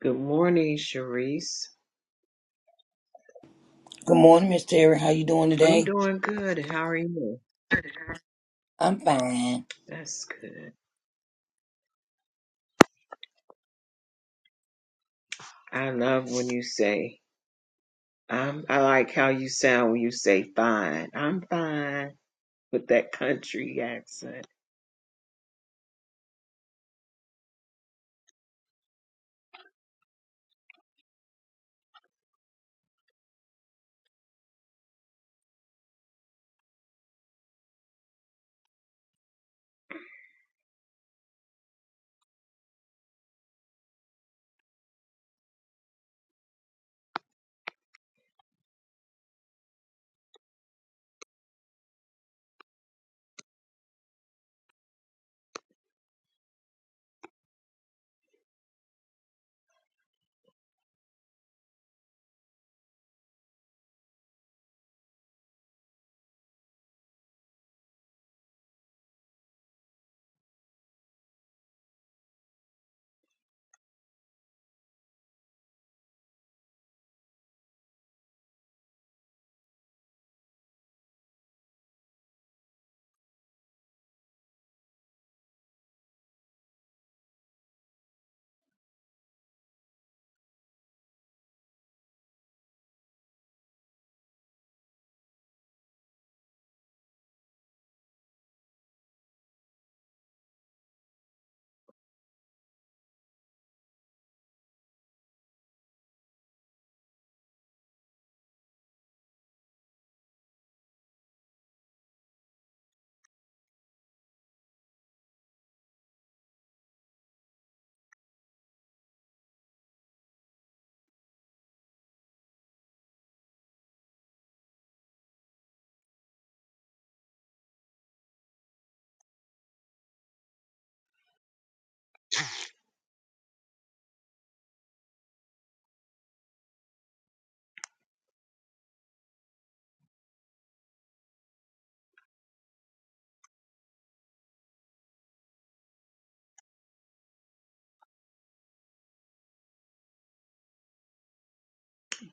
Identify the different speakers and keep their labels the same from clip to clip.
Speaker 1: Good morning, Sharice.
Speaker 2: Good morning, Miss Terry. How you doing
Speaker 1: I'm
Speaker 2: today?
Speaker 1: doing good. How are you?
Speaker 2: I'm fine.
Speaker 1: That's good. I love when you say, I'm, I like how you sound when you say fine. I'm fine with that country accent.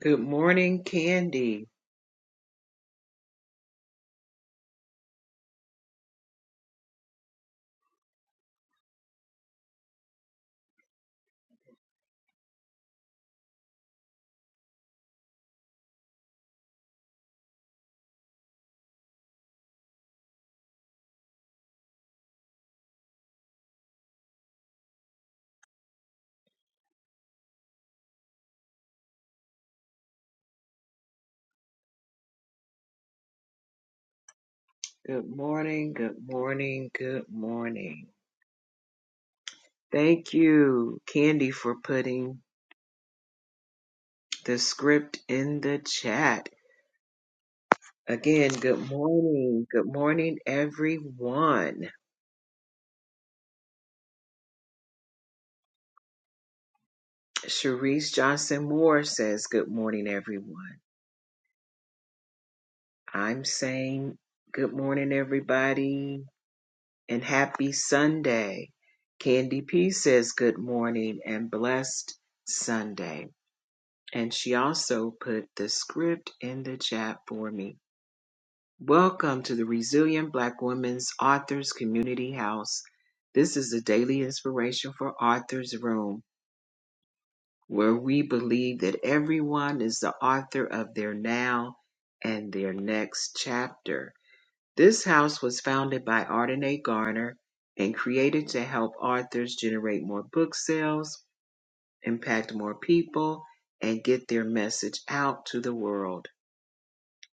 Speaker 1: Good morning, Candy. Good morning, good morning, good morning. Thank you, Candy, for putting the script in the chat. Again, good morning. Good morning, everyone. Cherise Johnson Moore says, Good morning, everyone. I'm saying good morning, everybody, and happy Sunday. Candy P says, Good morning and blessed Sunday. And she also put the script in the chat for me. Welcome to the Resilient Black Women's Authors Community House. This is a daily inspiration for Authors Room where we believe that everyone is the author of their now and their next chapter. This house was founded by Arden A. Garner and created to help authors generate more book sales, impact more people, and get their message out to the world.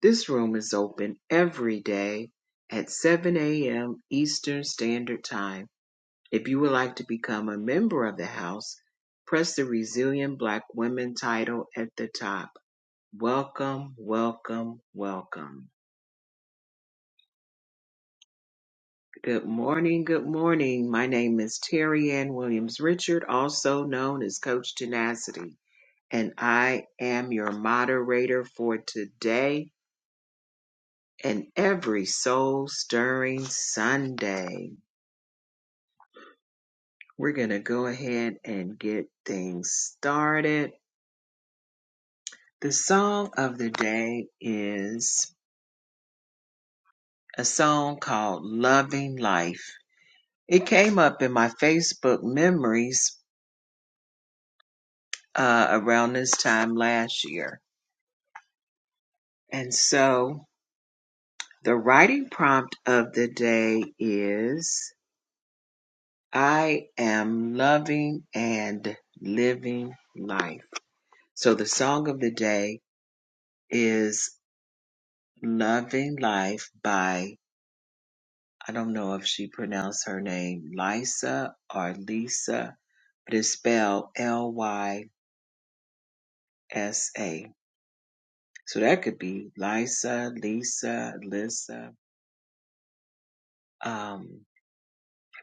Speaker 1: This room is open every day at 7 a.m. Eastern Standard Time if you would like to become a member of the House, press the Resilient Black Women title at the top. Welcome, welcome, welcome. Good morning, good morning. My name is Terry Ann Williams Richard, also known as Coach Tenacity, and I am your moderator for today and every soul stirring Sunday. We're going to go ahead and get things started. The song of the day is a song called Loving Life. It came up in my Facebook memories uh, around this time last year. And so the writing prompt of the day is I am loving and living life. So the song of the day is Loving Life by, I don't know if she pronounced her name Lisa or Lisa but it's spelled L Y S A. So that could be Lisa, Lisa, Lisa. Um,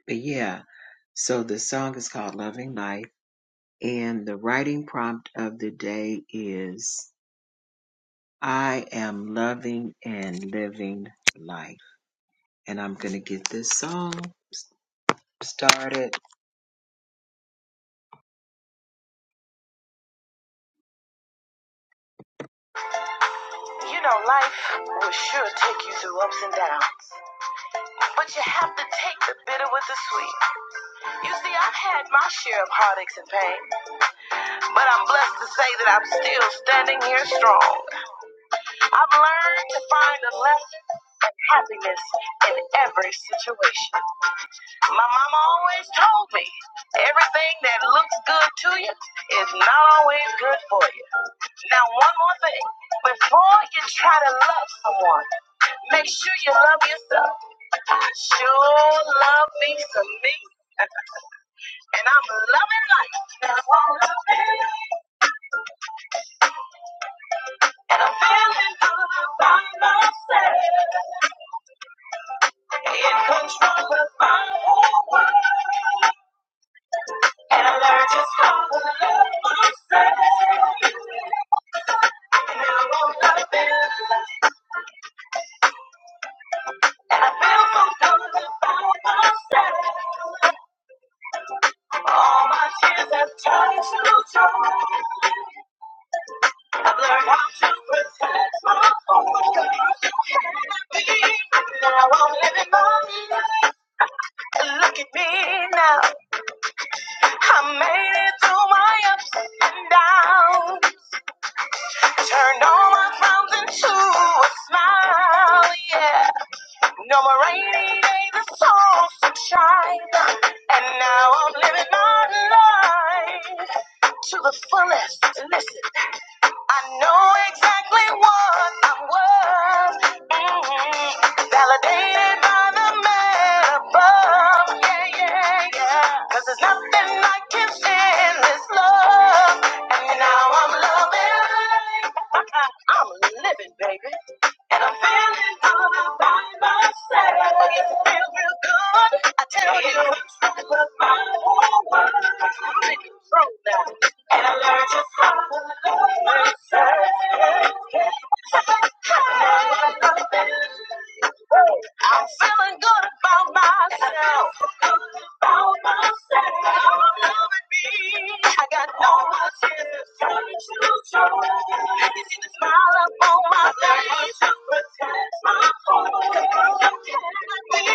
Speaker 1: but yeah, so the song is called Loving Life, and the writing prompt of the day is I am loving and living life. And I'm going to get this song started. You know, life will sure take you through ups and downs, but you have to take the bitter with the sweet. You see, I've had my share of heartaches and pain. But I'm blessed to say that I'm still standing here strong. I've learned to find a lesson happiness in every situation. My mama always told me everything that looks good to you is not always good for you. Now, one more thing before you try to love someone, make sure you love yourself. I sure love me some me, and I'm loving life. Look at me now. I made it through my ups and downs. Turned all my frowns into a smile, yeah. No more rainy days, It's all sunshine. And now I'm living my life to the fullest. Listen. I know exactly what I was. Mhm. Validated by the man above. Yeah, yeah, yeah. 'Cause there's nothing like his this love. And now I'm loving life. I'm living, baby. And I'm feeling all by myself. It feels real good. I tell you, I love my whole world. I'm in control now. And I learned to trust the Lord myself. I'm feeling good about myself. About myself. I'm loving me. I got no more tears. Turning to joy. I can see the smile up on my face. Protect my heart. Protect me.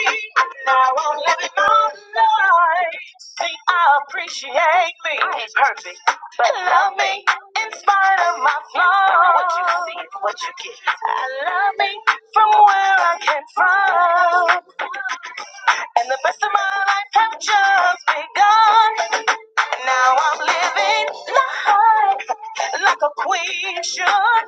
Speaker 1: Now I'm living my life. See, I appreciate me. I ain't perfect. But love me in spite of my flaws. What you see is what you get. I love me from where I came from. And the best of my life have just begun. Now I'm living life like a queen should.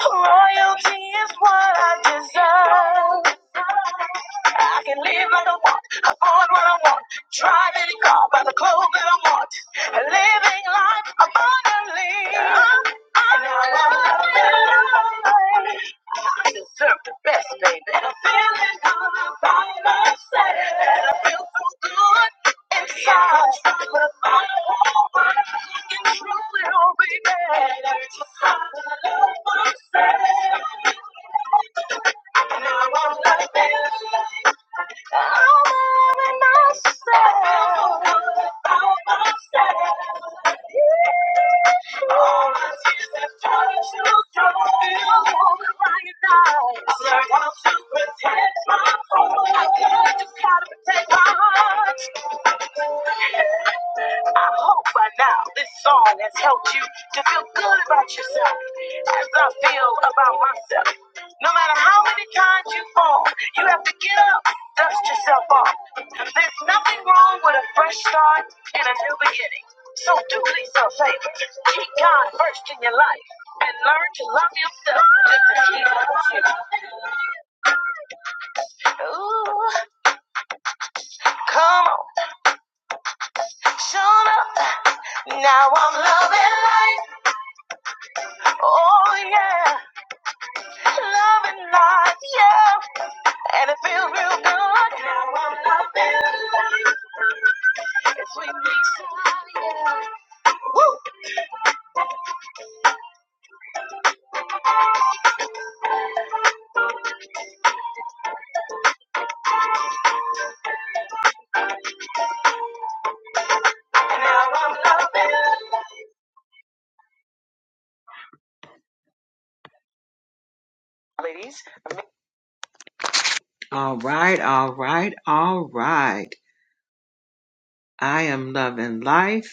Speaker 1: Royalty is what I deserve. I can live like I want, afford what I want, drive any car, buy the clothes that I want, and living life abundantly. And I love it. I deserve the best, baby. And I'm feeling all by myself. And I feel so good. I've learned how to protect my heart. I've learned just how to protect my heart. I hope by now this song has helped you to feel good about yourself as I feel about myself. No matter how many times you fall, you have to get up, dust yourself off. There's nothing wrong with a fresh start and a new beginning. So do yourself a favor. Keep God first in your life and learn to love yourself just as He loves you. Ooh, come on, show up. Now I'm loving life. Oh yeah, loving life, yeah, and it feels real good. Now I'm loving life. It's sweet mix, woo. And now I'm loving life. Ladies. All right, all right, all right. I am loving life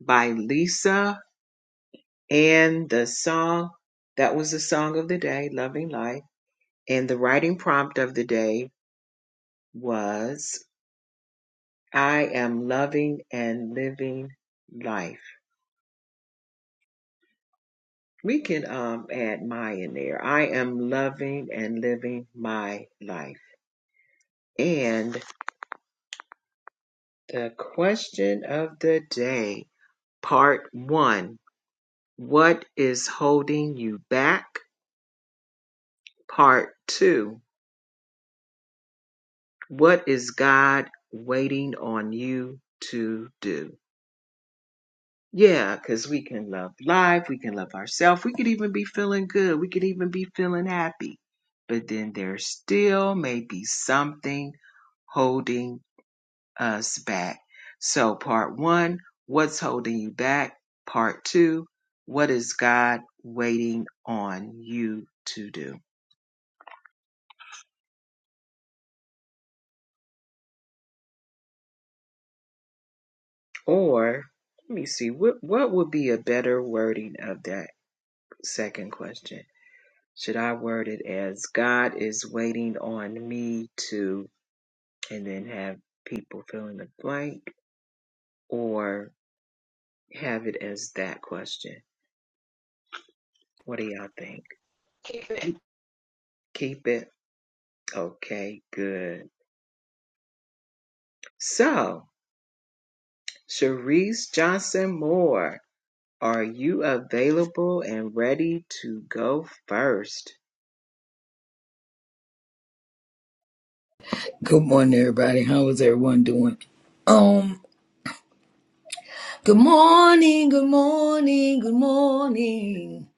Speaker 1: by Lisa, and the song that was the song of the day, "Loving Life," and the writing prompt of the day was. I am loving and living life. We can um, add my in there. I am loving and living my life. And the question of the day, part one What is holding you back? Part two What is God waiting on you to do? Yeah, because we can love life, we can love ourselves, we could even be feeling good, we could even be feeling happy. But then there still may be something holding us back. So, part one, what's holding you back? Part two, what is God waiting on you to do? Or, let me see, what, what would be a better wording of that second question? Should I word it as God is waiting on me to, and then have people fill in the blank, or have it as that question? What do y'all think?
Speaker 3: Keep it.
Speaker 1: Keep it. Okay, good. So, Cherise Johnson Moore, are you available and ready to go first?
Speaker 2: Good morning, everybody. How is everyone doing? Um, good morning, good morning, good morning.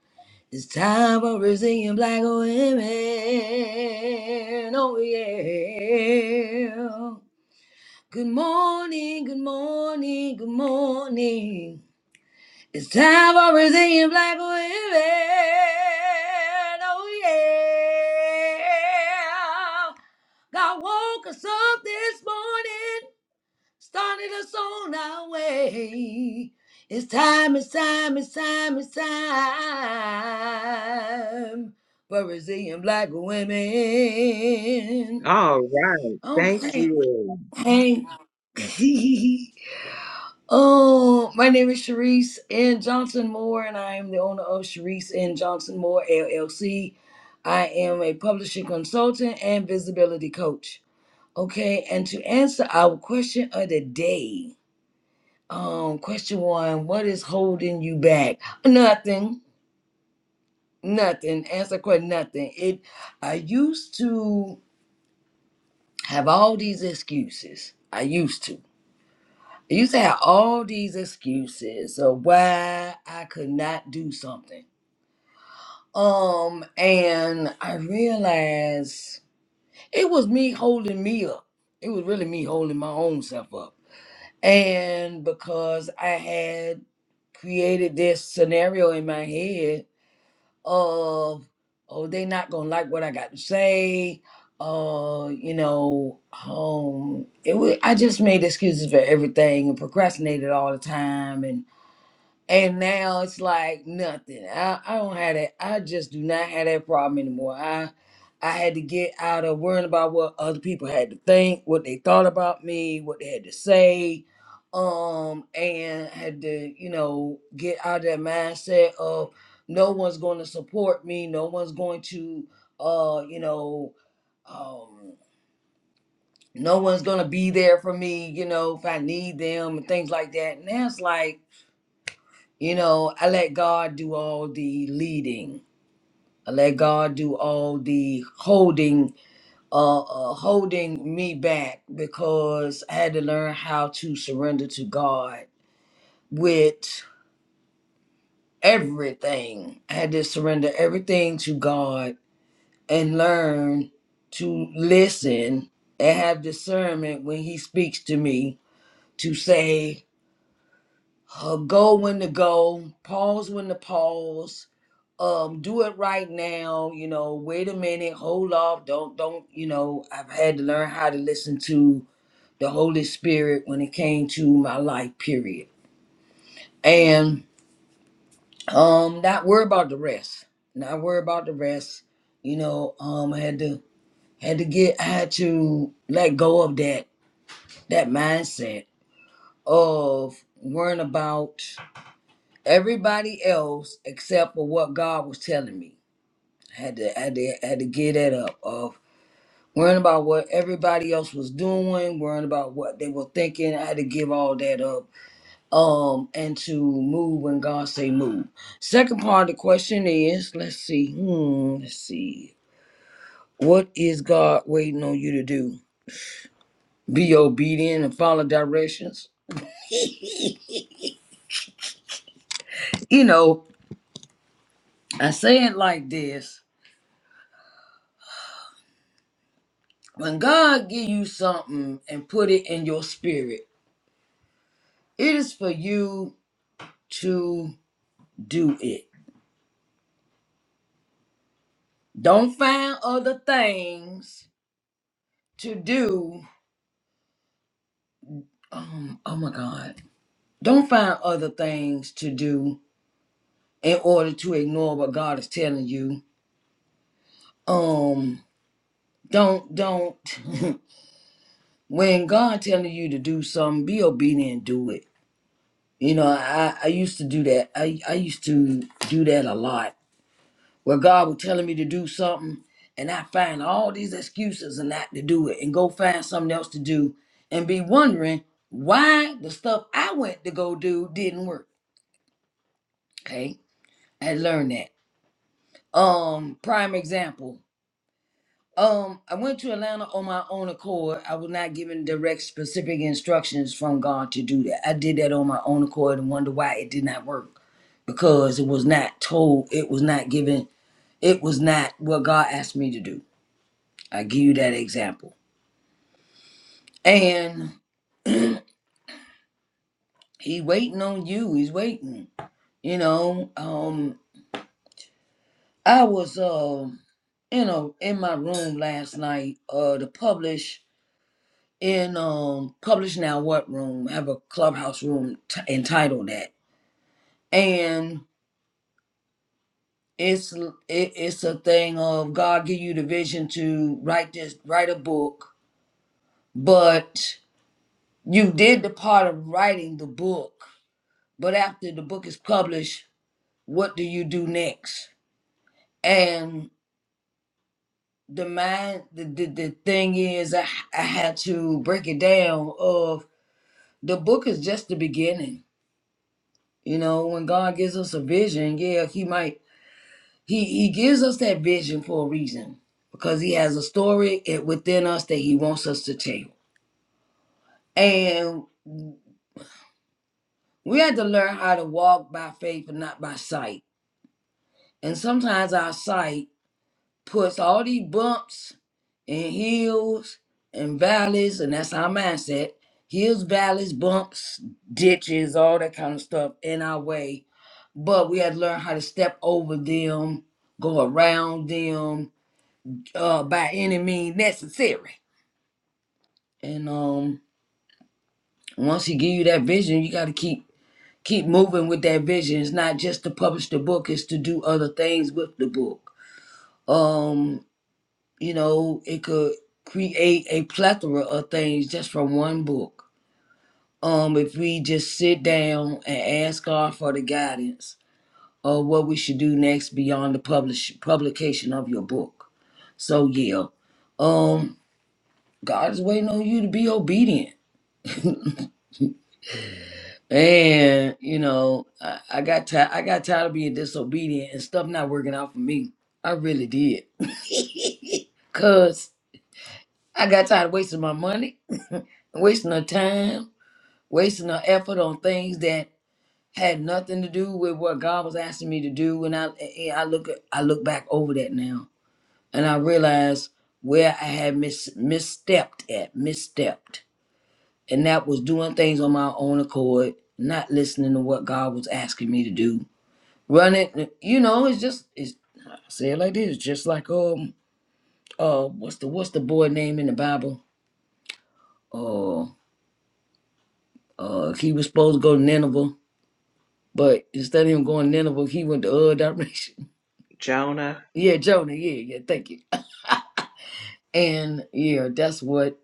Speaker 2: It's time for Brazilian black women. Oh yeah. Good morning, good morning, good morning. It's time for Brazilian black women. Oh yeah. God woke us up this morning, started us on our way. It's time, it's time, it's time, it's time for Brazilian black women.
Speaker 1: All right. Thank
Speaker 2: Okay.
Speaker 1: you,
Speaker 2: Hey. Oh, my name is Sharice N. Johnson Moore, and I am the owner of Sharice N. Johnson Moore LLC. I am a publishing consultant and visibility coach. Okay, and to answer our question of the day, um, question one: What is holding you back? Nothing. Nothing. Answer question: Nothing. It. I used to have all these excuses. I used to. I used to have all these excuses of why I could not do something. Um, and I realized it was me holding me up. It was really me holding my own self up. And because I had created this scenario in my head of, oh, they not gonna like what I got to say. Uh, you know, um, it was I just made excuses for everything and procrastinated all the time and. And now it's like nothing. I, I don't have that. I just do not have that problem anymore. I I had to get out of worrying about what other people had to think, what they thought about me, what they had to say. Um, and had to, you know, get out of that mindset of no one's going to support me, no one's going to uh, you know, um no one's gonna be there for me, you know, if I need them and things like that. And that's like you know, I let God do all the leading. I let God do all the holding, uh, uh, holding me back because I had to learn how to surrender to God with everything. I had to surrender everything to God and learn to listen and have discernment when He speaks to me to say, uh, go when to go, pause when to pause, um do it right now you know wait a minute hold off don't don't you know i've had to learn how to listen to the holy spirit when it came to my life period and um not worry about the rest not worry about the rest you know um i had to had to get i had to let go of that that mindset of worrying about everybody else except for what god was telling me I had to had to had to get that up of. worrying about what everybody else was doing, worrying about what they were thinking. I had to give all that up um, and to move when God say move. Second part of the question is, let's see, hmm, let's see. What is God waiting on you to do? Be obedient and follow directions. You know, I say it like this. When God give you something and put it in your spirit, it is for you to do it. Don't find other things to do um oh my god don't find other things to do in order to ignore what god is telling you um don't don't when god telling you to do something be obedient and do it you know i i used to do that i i used to do that a lot where god was telling me to do something and i find all these excuses and not to do it and go find something else to do and be wondering why the stuff i went to go do didn't work okay I learned that. Um, prime example. Um, I went to Atlanta on my own accord. I was not given direct, specific instructions from God to do that. I did that on my own accord and wonder why it did not work because it was not told, it was not given, it was not what God asked me to do. I give you that example. And he waiting on you. He's waiting. You know, um, I was, um, you know, in my room last night uh, to publish in um publish now what room I have a clubhouse room t- entitled that and it's it, it's a thing of god give you the vision to write this write a book but you did the part of writing the book but after the book is published what do you do next and the mind the, the, the thing is I, I had to break it down of the book is just the beginning You know, when God gives us a vision, yeah, he might he he gives us that vision for a reason because he has a story it within us that he wants us to tell. And we had to learn how to walk by faith and not by sight. And sometimes our sight puts all these bumps and hills and valleys, and that's our mindset. Hills, valleys, bumps, ditches, all that kind of stuff in our way but we had to learn how to step over them, go around them, uh, by any means necessary. And um, once he give you that vision, you got to keep keep moving with that vision. It's not just to publish the book; it's to do other things with the book. Um, you know, it could create a plethora of things just from one book. Um, if we just sit down and ask God for the guidance of what we should do next beyond the publish publication of your book So yeah, um, God is waiting on you to be obedient. And you know, I, I got tired. I got tired of being disobedient and stuff not working out for me. I really did, cause I got tired of wasting my money, wasting her time, wasting her effort on things that had nothing to do with what God was asking me to do. And I, and I look, at, I look back over that now, and I realize where I had mis misstepped at, misstepped and that was doing things on my own accord, not listening to what God was asking me to do. Running, you know, it's just it's I say it like this, just like um uh what's the what's the boy name in the Bible? Uh uh he was supposed to go to Nineveh, but instead of him going to Nineveh, he went the other direction.
Speaker 1: Jonah.
Speaker 2: yeah, Jonah, yeah, yeah, thank you. And yeah, that's what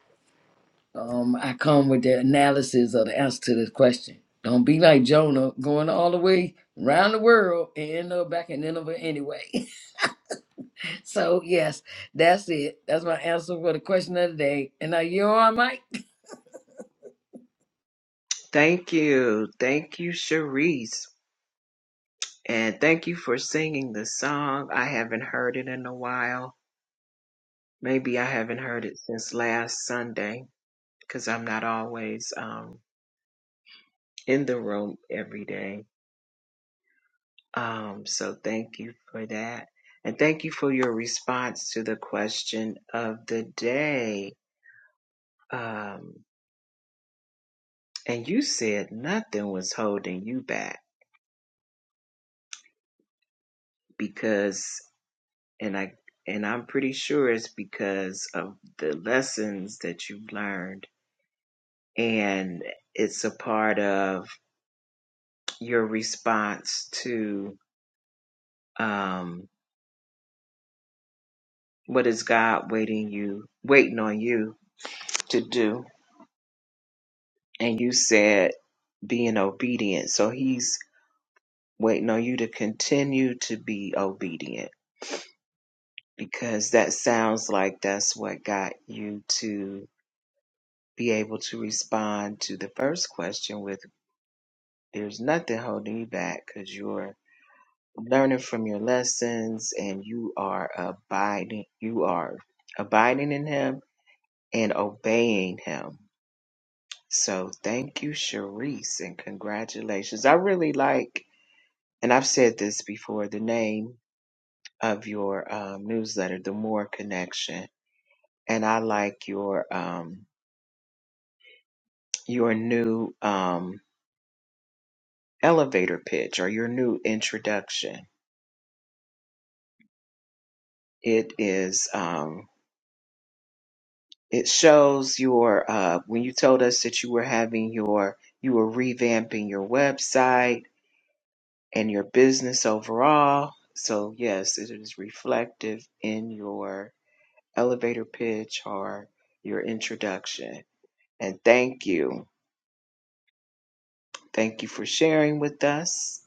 Speaker 2: Um, I come with the analysis of the answer to this question. Don't be like Jonah going all the way around the world and end up back in Nineveh anyway. so, yes, that's it. That's my answer for the question of the day. And now you're on mic.
Speaker 1: Thank you. Thank you, Cherise. And thank you for singing the song. I haven't heard it in a while. Maybe I haven't heard it since last Sunday because I'm not always um, in the room every day. Um, so thank you for that. And thank you for your response to the question of the day. Um, and you said nothing was holding you back because, and I, and I'm pretty sure it's because of the lessons that you've learned and it's a part of your response to um, what is God waiting you waiting on you to do. And you said being obedient, so He's waiting on you to continue to be obedient because that sounds like that's what got you to be able to respond to the first question with there's nothing holding you back because you're learning from your lessons and you are abiding you are abiding in him and obeying him so thank you Sharice and congratulations I really like and I've said this before the name of your um, newsletter the more connection and I like your um your new um elevator pitch or your new introduction it is Um, It shows your uh, when you told us that you were having your you were revamping your website and your business overall. So yes, it is reflective in your elevator pitch or your introduction. And thank you. Thank you for sharing with us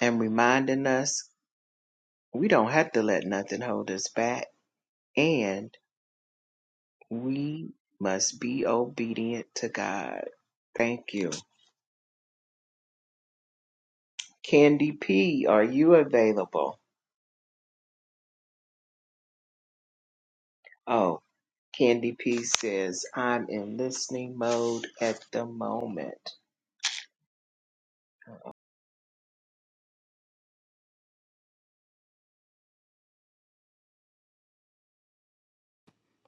Speaker 1: and reminding us we don't have to let nothing hold us back and we must be obedient to God. Thank you. Candy P, are you available? Oh, Candy P says, I'm in listening mode at the moment.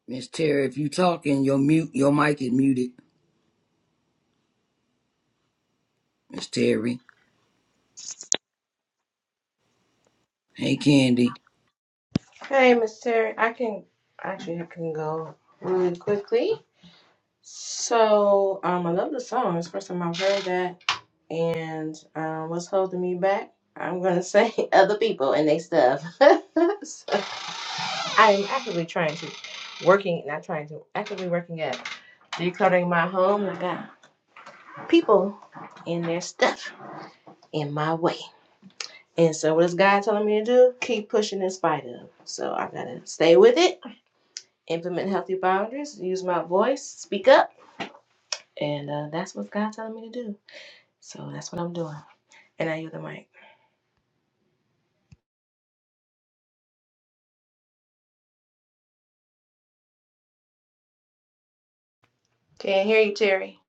Speaker 2: Miss Terry, if you talking, your mute your mic is muted. Miss Terry. Hey Candy.
Speaker 3: Hey, Miss Terry. I can actually I can go really quickly. So, um, I love the song. It's the first time I've heard that. And um, what's holding me back? I'm gonna say other people and they stuff. So, I'm actively trying to working, not trying to actively working at decluttering my home. I got people and their stuff in my way. And so, what is God telling me to do? Keep pushing in spite of. So I gotta stay with it implement healthy boundaries, use my voice, speak up. And uh, that's what God's telling me to do. So that's what I'm doing. And I use the mic. Can't hear you, Terry.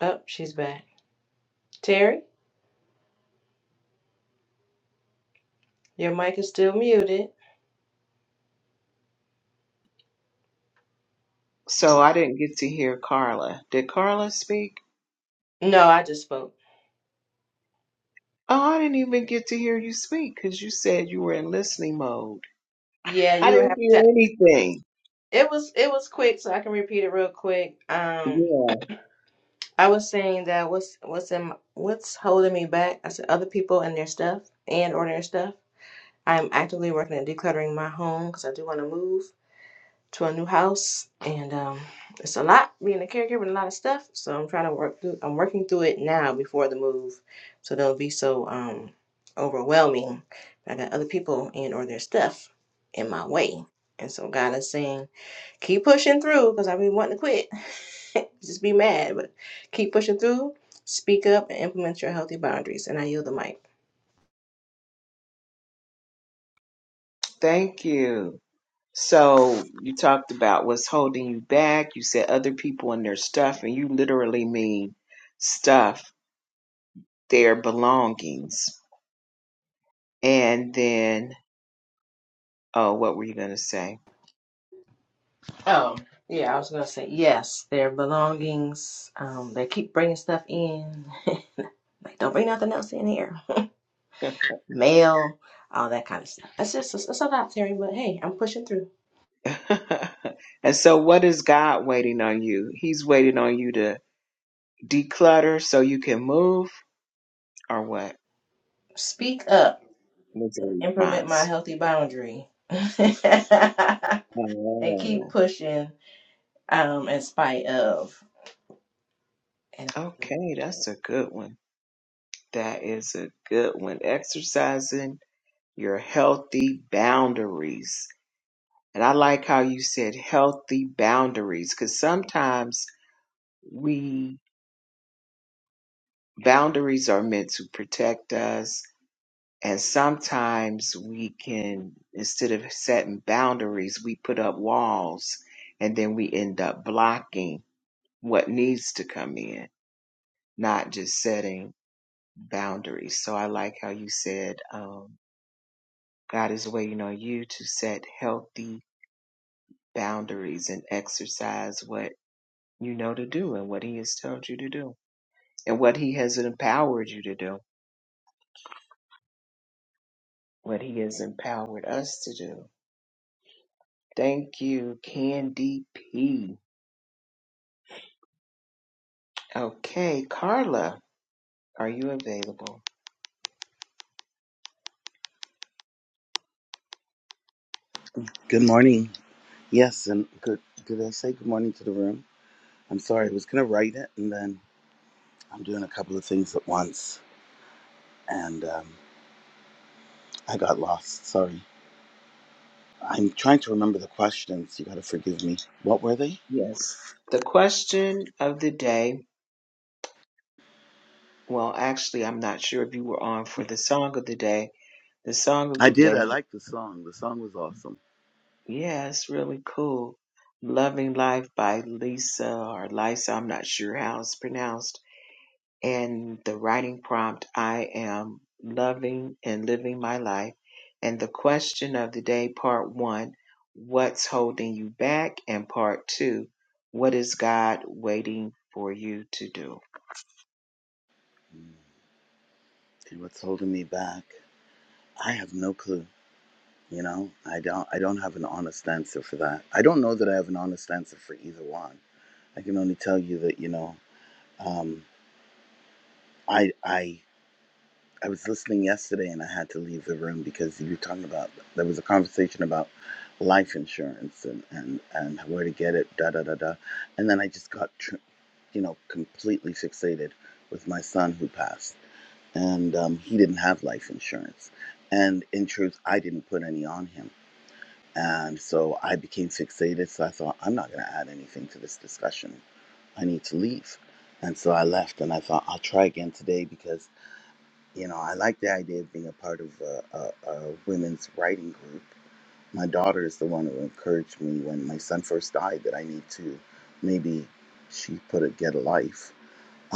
Speaker 3: Oh, she's back. Terry, your mic is still muted.
Speaker 1: So I didn't get to hear Carla. Did Carla speak?
Speaker 3: No, I just spoke.
Speaker 1: Oh, I didn't even get to hear you speak because you said you were in listening mode.
Speaker 3: Yeah,
Speaker 1: I
Speaker 3: you
Speaker 1: didn't
Speaker 3: have
Speaker 1: hear
Speaker 3: to.
Speaker 1: anything.
Speaker 3: It was it was quick, so I can repeat it real quick. Um,
Speaker 1: Yeah.
Speaker 3: I was saying that what's what's in my- what's holding me back? I said other people and their stuff and or their stuff. I'm actively working at decluttering my home because I do want to move. to a new house, and um, it's a lot being a caregiver and a lot of stuff. So I'm trying to work through. I'm working through it now before the move, so don't be so um overwhelming. I got other people and or their stuff in my way, and so God is saying, keep pushing through because I've been wanting to quit, just be mad, but keep pushing through. Speak up and implement your healthy boundaries. And I yield the mic.
Speaker 1: Thank you. So you talked about what's holding you back. You said other people and their stuff, and you literally mean stuff, their belongings. And then Oh, what were you going to say?
Speaker 3: Oh, yeah, I was gonna say yes. Their belongings, um, they keep bringing stuff in. Like, don't bring nothing else in here. Mail, all that kind of stuff. That's just it's a lot, Terry. But hey, I'm pushing through.
Speaker 1: and so, what is God waiting on you? He's waiting on you to declutter so you can move, or what?
Speaker 3: Speak up.
Speaker 1: What's the
Speaker 3: Implement my
Speaker 1: response?
Speaker 3: healthy boundary, and keep
Speaker 1: Oh,
Speaker 3: pushing. Um, in spite of. And
Speaker 1: okay, that's a good one. That is a good one. Exercising your healthy boundaries. And I like how you said healthy boundaries because sometimes we boundaries are meant to protect us And sometimes we can, instead of setting boundaries, we put up walls and then we end up blocking what needs to come in, not just setting boundaries. So I like how you said, um, God is waiting on you to set healthy boundaries and exercise what you know to do and what He has told you to do and what He has empowered you to do, what He has empowered us to do. Thank you, Candy P. Okay, Carla, are you available?
Speaker 4: Good morning. Yes, and good. Did I say good morning to the room? I'm sorry. I was gonna write it, and then I'm doing a couple of things at once, and um, I got lost. Sorry. I'm trying to remember the questions. You gotta forgive me. What were they?
Speaker 1: Yes. The question of the day, well, actually, I'm not sure if you were on for the song of the day. The song of
Speaker 4: I
Speaker 1: the
Speaker 4: did.
Speaker 1: day,
Speaker 4: I liked the song. The song was awesome.
Speaker 1: yeah, it's really cool. Loving Life by Lisa or Lisa, I'm not sure how it's pronounced. and the writing prompt I am loving and living my life. And the question of the day, part one, what's holding you back? And part two, what is God waiting for you to do?
Speaker 4: Mm. And what's holding me back? I have no clue. You know, I don't. I don't have an honest answer for that. I don't know that I have an honest answer for either one. I can only tell you that you know, um, I I I was listening yesterday and I had to leave the room because you were talking about there was a conversation about life insurance and and and where to get it da da da da, and then I just got tr- you know completely fixated with my son who passed and um, he didn't have life insurance. And in truth, I didn't put any on him. And so I became fixated. So I thought, I'm not going to add anything to this discussion. I need to leave. And so I left and I thought, I'll try again today because you know, I like the idea of being a part of a, a, a women's writing group. My daughter is the one who encouraged me when my son first died that I need to maybe, she put it, get a life.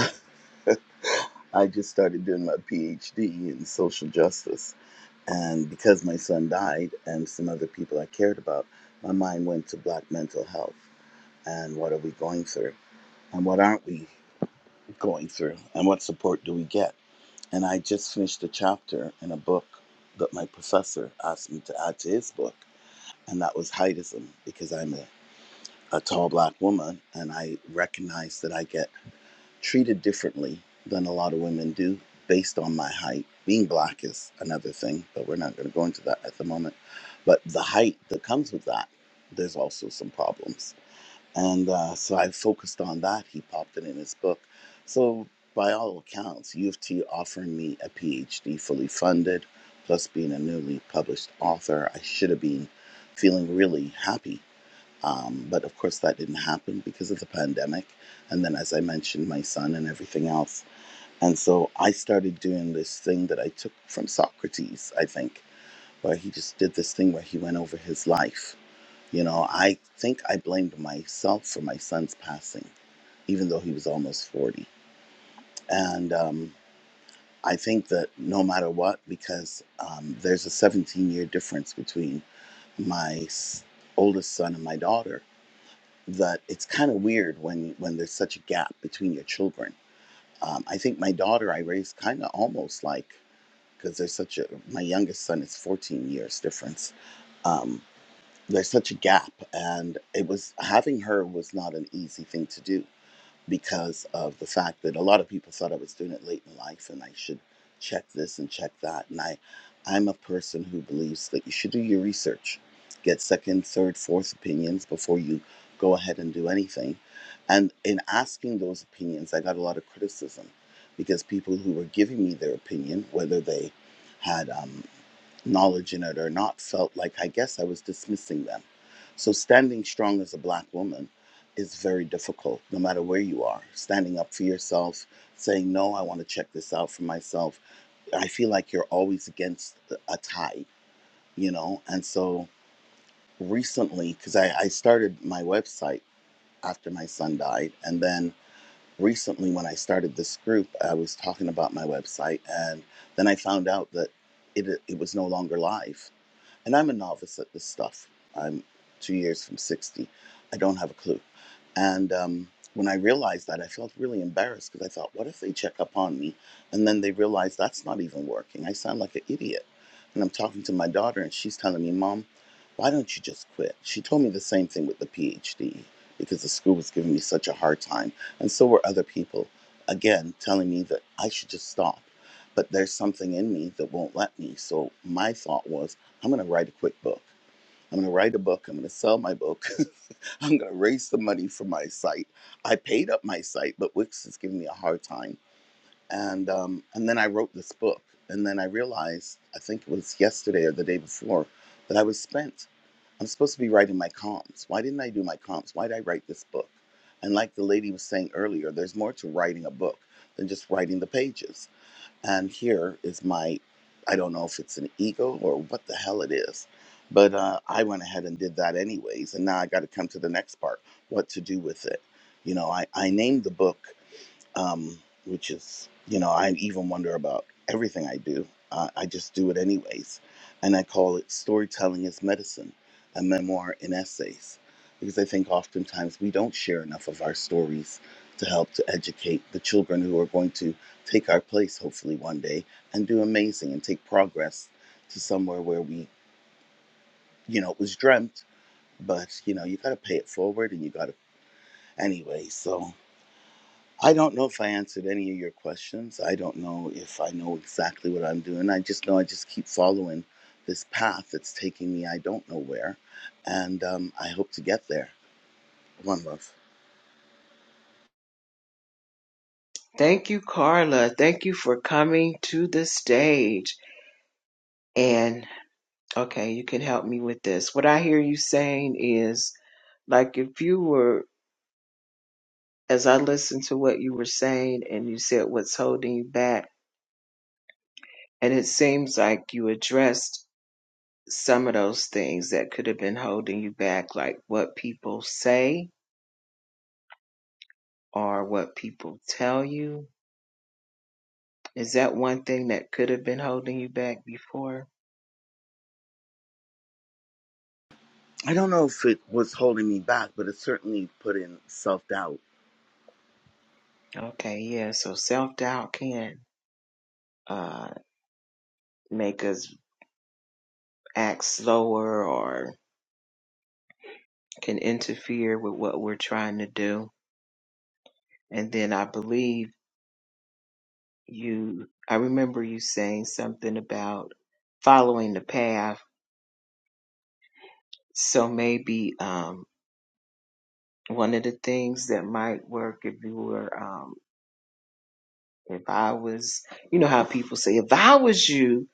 Speaker 4: I just started doing my PhD in social justice. And because my son died and some other people I cared about, my mind went to black mental health and what are we going through and what aren't we going through and what support do we get. And I just finished a chapter in a book that my professor asked me to add to his book, and that was heightism, because I'm a, a tall black woman and I recognize that I get treated differently than a lot of women do based on my height. Being black is another thing, but we're not going to go into that at the moment. But the height that comes with that, there's also some problems and uh, so I focused on that. He popped it in his book. So, by all accounts, U of T offered me a PhD fully funded, plus being a newly published author, I should have been feeling really happy. Um, but of course, that didn't happen because of the pandemic. And then, as I mentioned, my son and everything else. And so I started doing this thing that I took from Socrates, I think, where he just did this thing where he went over his life you know, I think I blamed myself for my son's passing, even though he was almost 40. And um, I think that no matter what, because um, there's a 17 year difference between my s- oldest son and my daughter, that it's kind of weird when, when there's such a gap between your children. Um, I think my daughter I raised kind of almost like, because there's such a, my youngest son is 14 years difference. Um, there's such a gap and it was having her was not an easy thing to do because of the fact that a lot of people thought I was doing it late in life and I should check this and check that. And I, I'm a person who believes that you should do your research, get second, third, fourth opinions before you go ahead and do anything. And in asking those opinions, I got a lot of criticism because people who were giving me their opinion, whether they had um, knowledge in it or not felt like I guess I was dismissing them. So standing strong as a black woman is very difficult, no matter where you are. Standing up for yourself, saying, No, I want to check this out for myself. I feel like you're always against a tide, you know? And so recently, because I, I started my website after my son died. And then recently, when I started this group, I was talking about my website. And then I found out that it, it was no longer live. And I'm a novice at this stuff. I'm two years from 60. I don't have a clue. And um, when I realized that, I felt really embarrassed because I thought, what if they check up on me and then they realize that's not even working? I sound like an idiot. And I'm talking to my daughter, and she's telling me, Mom, why don't you just quit? She told me the same thing with the PhD because the school was giving me such a hard time. And so were other people, again, telling me that I should just stop. But there's something in me that won't let me. So my thought was, I'm going to write a quick book. I'm going to write a book. I'm going to sell my book. I'm going to raise the money for my site. I paid up my site, but Wix is giving me a hard time. And um, and then I wrote this book. And then I realized, I think it was yesterday or the day before, that I was spent. I'm supposed to be writing my comps. Why didn't I do my comps? Why did I write this book? And like the lady was saying earlier, there's more to writing a book than just writing the pages and here is my i don't know if it's an ego or what the hell it is but uh, i went ahead and did that anyways and now i got to come to the next part what to do with it you know i, I named the book um, which is, you know, I even wonder about everything I do. Uh, I just do it anyways. And I call it Storytelling is Medicine, a memoir in essays, because I think oftentimes we don't share enough of our stories to help to educate the children who are going to take our place, hopefully, one day and do amazing and take progress to somewhere where we, you know, it was dreamt, but, you know, you got to pay it forward and you got to, anyway, so. I don't know if I answered any of your questions. I don't know if I know exactly what I'm doing. I just know I just keep following this path that's taking me I don't know where. And um, I hope to get there. One love.
Speaker 1: Thank you, Carla. Thank you for coming to the stage. And okay, you can help me with this. What I hear you saying is like if you were, as I listened to what you were saying, and you said, What's holding you back? And it seems like you addressed some of those things that could have been holding you back, like what people say or what people tell you. Is that one thing that could have been holding you back before?
Speaker 4: I don't know if it was holding me back, but it certainly put in self doubt
Speaker 1: Okay, yeah. So self doubt can uh, make us act slower or can interfere with what we're trying to do. And then I believe you, I remember you saying something about following the path. So maybe, um, one of the things that might work if you were um if I was you know how people say if I was you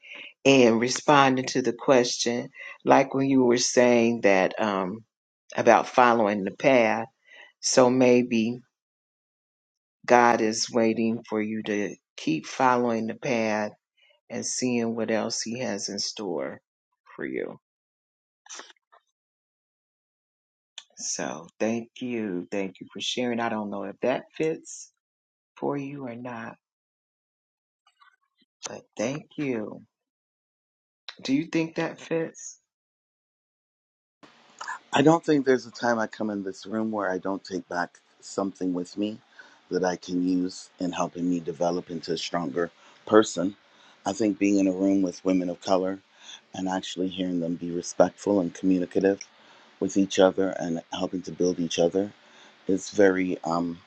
Speaker 1: and responding to the question like when you were saying that um about following the path so maybe God is waiting for you to keep following the path and seeing what else he has in store for you so thank you thank you for sharing I don't know if that fits for you or not but thank you Do you think that fits?
Speaker 4: I don't think there's a time I come in this room where I don't take back something with me that I can use in helping me develop into a stronger person. I think being in a room with women of color and actually hearing them be respectful and communicative with each other and helping to build each other is very um,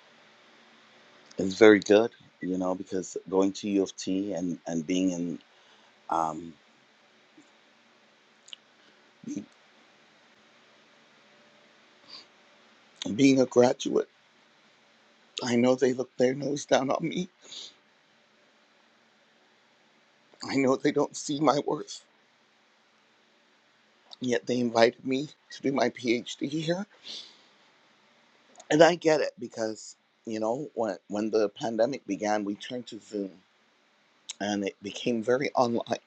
Speaker 4: is very good, you know, because going to U of T and, and being in um, being a graduate, I know they look their nose down on me. I know they don't see my worth Yet they invited me to do my PhD here. And I get it because, you know, when, when the pandemic began, we turned to Zoom and it became very online.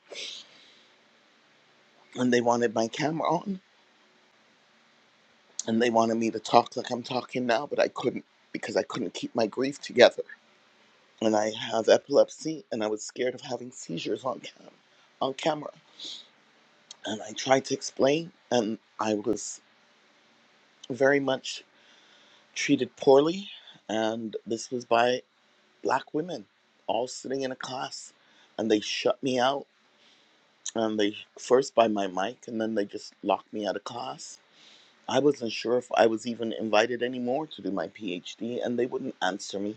Speaker 4: And they wanted my camera on and they wanted me to talk like I'm talking now, but I couldn't because I couldn't keep my grief together. And I have epilepsy and I was scared of having seizures on cam on camera. And I tried to explain and I was very much treated poorly and this was by black women all sitting in a class and they shut me out and they first by my mic and then they just locked me out of class i wasn't sure if i was even invited anymore to do my phd and they wouldn't answer me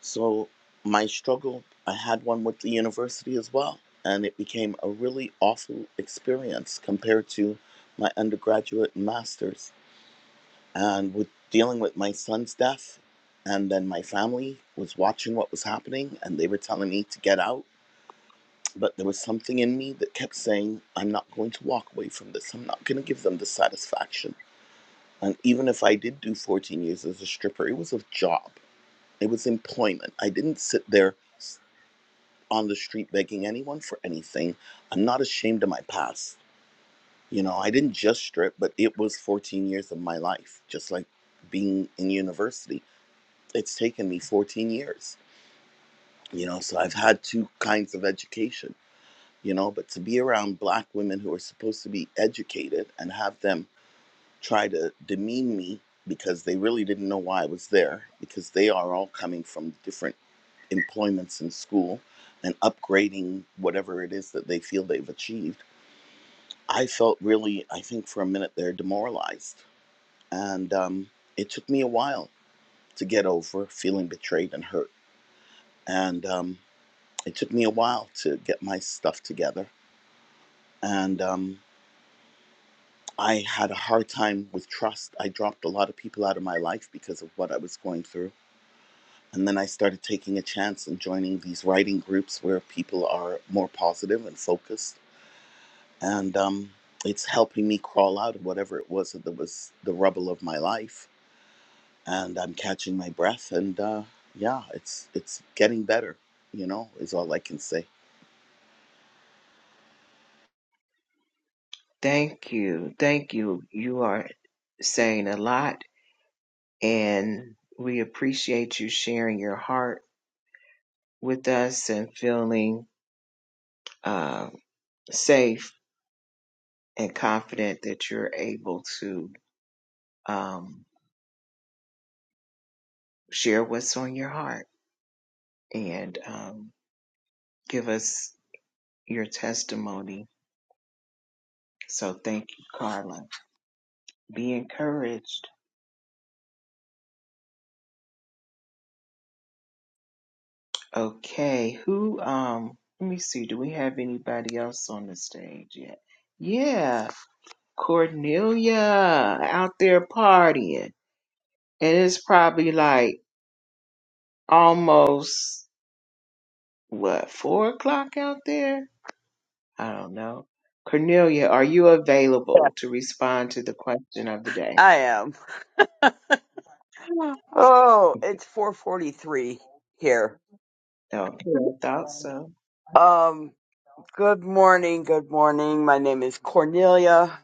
Speaker 4: so my struggle i had one with the university as well and it became a really awful experience compared to my undergraduate and masters and with dealing with my son's death and then my family was watching what was happening and they were telling me to get out but there was something in me that kept saying i'm not going to walk away from this i'm not going to give them the satisfaction and even if i did do 14 years as a stripper it was a job it was employment i didn't sit there on the street begging anyone for anything i'm not ashamed of my past you know i didn't just strip but it was 14 years of my life just like being in university it's taken me 14 years you know so i've had two kinds of education you know but to be around black women who are supposed to be educated and have them try to demean me because they really didn't know why i was there because they are all coming from different employments in school and upgrading whatever it is that they feel they've achieved i felt really i think for a minute there demoralized and um, it took me a while to get over feeling betrayed and hurt and um, It took me a while to get my stuff together. And um, I had a hard time with trust. I dropped a lot of people out of my life because of what I was going through. And then I started taking a chance and joining these writing groups where people are more positive and focused. And um, it's helping me crawl out of whatever it was that was the rubble of my life. And I'm catching my breath. And uh, yeah, it's it's getting better. You know, is all I can say.
Speaker 1: Thank you. Thank you. You are saying a lot, and we appreciate you sharing your heart with us and feeling uh, safe and confident that you're able to um, share what's on your heart and um, give us your testimony. So thank you, Carla. Be encouraged. Okay, who um let me see, do we have anybody else on the stage yet? Yeah, Cornelia out there partying. And it's probably like almost what, four o'clock out there? I don't know. Cornelia, are you available to respond to the question of the day?
Speaker 5: I am. Oh, it's 4:43 here.
Speaker 1: Okay, I thought so.
Speaker 5: Um, good morning, good morning. My name is Cornelia.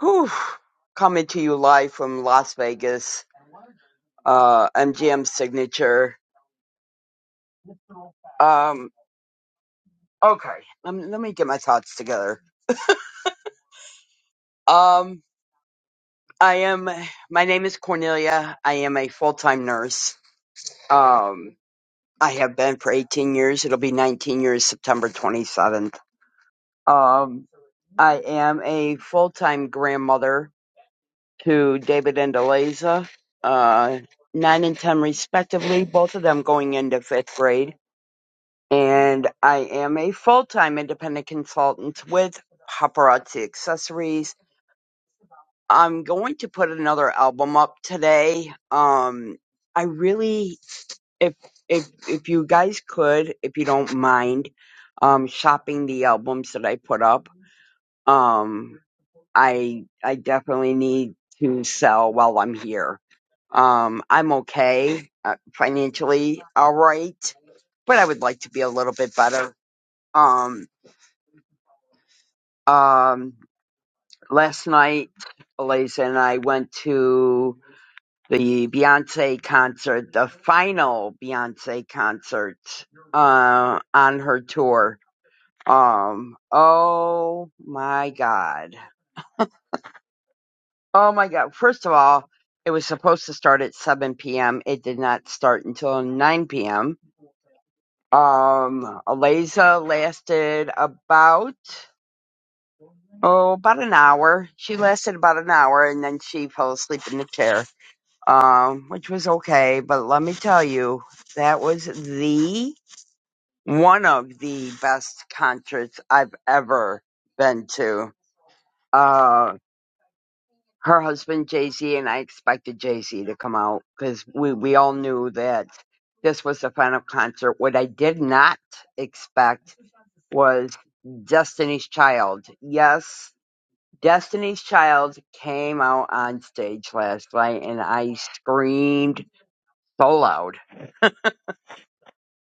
Speaker 5: Whew. Coming to you live from Las Vegas. Uh, MGM Signature. Um, okay. Um, let me get my thoughts together. Um, I am. My name is Cornelia. I am a full-time nurse. Um, I have been for 18 years. It'll be 19 years September 27th. Um, I am a full time grandmother to David and Eliza, uh, nine and ten respectively, both of them going into fifth grade. And I am a full time independent consultant with Paparazzi Accessories. I'm going to put another album up today. Um, I really, if if if you guys could, if you don't mind, um, shopping the albums that I put up. Um, I I definitely need to sell while I'm here. Um, I'm okay uh, financially, all right, but I would like to be a little bit better. Um, um, last night, Eliza and I went to the Beyonce concert, the final Beyonce concert uh, on her tour. Um, oh my God. Oh my God. First of all, it was supposed to start at 7 p.m. It did not start until 9 p.m. Um, Aliza lasted about, oh, about an hour. She lasted about an hour and then she fell asleep in the chair, um, which was okay. But let me tell you, that was the one of the best concerts I've ever been to. Um, her husband Jay Z, and I expected Jay Z to come out because we we all knew that this was the final concert. What I did not expect was Destiny's Child. Yes, Destiny's Child came out on stage last night, and I screamed so loud.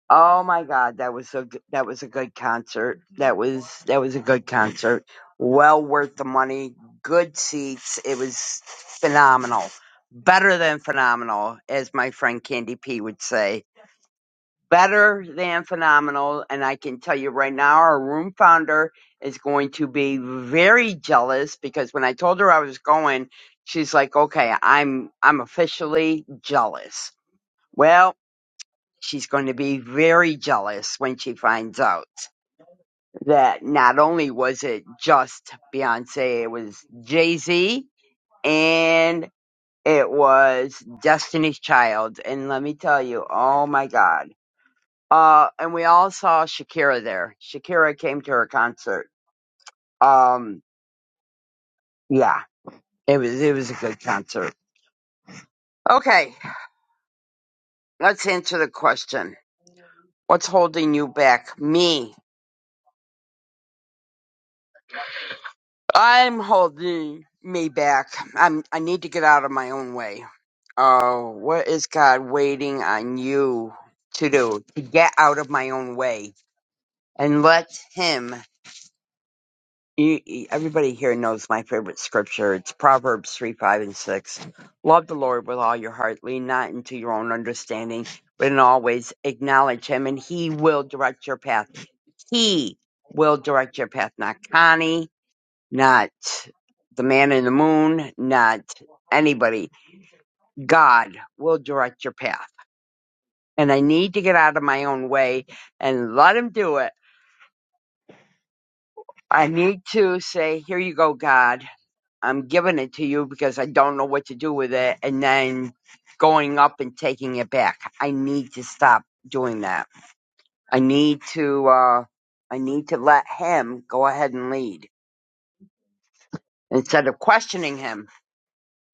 Speaker 5: Oh my God, that was a g- that was a good concert. That was that was a good concert. Well worth the money. Good seats. It was phenomenal. Better than phenomenal, as my friend Candy P would say. Better than phenomenal. And I can tell you right now, our room founder is going to be very jealous because when I told her I was going, she's like, "Okay, I'm I'm officially jealous." Well she's going to be very jealous when she finds out that not only was it just Beyonce, it was Jay Z and it was Destiny's Child. And let me tell you, oh my God. Uh, and we all saw Shakira there. Shakira came to her concert. Um, yeah, it was, it was a good concert. Okay. Let's answer the question. What's holding you back? Me, I'm holding me back. I'm. I need to get out of my own way. Oh, what is God waiting on you to do? To get out of my own way and let Him. You, you- everybody here knows my favorite scripture. It's Proverbs three, five, and six. Love the Lord with all your heart. Lean not into your own understanding, but in all ways acknowledge Him, and He will direct your path. He will direct your path, not Connie not the man in the moon, not anybody. God will direct your path. And I need to get out of my own way and let him do it. I need to say, here you go, God. I'm giving it to you because I don't know what to do with it. And then going up and taking it back. I need to stop doing that. I need to, uh, I need to let him go ahead and lead instead of questioning him.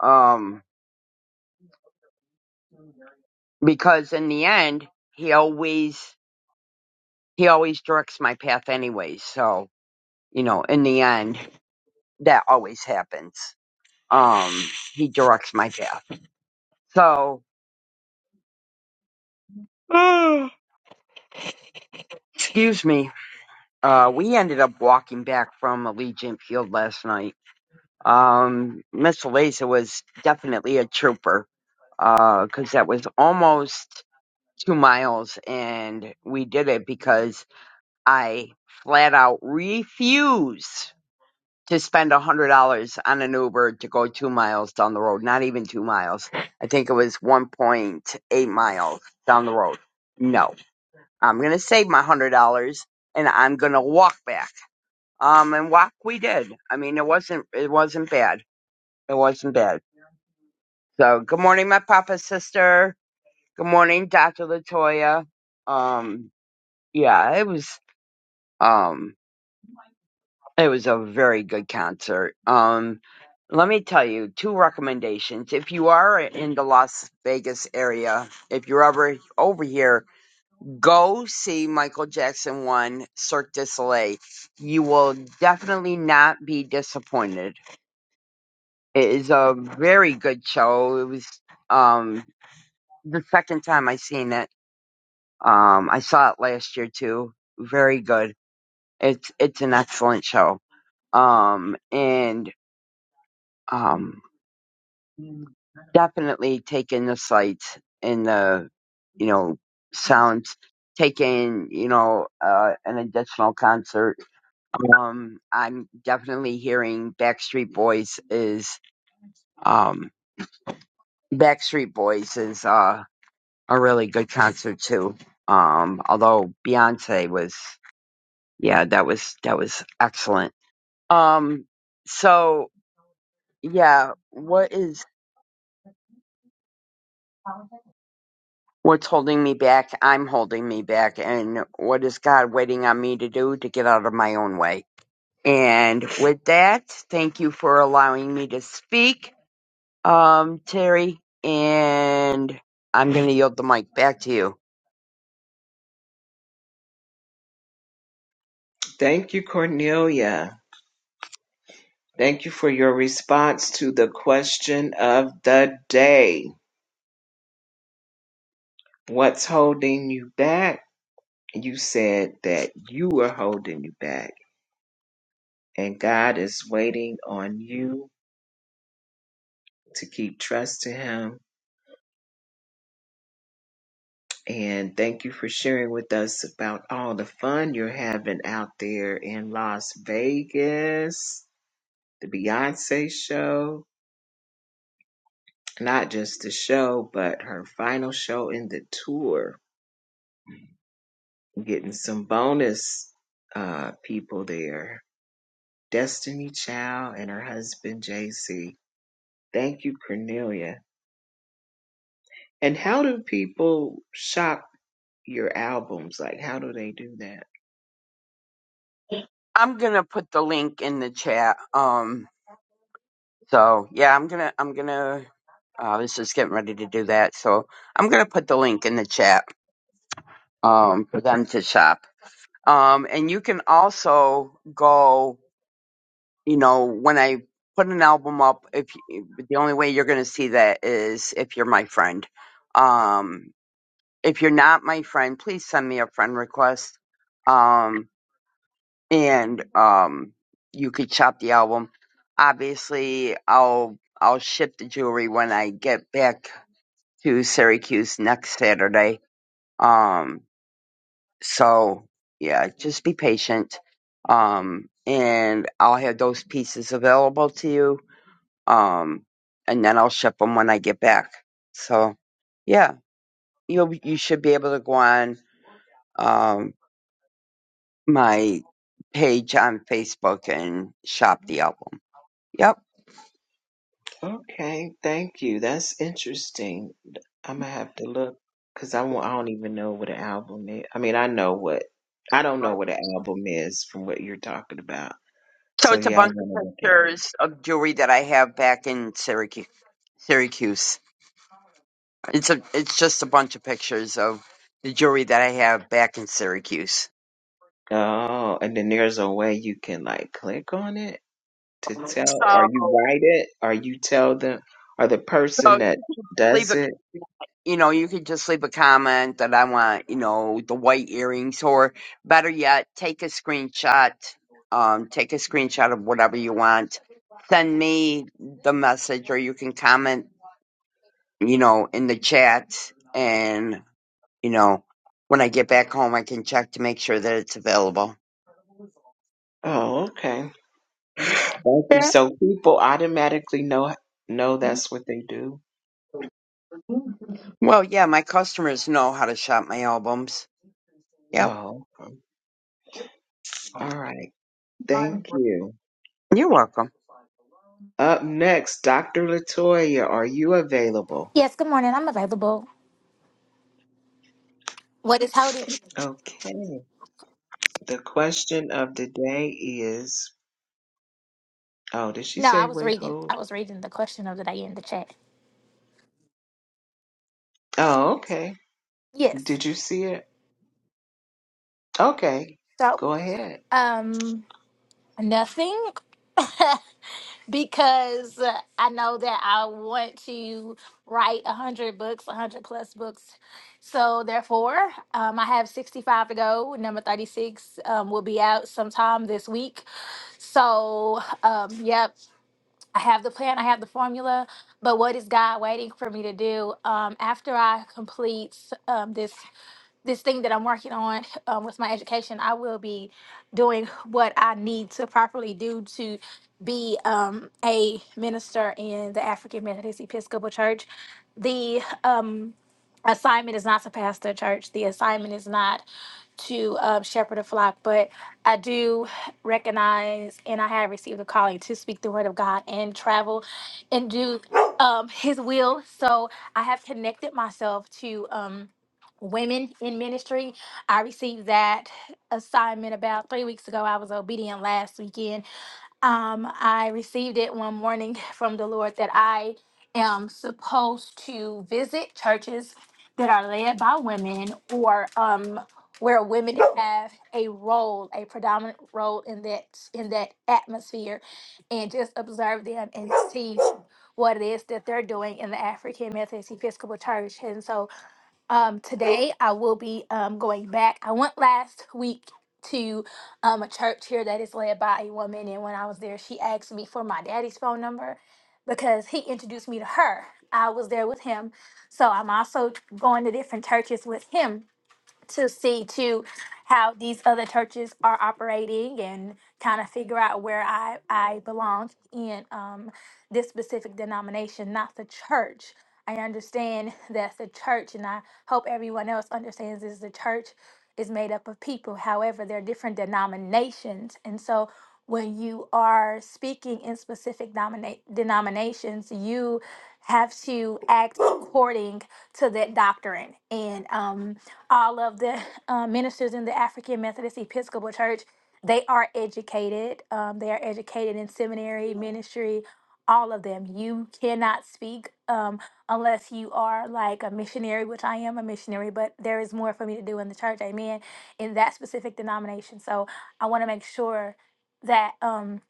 Speaker 5: Um, because in the end he always he always directs my path anyway so you know in the end that always happens um he directs my path so excuse me uh we ended up walking back from allegiant field last night um miss Eliza was definitely a trooper uh because that was almost two miles and we did it because i flat out refuse to spend a hundred dollars on an Uber to go two miles down the road. Not even two miles. I think it was one point eight miles down the road. No, I'm gonna save my hundred dollars and I'm gonna walk back. Um, and walk we did. I mean, it wasn't it wasn't bad. It wasn't bad. So good morning, my papa sister. Good morning, Doctor Latoya. Um, yeah, it was. Um. It was a very good concert. Um, let me tell you two recommendations. If you are in the Las Vegas area, if you're ever over here, go see Michael Jackson one Cirque du Soleil. You will definitely not be disappointed. It is a very good show. It was um the second time I seen it. Um, I saw it last year too. Very good. It's it's an excellent show. Um, and um Definitely take in the sights and the, you know, sounds. Take in, you know, uh, an additional concert. Um, I'm definitely hearing Backstreet Boys is, um, Backstreet Boys is, uh, a really good concert too. Um, although Beyonce was, yeah, that was, that was excellent. Um, so yeah, what is? What's holding me back? I'm holding me back. And what is God waiting on me to do to get out of my own way? And with that, thank you for allowing me to speak, um, Terry. And I'm going to yield the mic back to you.
Speaker 1: Thank you, Cornelia. Thank you for your response to the question of the day. What's holding you back? You said that you were holding you back, and God is waiting on you to keep trusting Him. And thank you for sharing with us about all the fun you're having out there in Las Vegas, the Beyonce show, not just the show, but her final show in the tour, getting some bonus uh, people there. Destiny Child and her husband, JC. Thank you, Cornelia. And how do people shop your albums? Like, how do they do that?
Speaker 5: I'm going to put the link in the chat. Um, so yeah, I'm going to, I'm going to, uh, I was just getting ready to do that. So I'm going to put the link in the chat, um, for them to shop. Um, and you can also go you know, when I put an album up, if you, the only way you're going to see that is if you're my friend. Um, if you're not my friend, please send me a friend request. Um, and um, you could shop the album. Obviously, I'll I'll ship the jewelry when I get back to Syracuse next Saturday. Um, so yeah, just be patient. Um, and I'll have those pieces available to you um, and then I'll ship them when I get back. So, yeah, you you should be able to go on um, my page on Facebook and shop the album. Yep.
Speaker 1: Okay, thank you. That's interesting. I'm gonna have to look because I won't, I don't even know what an album is. I mean, I know what I don't know what an album is from what you're talking about.
Speaker 5: So
Speaker 1: So
Speaker 5: it's a
Speaker 1: yeah, I
Speaker 5: bunch
Speaker 1: want to
Speaker 5: of
Speaker 1: look at it.
Speaker 5: pictures of jewelry that I have back in Syracuse. Syracuse. It's a it's just a bunch of pictures of the jewelry that I have back in Syracuse.
Speaker 1: Oh, and then there's a way you can like click on it to tell, or
Speaker 5: So
Speaker 1: you write it, or you tell them, or the
Speaker 5: so
Speaker 1: person that
Speaker 5: leave
Speaker 1: does
Speaker 5: a
Speaker 1: it.
Speaker 5: you know you could just leave a comment that I want you know the white earrings or better yet take a screenshot um take a screenshot of whatever you want send me the message or you can comment you know in the chat and you know when I get back home I can check to make sure that it's available
Speaker 1: Oh, okay. Thank you.
Speaker 5: yeah
Speaker 1: So people automatically know know that's what they do.
Speaker 5: well yeah my customers know how to shop my albums yep
Speaker 1: Oh, okay. all right. Thank you.
Speaker 5: you're welcome
Speaker 1: Up next, Dr. Latoya, are you available?
Speaker 6: Yes, good morning. I'm available. What is holding?
Speaker 1: Okay. The question of the day is. Oh, did she
Speaker 6: No, I
Speaker 1: say
Speaker 6: was
Speaker 1: wait
Speaker 6: reading. I
Speaker 1: hold?
Speaker 6: was reading the question of the day in the chat.
Speaker 1: Oh, okay.
Speaker 6: Yes.
Speaker 1: Did you see it? Okay.
Speaker 6: So,
Speaker 1: Go ahead.
Speaker 6: um, nothing, because uh, I know that I want to write a hundred books, a hundred plus books. So therefore, um, I have sixty-five to go. Number thirty-six um, will be out sometime this week. So, um, yep. I have the plan, I have the formula, but what is God waiting for me to do um, after I complete um, this? this thing that I'm working on um, with my education, I will be doing what I need to properly do to be um, a minister in the African Methodist Episcopal Church. The um, assignment is not to pastor a church. The assignment is not to um, shepherd a flock, but I do recognize and I have received a calling to speak the word of God and travel and do um, His will. So I have connected myself to. Um, women in ministry. I received that assignment about three weeks ago. I was obedient last weekend. Um, I received it one morning from the Lord that I am supposed to visit churches that are led by women or um where women have a role, a predominant role in that in that atmosphere and just observe them and see what it is that they're doing in the African Methodist Episcopal Church. And so um, today I will be um, going back. I went last week to um, a church here that is led by a woman, and when I was there, she asked me for my daddy's phone number because he introduced me to her. I was there with him, so I'm also going to different churches with him to see to how these other churches are operating and kind of figure out where I, I belong in um, this specific denomination, not the church. I understand that the church, and I hope everyone else understands, is the church is made up of people. However, there are different denominations. And so when you are speaking in specific domina- denominations, you have to act according to that doctrine. And um, all of the uh, ministers in the African Methodist Episcopal Church, they are educated. Um, they are educated in seminary, ministry, all of them. You cannot speak um, unless you are like a missionary, which I am a missionary, but there is more for me to do in the church, amen, in that specific denomination. So I want to make sure that. Um,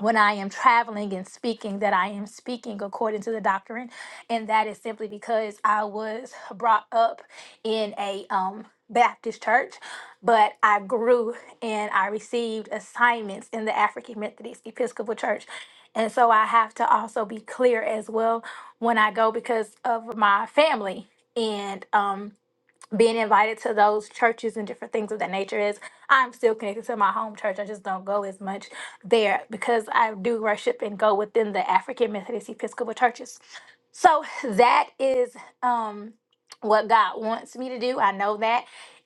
Speaker 6: when I am traveling and speaking, that I am speaking according to the doctrine. And that is simply because I was brought up in a um, Baptist church, but I grew and I received assignments in the African Methodist Episcopal Church. And so I have to also be clear as well when I go because of my family. And um, being invited to those churches and different things of that nature is I'm still connected to my home church. I just don't go as much there because I do worship and go within the African Methodist Episcopal churches. So that is um what God wants me to do. I know that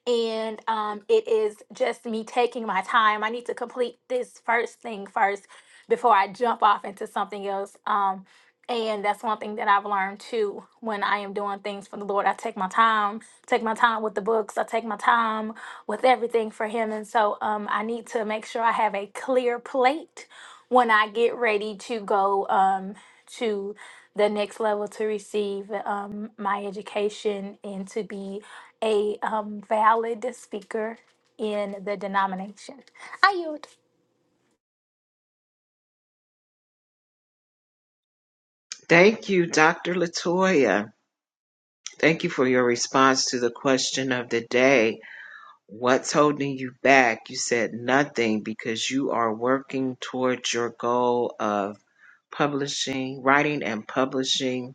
Speaker 6: and um, it is just me taking my time. I need to complete this first thing first before I jump off into something else. Um, and that's one thing that I've learned too when I am doing things for the Lord. I take my time, take my time with the books, I take my time with everything for Him. And so um, I need to make sure I have a clear plate when I get ready to go um, to the next level to receive um, my education and to be a um, valid speaker in the denomination. I yield.
Speaker 1: Thank you, Dr. Latoya. Thank you for your response to the question of the day. What's holding you back? You said nothing because you are working towards your goal of publishing, writing and publishing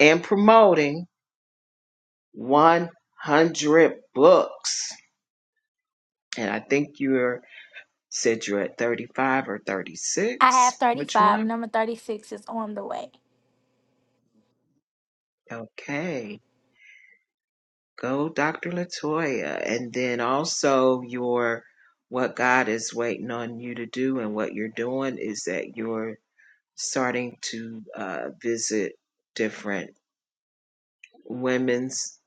Speaker 1: and promoting 100 books. And I think you're said you're at 35 or
Speaker 6: I
Speaker 1: 36.
Speaker 6: have
Speaker 1: Which
Speaker 6: 35.
Speaker 1: one?
Speaker 6: Number 36 is on the way.
Speaker 1: Okay. Go Dr. Latoya. And then also your what God is waiting on you to do and what you're doing is that you're starting to uh, visit different women's,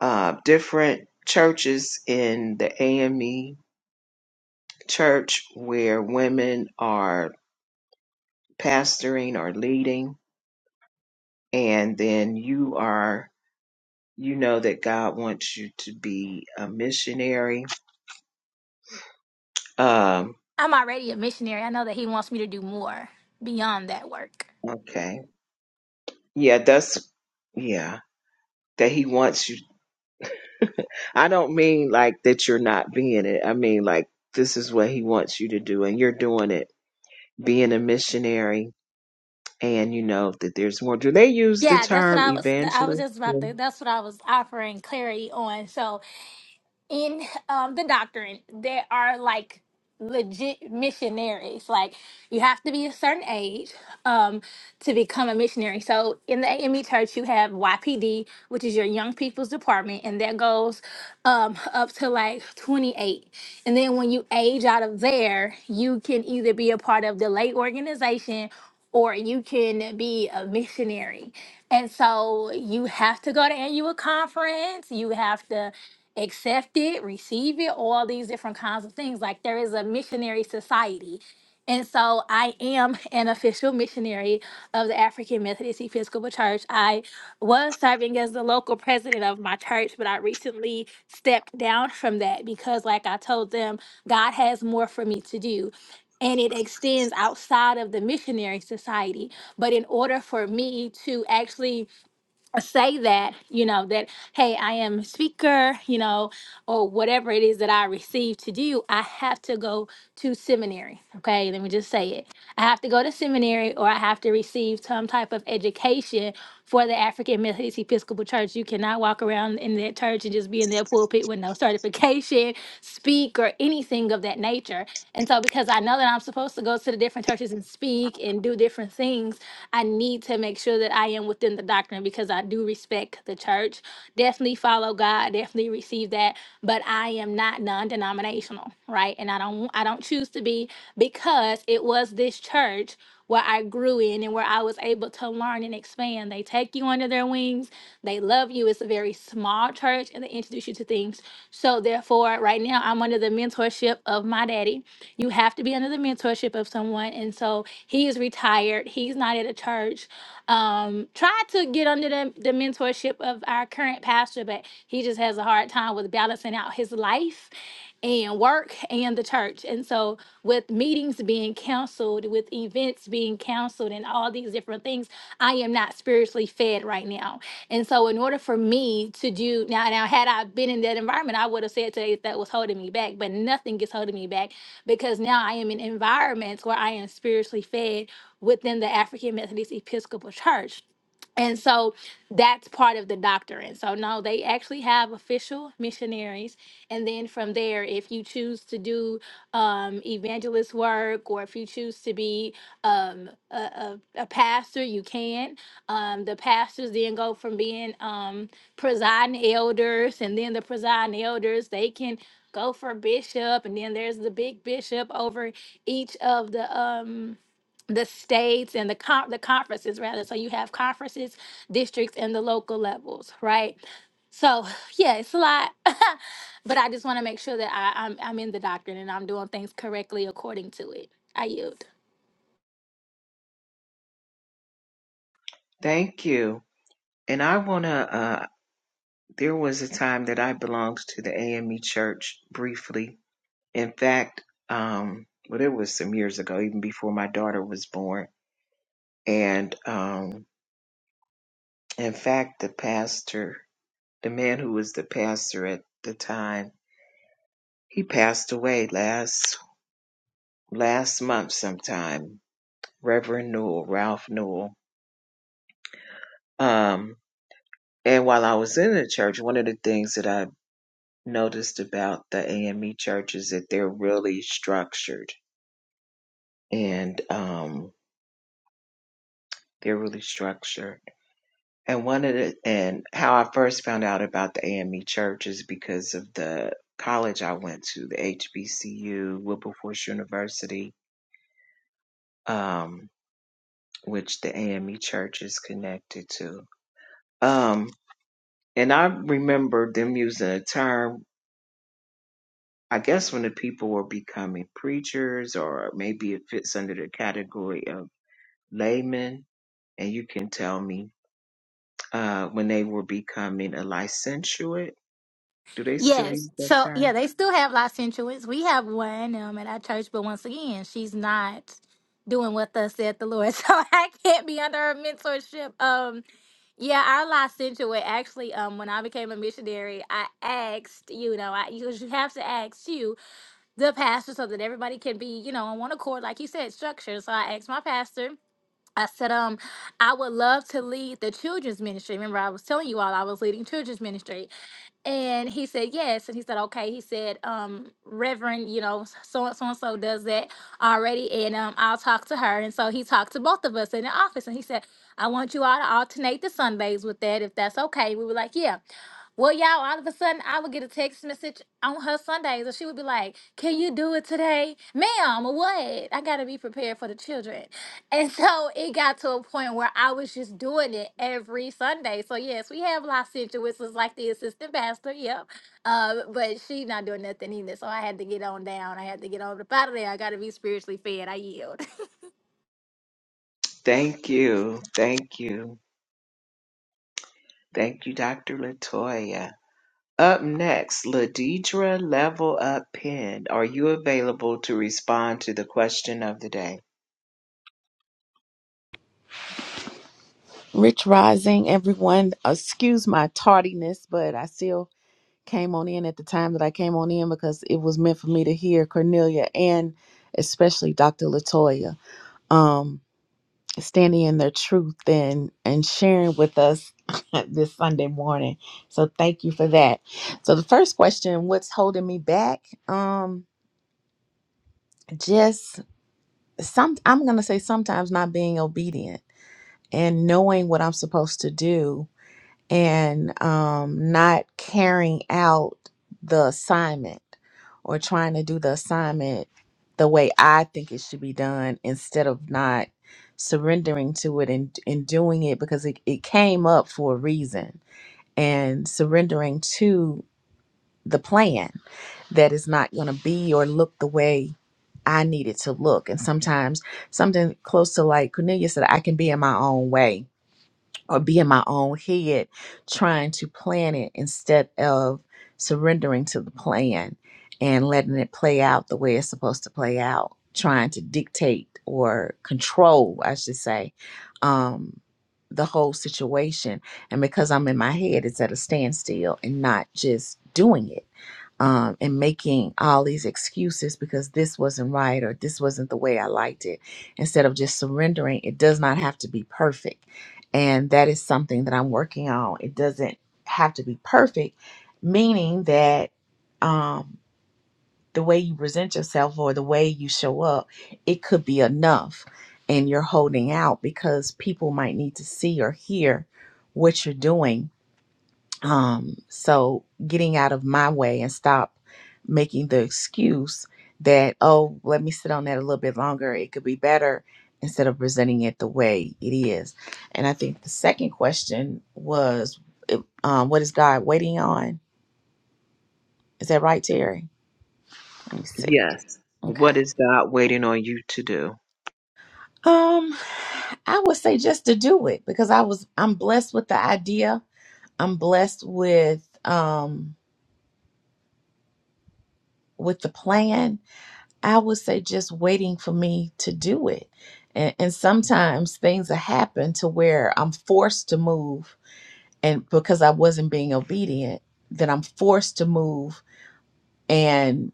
Speaker 1: uh, different churches in the AME church where women are pastoring or leading. And then you are, you know, that God wants you to be a missionary. Um,
Speaker 6: I'm already a missionary. I know that he wants me to do more beyond that work.
Speaker 1: okay. Yeah, that's, yeah, that He wants you. I don't mean like that you're not being it. I mean like this is what He wants you to do and you're doing it being a missionary and you know that there's more do they use the
Speaker 6: Yeah, that's what
Speaker 1: term
Speaker 6: I was. I was
Speaker 1: evangelist
Speaker 6: just about to. That's what I was offering clarity on. So in um, the doctrine there are like legit missionaries like you have to be a certain age um to become a missionary so in the ame church you have ypd which is your young people's department and that goes um up to like 28 and then when you age out of there you can either be a part of the lay organization or you can be a missionary and so you have to go to annual conference you have to accept it, receive it, all these different kinds of things. Like there is a missionary society. And so I am an official missionary of the African Methodist Episcopal Church. I was serving as the local president of my church, but I recently stepped down from that because, like I told them, God has more for me to do. And it extends outside of the missionary society. But in order for me to actually say that you know that hey i am a speaker you know or whatever it is that i receive to do i have to go to seminary okay let me just say it I have to go to seminary or I have to receive some type of education for the African Methodist Episcopal Church. You cannot walk around in that church and just be in that pulpit with no certification, speak, or anything of that nature. And so, because I know that I'm supposed to go to the different churches and speak and do different things, I need to make sure that I am within the doctrine because I do respect the church. Definitely follow God, definitely receive that. But I am not numb non-denominational, right? And I don't I don't choose to be because it was this church where I grew in and where I was able to learn and expand. They take you under their wings. They love you. It's a very small church and they introduce you to things. So therefore, right now I'm under the mentorship of my daddy. You have to be under the mentorship of someone. And so he is retired. He's not at a church. Um, try to get under the, the mentorship mentorship of our current pastor, but he just has a hard time with balancing out his life and work and the church. And so, with meetings being canceled, with events being canceled, and all these different things, I am not spiritually fed right now. And so, in order for me to do now, now had I been in that environment, I would have said today that was holding me back, but nothing is holding me back because now I am in environments where I am spiritually fed within the African Methodist Episcopal Church. And so that's part of the doctrine. So no, they actually have official missionaries, and then from there, if you choose to do um, evangelist work or if you choose to be um, a, a, a pastor, you can. Um, the pastors then go from being um, presiding elders, and then the presiding elders they can go for bishop, and then there's the big bishop over each of the um the states and the con- the conferences rather so you have conferences districts and the local levels right so yeah it's a lot but i just want to make sure that I, I'm, I'm in the doctrine and i'm doing things correctly according to it i yield
Speaker 1: thank you and i want to uh there was a time that i belonged to the ame church briefly in fact um well it was some years ago even before my daughter was born and um in fact the pastor the man who was the pastor at the time he passed away last last month sometime reverend newell ralph newell um And while I was in the church, one of the things that I noticed about the AME church is that they're really structured and um, they're really structured. And one of the, and how I first found out about the AME church is because of the college I went to, the HBCU, Wilberforce University, um, which the AME church is connected to. Um, and I remember them using a term I guess when the people were becoming preachers, or maybe it fits under the category of laymen, and you can tell me uh, when they were becoming a licentiate. Do they still
Speaker 6: Yes.
Speaker 1: use that
Speaker 6: So yeah,
Speaker 1: term?
Speaker 6: they still have licentiates. We have one um at our church, but once again, she's not doing what thus said the Lord. So I can't be under her mentorship. Um yeah, our licentiate actually, um, when I became a missionary, I asked, you know, I you, you have to ask you, the pastor, so that everybody can be, you know, on one accord, like you said, structure. So I asked my pastor. I said, um, I would love to lead the children's ministry. Remember, I was telling you all I was leading children's ministry. And he said, yes. And he said, okay. He said, um, Reverend, you know, so, so and so does that already. And um, I'll talk to her. And so he talked to both of us in the office. And he said, I want you all to alternate the Sundays with that if that's okay. We were like, yeah. Well, y'all, all of a sudden I would get a text message on her Sundays and she would be like, Can you do it today? Ma'am, what? I gotta be prepared for the children. And so it got to a point where I was just doing it every Sunday. So yes, we have Licensure, which was like the assistant pastor, yep. Uh, but she not doing nothing either. So I had to get on down. I had to get on the out of there. I gotta be spiritually fed. I yield.
Speaker 1: Thank you, thank you, thank you, Dr. Latoya. Up next, Ladidra Level Up Pen. Are you available to respond to the question of the day?
Speaker 7: Rich Rising, everyone. Excuse my tardiness, but I still came on in at the time that I came on in because it was meant for me to hear Cornelia and especially Dr. Latoya um, standing in their truth and and sharing with us this Sunday morning. So thank you for that. So the first question, what's holding me back? Um, just some. I'm gonna say sometimes not being obedient and knowing what I'm supposed to do and um, not carrying out the assignment or trying to do the assignment the way I think it should be done instead of not surrendering to it and, and doing it because it, it came up for a reason and surrendering to the plan that is not going to be or look the way I need it to look. And sometimes something close to like Cornelia said, I can be in my own way or be in my own head trying to plan it instead of surrendering to the plan and letting it play out the way it's supposed to play out trying to dictate or control i should say um, the whole situation and because i'm in my head it's at a standstill and not just doing it um, and making all these excuses because this wasn't right or this wasn't the way I liked it. Instead of just surrendering, it does not have to be perfect. And that is something that I'm working on. It doesn't have to be perfect, meaning that um, the way you present yourself or the way you show up, it could be enough. And you're holding out because people might need to see or hear what you're doing um, so getting out of my way and stop making the excuse that, oh, let me sit on that a little bit longer, it could be better, instead of presenting it the way it is. And I think the second question was, it- um, what is God waiting on? Is that right, Terry? Let me see.
Speaker 1: Yes.
Speaker 7: Okay.
Speaker 1: What is God waiting on you to do?
Speaker 7: Um, I would say just to do it because I was I'm blessed with the idea. I'm blessed with um with the plan I would say just waiting for me to do it. And, and sometimes things have happened to where I'm forced to move, and because I wasn't being obedient, that I'm forced to move and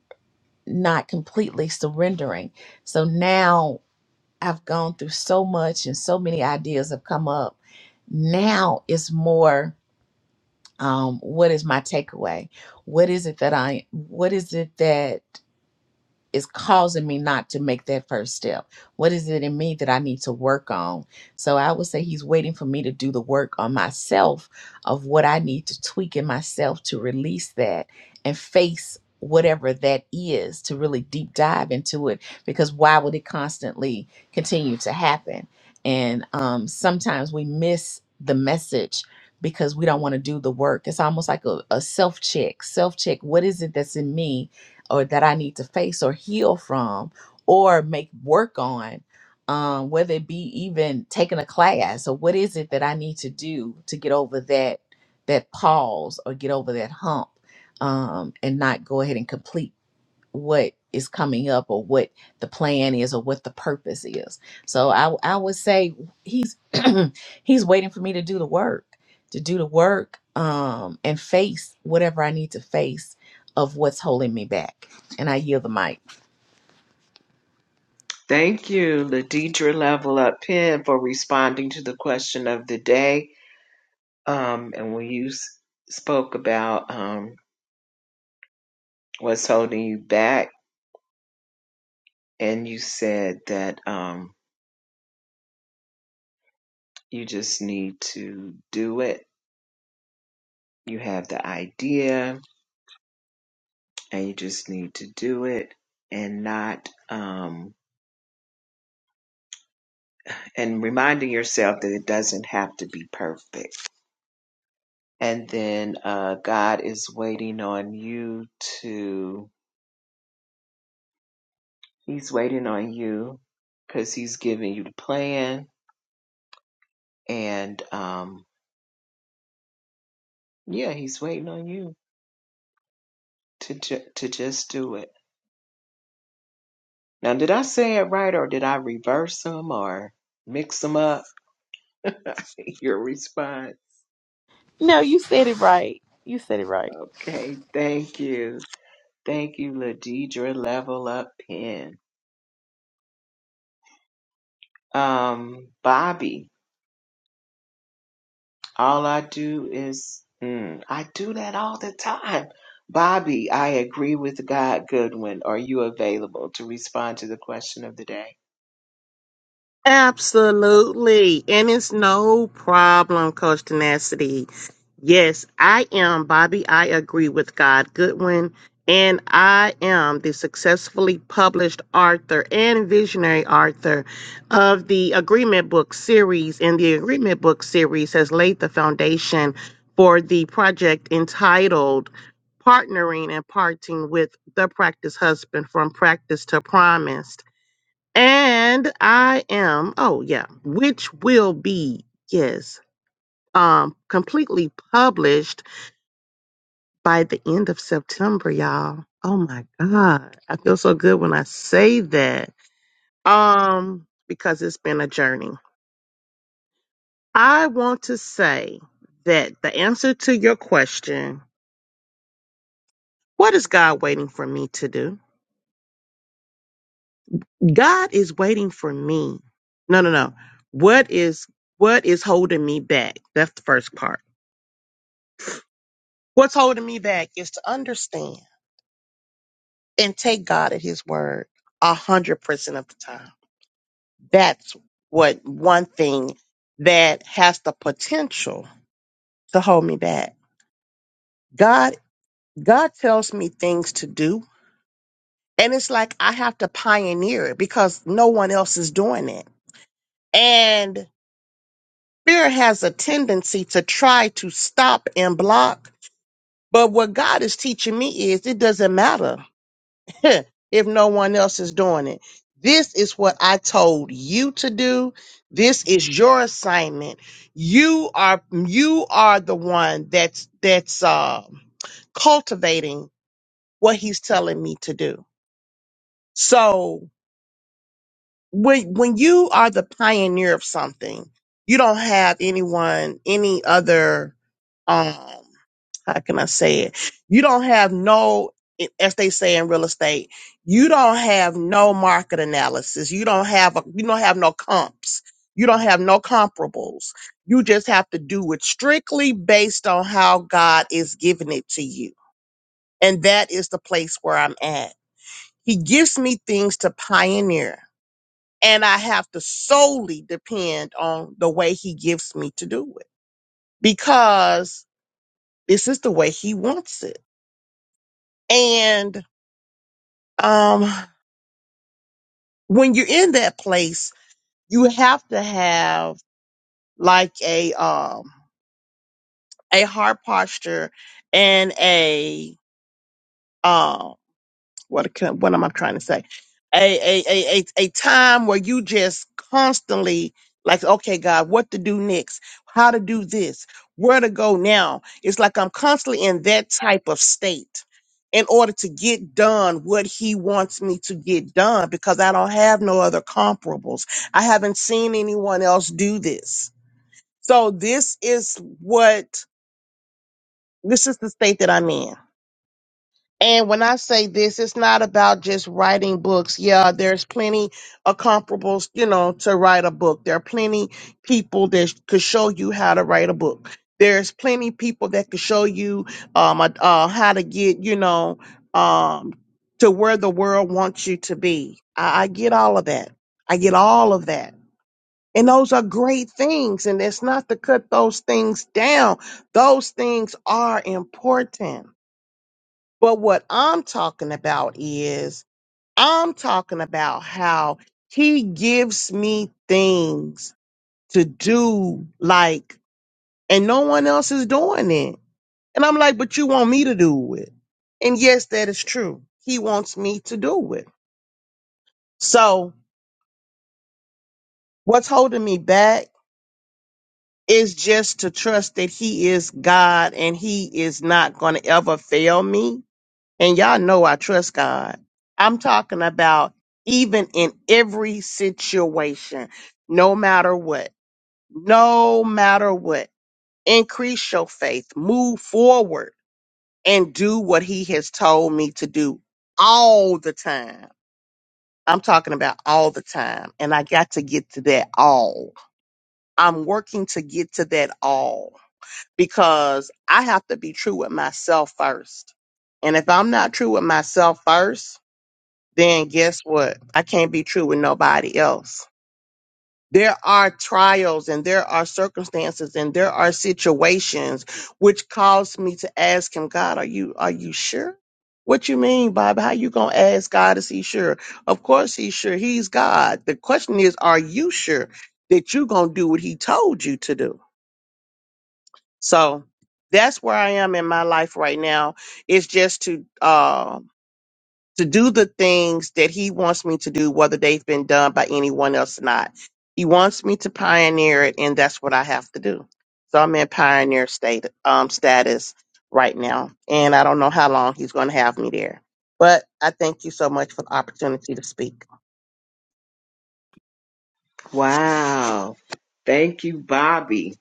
Speaker 7: not completely surrendering. So now I've gone through so much, and so many ideas have come up. Now it's more. Um, what is my takeaway? What is it that I? What is it that? is causing me not to make that first step? What is it in me that I need to work on? So I would say he's waiting for me to do the work on myself of what I need to tweak in myself to release that and face whatever that is to really deep dive into it because why would it constantly continue to happen? And um, sometimes we miss the message because we don't want to do the work. It's almost like a, a self check, self check. What is it that's in me? or that I need to face or heal from or make work on, um, whether it be even taking a class or what is it that I need to do to get over that that pause or get over that hump um, and not go ahead and complete what is coming up or what the plan is or what the purpose is. So I I would say he's he's waiting for me to do the work, to do the work um and face whatever I need to face of what's holding me back. And I yield the mic.
Speaker 1: Thank you, Ladidra Level Up Pen, for responding to the question of the day. Um, and when you s- spoke about um, what's holding you back, and you said that um, you just need to do it. You have the idea, and you just need to do it, and not. Um, and reminding yourself that it doesn't have to be perfect. And then uh, God is waiting on you to, He's waiting on you because He's giving you the plan. And um, yeah, He's waiting on you to, ju- to just do it. Now, did I say it right or did I reverse them or mix them up? Your response.
Speaker 7: No, you said it right. You said it right.
Speaker 1: Okay, thank you. Thank you, Ladidra Level Up Pen. Um, Bobby, All I do is, mm, I do that all the time. Bobby, I agree with God Goodwin. Are you available to respond to the question of the day?
Speaker 8: Absolutely. And it's no problem, Coach Tenacity. Yes, I am Bobby. I agree with God Goodwin. And I am the successfully published author and visionary author of the Agreement Book series. And the Agreement Book series has laid the foundation for the project entitled Partnering and Parting with the Practice Husband from Practice to Promise and I am, oh yeah, which will be, yes, um, completely published by the end of September, y'all. Oh my God. I feel so good when I say that. Um, because it's been a journey. I want to say that the answer to your question, what is God waiting for me to do? God is waiting for me. No, no, no. What is what is holding me back? That's the first part What's holding me back is to understand and take God at His word a hundred percent of the time. That's what one thing that has the potential to hold me back. God, God tells me things to do, and it's like I have to pioneer it because no one else is doing it. And fear has a tendency to try to stop and block. But what God is teaching me is it doesn't matter if no one else is doing it. This is what I told you to do. This is your assignment. You are you are the one that's that's uh, cultivating what he's telling me to do. So when when you are the pioneer of something, you don't have anyone any other um how can I say it? You don't have no, as they say in real estate, you don't have no market analysis. You don't have a, you don't have no comps. You don't have no comparables. You just have to do it strictly based on how God is giving it to you. And that is the place where I'm at. He gives me things to pioneer, and I have to solely depend on the way He gives me to do it because this is the way He wants it. And um when you're in that place you have to have like a um a heart posture and a um what can, what am I trying to say? A, a a a a time where you just constantly like, okay, God, what to do next? How to do this? Where to go now? It's like I'm constantly in that type of state in order to get done what he wants me to get done because I don't have no other comparables. I haven't seen anyone else do this. So this is what this is the state that I'm in. And when I say this, it's not about just writing books. Yeah, there's plenty of comparables, you know, to write a book. There are plenty people that sh- could show you how to write a book. There's plenty people that could show you um, uh, uh, how to get, you know, um, to where the world wants you to be. I, I get all of that. I get all of that. And those are great things. And it's not to cut those things down. Those things are important but what I'm talking about is I'm talking about how he gives me things to do, like, and no one else is doing it. And I'm like, but you want me to do it. And yes, that is true. He wants me to do it. So what's holding me back is just to trust that he is God and he is not going to ever fail me And y'all know I trust God. I'm talking about even in every situation, no matter what, no matter what, increase your faith, move forward and do what he has told me to do all the time. I'm talking about all the time. And I got to get to that all. I'm working to get to that all because I have to be true with myself first. And if I'm not true with myself first, then guess what? I can't be true with nobody else. There are trials and there are circumstances and there are situations which cause me to ask him, God, are you are you sure? What you mean, Bob? How you gonna ask God is he sure? Of course he's sure. He's God. The question is, are you sure that you gonna do what he told you to do? So that's where I am in my life right now. It's just to um to do the things that he wants me to do, whether they've been done by anyone else or not. He wants me to pioneer it, and that's what I have to do. So I'm in pioneer state um, status right now, and I don't know how long he's going to have me there. But I thank you so much for the opportunity to speak.
Speaker 1: Wow. Thank you, Bobby,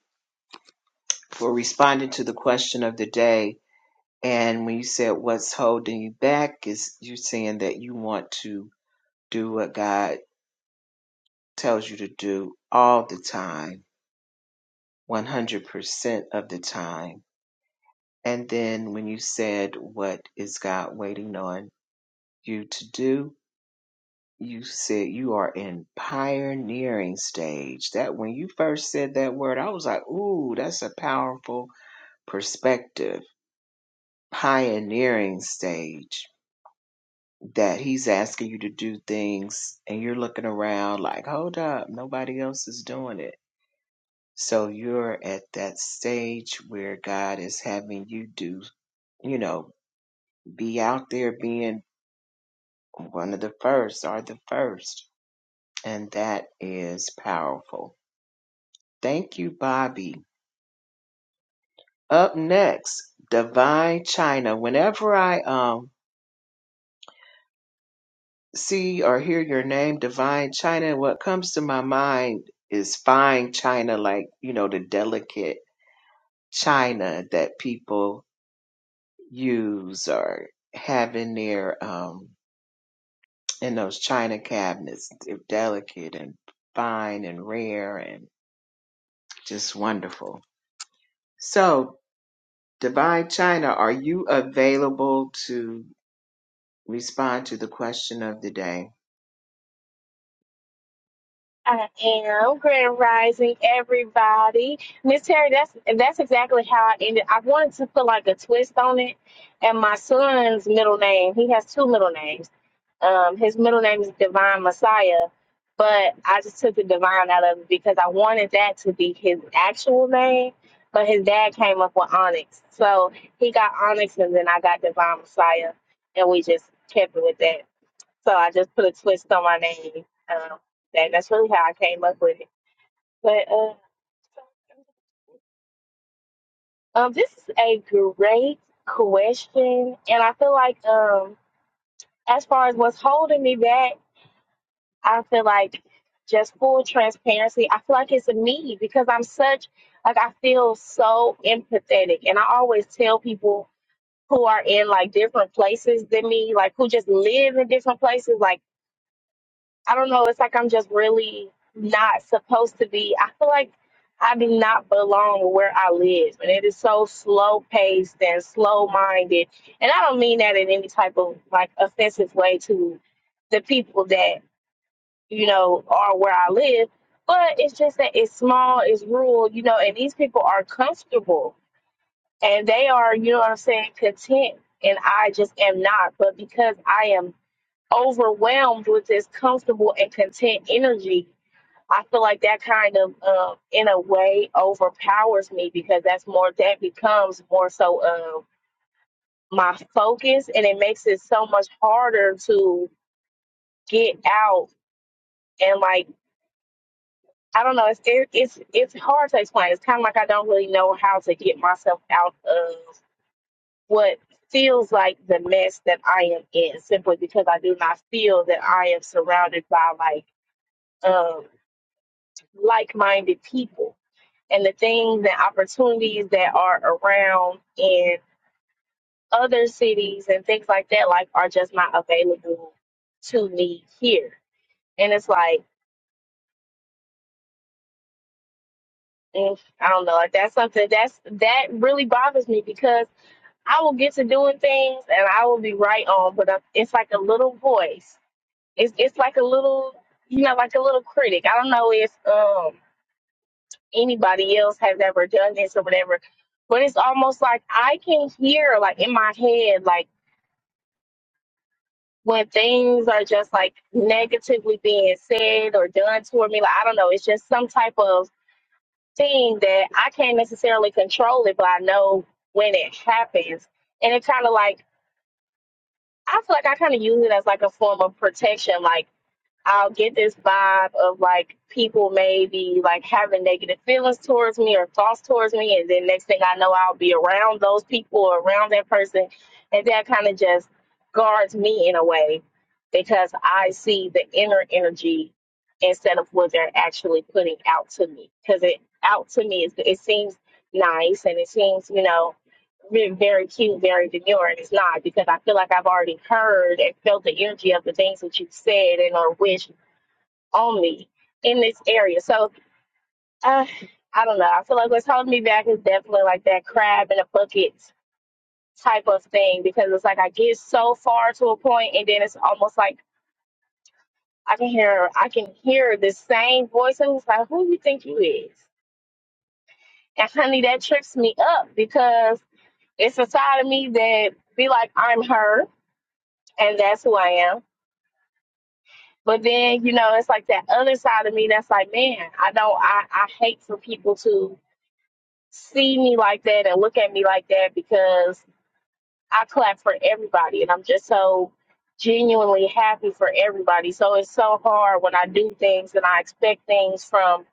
Speaker 1: for responding to the question of the day. And when you said what's holding you back is you're saying that you want to do what God tells you to do all the time. 100% of the time. And then when you said, What is God waiting on you to do? You said you are in pioneering stage. That when you first said that word, I was like, Ooh, that's a powerful perspective. Pioneering stage. That he's asking you to do things and you're looking around like, Hold up, nobody else is doing it. So you're at that stage where God is having you do you know be out there being one of the first or the first. And that is powerful. Thank you, Bobby. Up next, Divine China. Whenever I um see or hear your name, Divine China, what comes to my mind is fine china, like, you know, the delicate china that people use or have in their um in those china cabinets. They're delicate and fine and rare and Just wonderful. So, Divine China, are you available to respond to the question of the day?
Speaker 9: I am Grand Rising, everybody. Miss Terry, that's that's exactly how I ended. I wanted to put like a twist on it, and my son's middle name. He has two middle names. Um, his middle name is Divine Messiah, but I just took the divine out of it because I wanted that to be his actual name. But his dad came up with Onyx, so he got Onyx, and then I got Divine Messiah, and we just kept it with that. So I just put a twist on my name. Um, that that's really how I came up with it. But uh, um, this is a great question, and I feel like um, as far as what's holding me back, I feel like just full transparency. I feel like it's me because I'm such like I feel so empathetic, and I always tell people who are in like different places than me, like who just live in different places, like I don't know. It's like I'm just really not supposed to be. I feel like I do not belong where I live, and it is so slow paced and slow minded. And I don't mean that in any type of like offensive way to the people that you know are where I live, but it's just that it's small, it's rural, you know, and these people are comfortable and they are, you know what I'm saying, content. And I just am not. But because I am overwhelmed with this comfortable and content energy, I feel like that kind of, uh, in a way, overpowers me because that's more, that becomes more so of my focus and it makes it so much harder to get out and like, I don't know, it's, it, it's, it's hard to explain. It's kind of like I don't really know how to get myself out of what feels like the mess that I am in simply because I do not feel that I am surrounded by like, um like minded people and the things and opportunities that are around in other cities and things like that like are just not available to me here. And it's like mm, I don't know, like that's something that's that really bothers me because I will get to doing things and I will be right on, but i it's like a little voice. It's it's like a little you know, like a little critic. I don't know if um anybody else has ever done this or whatever. But it's almost like I can hear, like in my head, like when things are just like negatively being said or done toward me. Like, I don't know. It's just some type of thing that I can't necessarily control it, but I know when it happens. And it kind of like, I feel like I kind of use it as like a form of protection. Like, I'll get this vibe of like people maybe like having negative feelings towards me or thoughts towards me, and then next thing I know, I'll be around those people or around that person, and that kind of just guards me in a way because I see the inner energy instead of what they're actually putting out to me. Because it out to me is it seems nice and it seems you know re- very cute, very demure, and it's not because I feel like I've already heard and felt the energy of the things that you've said and or wished on me in this area. So uh, I don't know. I feel like what's holding me back is definitely like that crab in a bucket type of thing because it's like I get so far to a point and then it's almost like I can hear I can hear the same voice and it's like, who you think you is? And honey, that trips me up because it's a side of me that be like I'm her and that's who I am. But then, you know, it's like that other side of me that's like, man, I don't I, I hate for people to see me like that and look at me like that because I clap for everybody and I'm just so genuinely happy for everybody. So it's so hard when I do things and I expect things from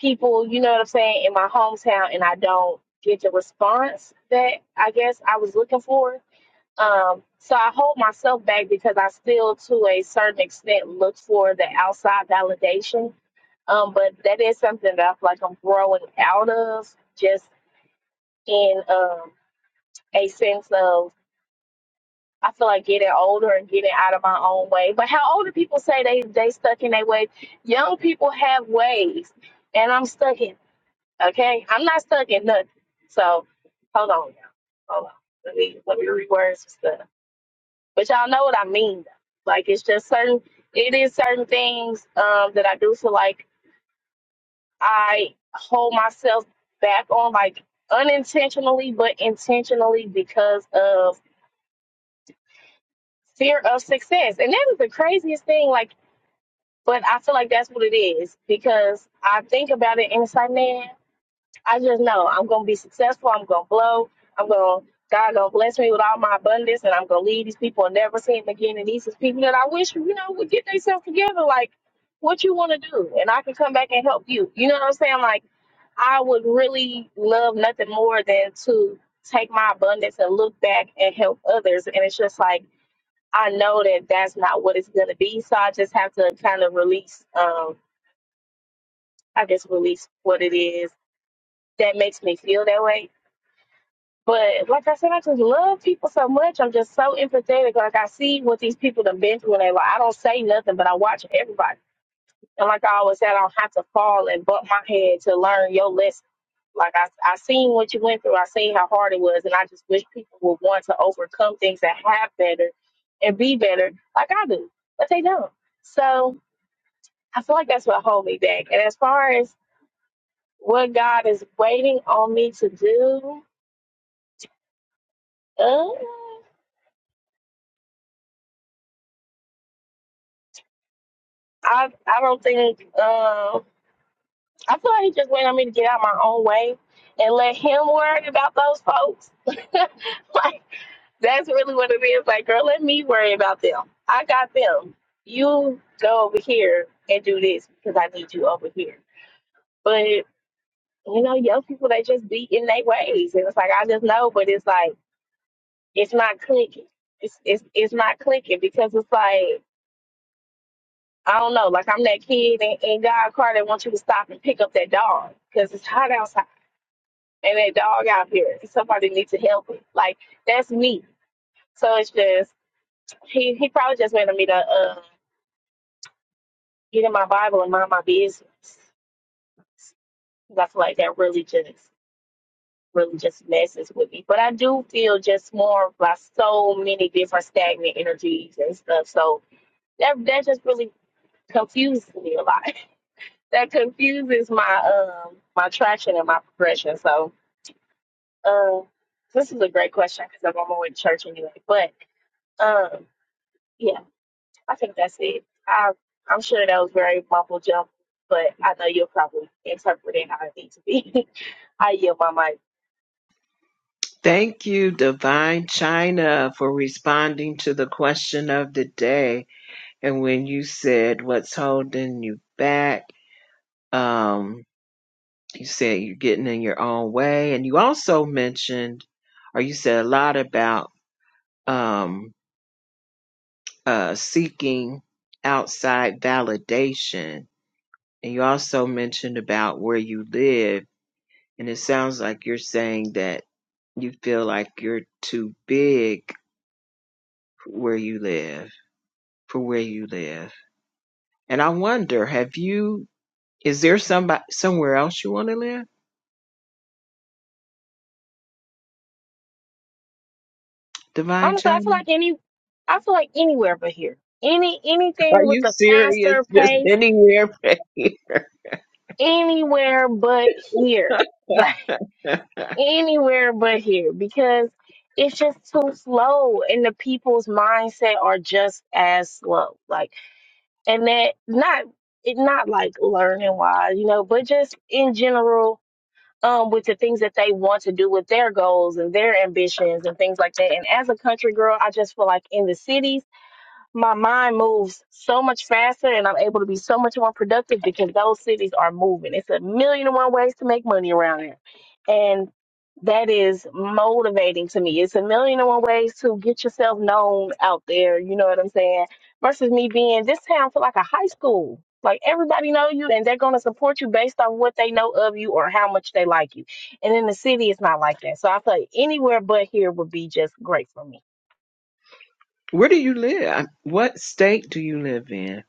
Speaker 9: people, you know what I'm saying, in my hometown and I don't get the response that I guess I was looking for. Um, so I hold myself back because I still to a certain extent look for the outside validation um, but that is something that I feel like I'm growing out of. Just in um, a sense of I feel like getting older and getting out of my own way. But how older people say they they stuck in their way? young people have ways, and I'm stuck in. Okay, I'm not stuck in nothing. So hold on, now. Hold on. Let me let me reword some stuff. But y'all know what I mean. Though. Like it's just certain. It is certain things um, that I do feel like I hold myself back on, like unintentionally, but intentionally because of fear of success. And that is the craziest thing. Like, but I feel like that's what it is because I think about it and it's like, man, I just know I'm gonna be successful. I'm gonna blow. I'm gonna God gonna bless me with all my abundance, and I'm gonna leave these people and never see them again. And these is people that I wish you know would get themselves together. Like, what you want to do, and I can come back and help you. You know what I'm saying? Like, I would really love nothing more than to take my abundance and look back and help others. And it's just like I know that that's not what it's going to be. So I just have to kind of release, um, I guess, release what it is that makes me feel that way. But like I said, I just love people so much. I'm just so empathetic. Like I see what these people have been through, and they like I don't say nothing, but I watch everybody. And like I always said, I don't have to fall and bump my head to learn your lesson. Like I, I seen what you went through. I seen how hard it was, and I just wish people would want to overcome things and have better and be better, like I do, but they don't. So I feel like that's what hold me back. And as far as what God is waiting on me to do, uh, I I don't think. Um, I feel like He's just waiting on me to get out my own way and let Him worry about those folks. like that's really what it is. Like, girl, let me worry about them. I got them. You go over here and do this because I need you over here. But you know, young people they just be in their ways, and it's like I just know. But it's like. it's not clicking. It's it's it's not clicking because it's like I don't know. Like I'm that kid in, in God car that wants you to stop and pick up that dog because it's hot outside and that dog out here. and Somebody needs to help it. Like that's me. So it's just he he probably just wanted me to uh, get in my Bible and mind my business. I feel like that really just really just messes with me. But I do feel just more of like so many different stagnant energies and stuff. So that that just really confuses me a lot. That confuses my um my traction and my progression. So um this is a great question because I'm on my way to church anyway. But um yeah, I think that's it. I I'm sure that was very mumble jump, but I know you'll probably interpret it how it needs to be. I yield my mic.
Speaker 1: Thank you, Divine China, for responding to the question of the day. And when you said what's holding you back, um, you said you're getting in your own way. And you also mentioned, or you said a lot about um, uh, seeking outside validation. And you also mentioned about where you live. And it sounds like you're saying that you feel like you're too big where you live, for where you live. And I wonder, have you, is there somebody, somewhere else you want to live? Divine
Speaker 9: Honestly, I feel
Speaker 1: China?
Speaker 9: like any I feel like anywhere but here. Any
Speaker 1: Are
Speaker 9: anything with
Speaker 1: you
Speaker 9: a
Speaker 1: serious?
Speaker 9: faster
Speaker 1: Just
Speaker 9: pace,
Speaker 1: anywhere?
Speaker 9: anywhere but here. anywhere but here because it's just too slow and the people's mindset are just as slow like and that not it not like learning wise you know but just in general um with the things that they want to do with their goals and their ambitions and things like that and as a country girl i just feel like in the cities my mind moves so much faster and I'm able to be so much more productive because those cities are moving. It's a million and one ways to make money around here. And that is motivating to me. It's a million and one ways to get yourself known out there, you know what I'm saying? Versus me being this town feel like a high school. Like everybody know you and they're gonna support you based off what they know of you or how much they like you. And in the city it's not like that. So I feel like anywhere but here would be just great for me.
Speaker 1: where do you live? What state do you live in?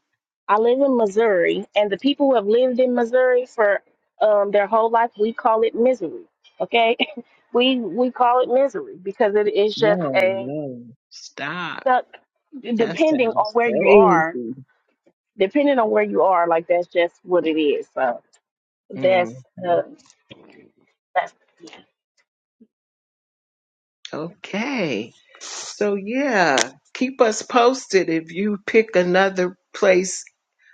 Speaker 9: I live in Missouri, and the people who have lived in Missouri for um, their whole life, we call it misery. Okay, we we call it misery because it is just
Speaker 1: No,
Speaker 9: a
Speaker 1: no. Stop.
Speaker 9: stuck.
Speaker 1: That
Speaker 9: Depending on
Speaker 1: sounds
Speaker 9: where you are,
Speaker 1: crazy.
Speaker 9: depending on where you are, like that's just what it is. So
Speaker 1: hmm
Speaker 9: that's uh, that's. yeah.
Speaker 1: Okay. So, yeah, keep us posted if you pick another place,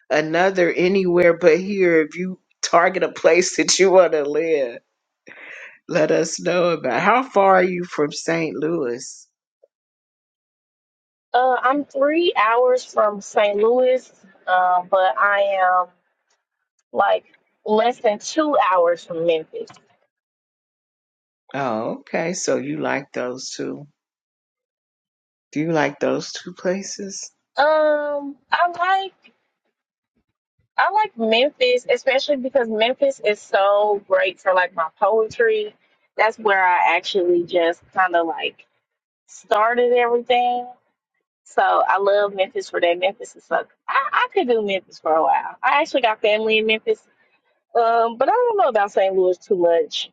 Speaker 1: another anywhere but here. If you target a place that you want to live, let us know about. How far are you from St. Louis?
Speaker 9: Uh, I'm three hours from St. Louis, uh, but I am like less than two hours from Memphis.
Speaker 1: Oh, okay. So, you like those two. Do you like those two places?
Speaker 9: Um, I like. I like Memphis, especially because Memphis is so great for like my poetry. That's where I actually just kind of like started everything. So I love Memphis for that. Memphis is so I, I could do Memphis for a while. I actually got family in Memphis, um, but I don't know about St. Louis too much.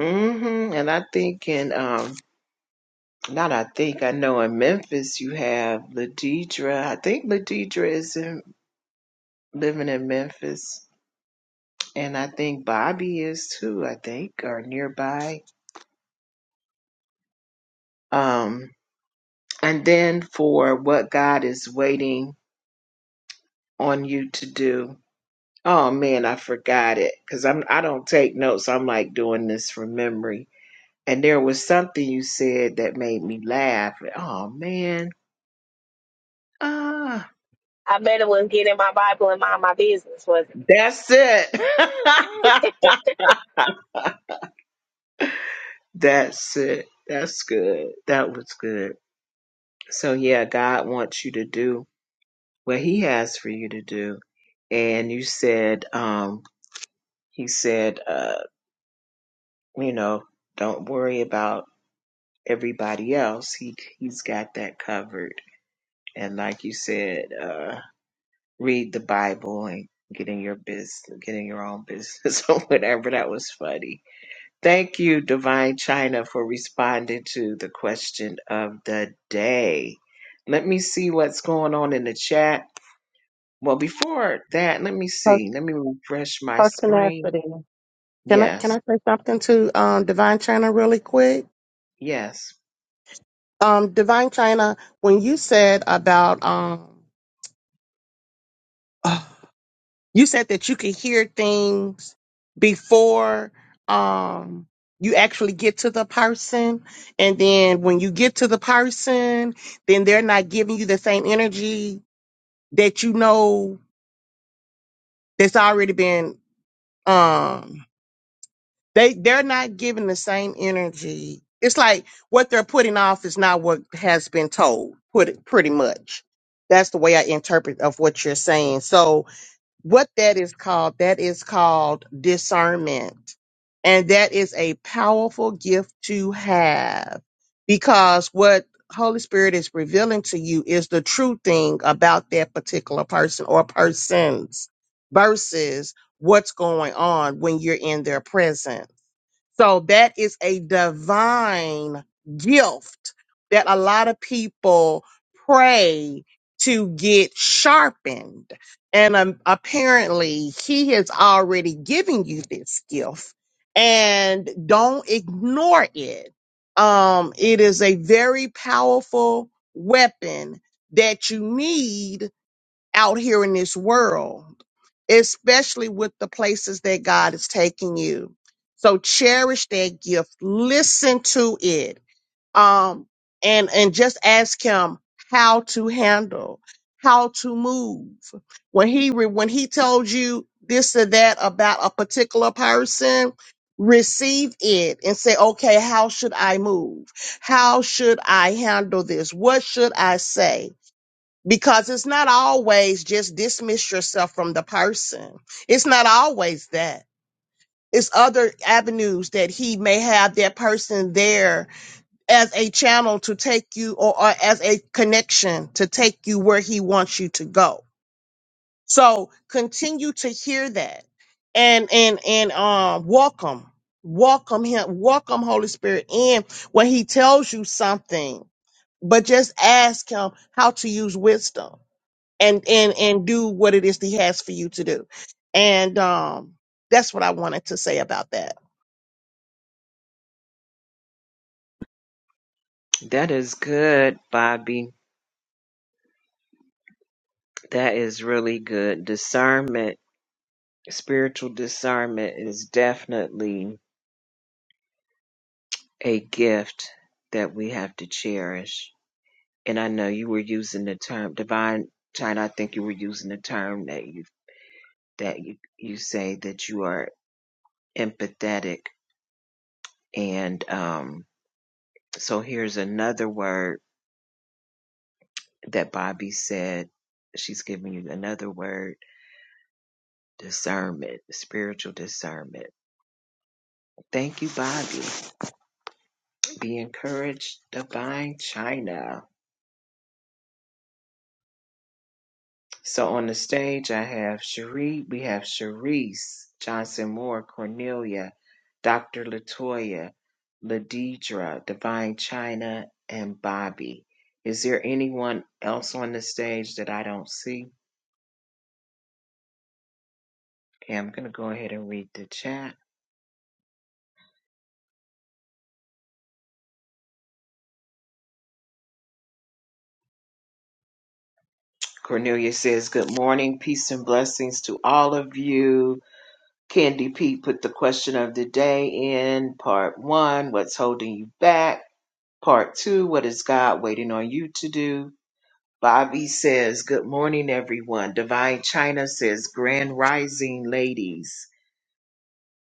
Speaker 1: Mm-hmm. And I think in um Not I think I know in Memphis you have Ladidra. I think Ladidra is in, living in Memphis, and I think Bobby is too. I think or nearby. Um, and then for what God is waiting on you to do. Oh man, I forgot it because I'm I don't take notes. I'm like doing this from memory. And there was something you said that made me laugh. Oh man, ah,
Speaker 9: I bet it was getting my Bible and mind my business, was
Speaker 1: that's it.
Speaker 9: not it?
Speaker 1: That's it. That's good. That was good. So, yeah, God wants you to do what He has for you to do. And you said, um, He said, uh, you know, don't worry about everybody else. He, he's got that covered. And like you said, uh, read the Bible and get in your business, get in your own business or whatever. That was funny. Thank you, Divine China, for responding to the question of the day. Let me see what's going on in the chat. Well, before that, let me
Speaker 8: Coach,
Speaker 1: see. Let me refresh my
Speaker 8: Coach
Speaker 1: screen.
Speaker 8: Tenacity. Can I can
Speaker 1: Yes,
Speaker 8: I say something to um, Divine China really quick?
Speaker 1: yes.
Speaker 8: Um, Divine China, when you said about um, uh, you said that you can hear things before um you actually get to the person, and then when you get to the person, then they're not giving you the same energy that you know that's already been um They they're not giving the same energy. It's like what they're putting off is not what has been told. Put pretty much. That's the way I interpret of what you're saying. So what that is called, that is called discernment. And that is a powerful gift to have because what Holy Spirit is revealing to you is the true thing about that particular person or persons versus what's going on when you're in their presence. So that is a divine gift that a lot of people pray to get sharpened. And um, apparently, he has already given you this gift and don't ignore it. Um, it is a very powerful weapon that you need out here in this world, especially with the places that God is taking you. So cherish that gift. Listen to it. Um, and, and just ask him how to handle, how to move. When he, re- when he told you this or that about a particular person, receive it and say, okay, how should I move? How should I handle this? What should I say? because it's not always just dismiss yourself from the person. It's not always that. It's other avenues that he may have that person there as a channel to take you or, or as a connection to take you where he wants you to go. So continue to hear that and and and um welcome welcome him welcome Holy Spirit in when he tells you something but just ask him how to use wisdom and and and do what it is that he has for you to do and um that's what i wanted to say about that
Speaker 1: That is good, Bobby. That is really good. Discernment, spiritual discernment is definitely a gift that we have to cherish. And I know you were using the term divine China, I think you were using the term that you that you, you say that you are empathetic. And um, so here's another word that Bobby said. She's giving you another word discernment, spiritual discernment. Thank you, Bobby. Be encouraged, divine China. So on the stage, I have Cherie, we have Cherise Johnson Moore, Cornelia, Dr. Latoya, Ladidra, Divine China, and Bobby. Is there anyone else on the stage that I don't see? Okay, I'm going to go ahead and read the chat. Cornelia says, Good morning, peace and blessings to all of you. Candy P put the question of the day in part one What's holding you back? Part two What is God waiting on you to do? Bobby says, Good morning, everyone. Divine China says, Grand Rising Ladies.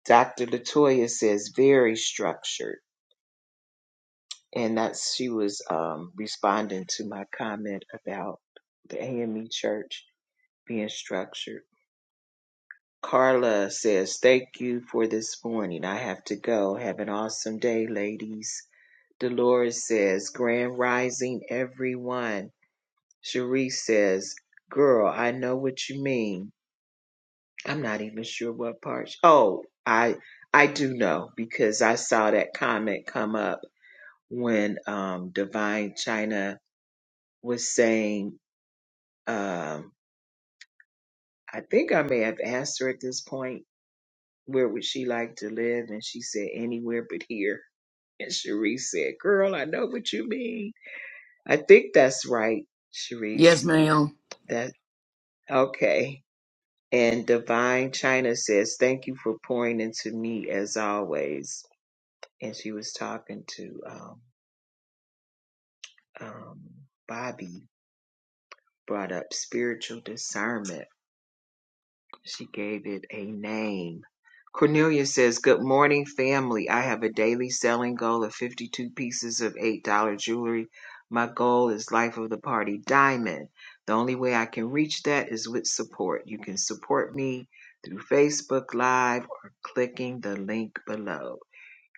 Speaker 1: Dr. Latoya says, Very structured. And that's, she was um, responding to my comment about the AME church being structured. Carla says, Thank you for this morning. I have to go. Have an awesome day, ladies. Dolores says, Grand Rising, everyone. Cherie says, Girl, I know what you mean. I'm not even sure what part. Oh, I I do know because I saw that comment come up when um Divine China was saying um I think I may have asked her at this point where would she like to live and she said anywhere but here. And Sharice said, "Girl, I know what you mean. I think that's right,
Speaker 2: Yes,
Speaker 1: Sharice.
Speaker 2: ma'am.
Speaker 1: That okay." And Divine China says, "Thank you for pouring into me as always." and she was talking to um, um, Bobby, brought up spiritual discernment. She gave it a name. Cornelia says, Good morning, family. I have a daily selling goal of 52 pieces of $8 jewelry. My goal is Life of the Party Diamond. The only way I can reach that is with support. You can support me through Facebook Live or clicking the link below.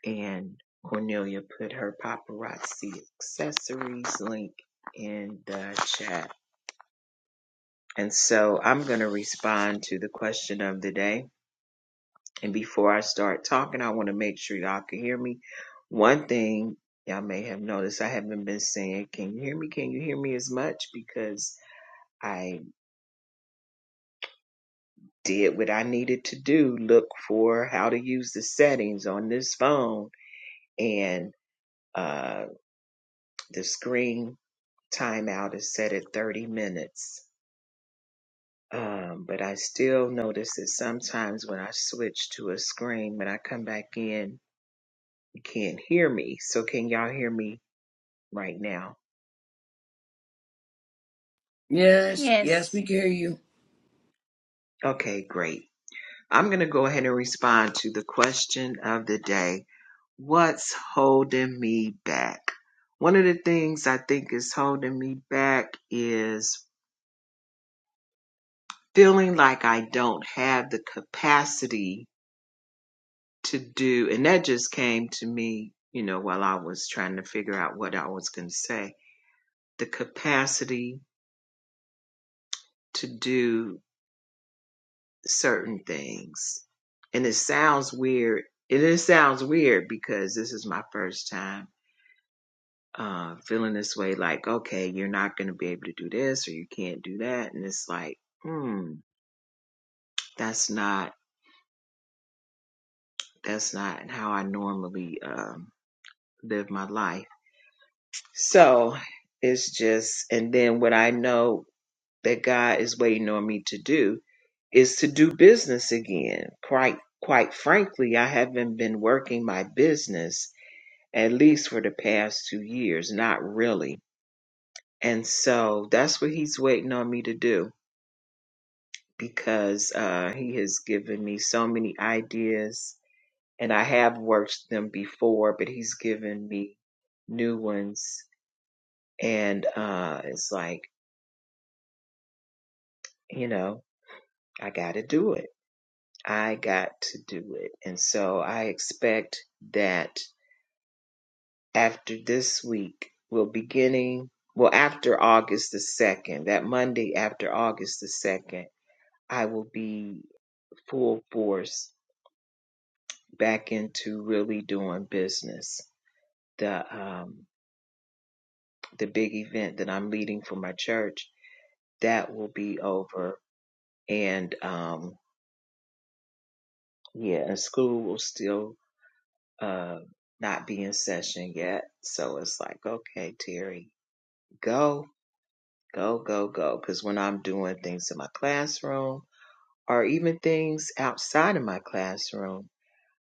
Speaker 1: and Cornelia put her paparazzi accessories link in the chat. And so I'm going to respond to the question of the day. And before I start talking, I want to make sure y'all can hear me. One thing y'all may have noticed, I haven't been saying, Can you hear me? Can you hear me as much? Because I did what I needed to do look for how to use the settings on this phone. And uh, the screen timeout is set at 30 minutes. Um, but I still notice that sometimes when I switch to a screen, when I come back in, you can't hear me. So can y'all hear me right now?
Speaker 2: Yes, yes,
Speaker 6: Yes.
Speaker 2: we can hear you.
Speaker 1: Okay, great. I'm going to go ahead and respond to the question of the day. What's holding me back? One of the things I think is holding me back is feeling like I don't have the capacity to do, and that just came to me, you know, while I was trying to figure out what I was going to say the capacity to do certain things. And it sounds weird. And it sounds weird because this is my first time uh, feeling this way like, okay, you're not going to be able to do this or you can't do that. And it's like, hmm, that's not, that's not how I normally um, live my life. So it's just, and then what I know that God is waiting on me to do is to do business again. Quite quite frankly, I haven't been working my business at least for the past 2 years, not really. And so that's what he's waiting on me to do because uh he has given me so many ideas and I have worked them before, but he's given me new ones and uh it's like, you know, I got to do it I got to do it. And so I expect that after this week, we'll beginning, well, after August the 2nd, that Monday after August the 2nd, I will be full force back into really doing business. The, um, the big event that I'm leading for my church, that will be over. And, um, yeah, and school will still, uh, not be in session yet. So it's like, okay, Terry, go, go, go, go. Because when I'm doing things in my classroom or even things outside of my classroom,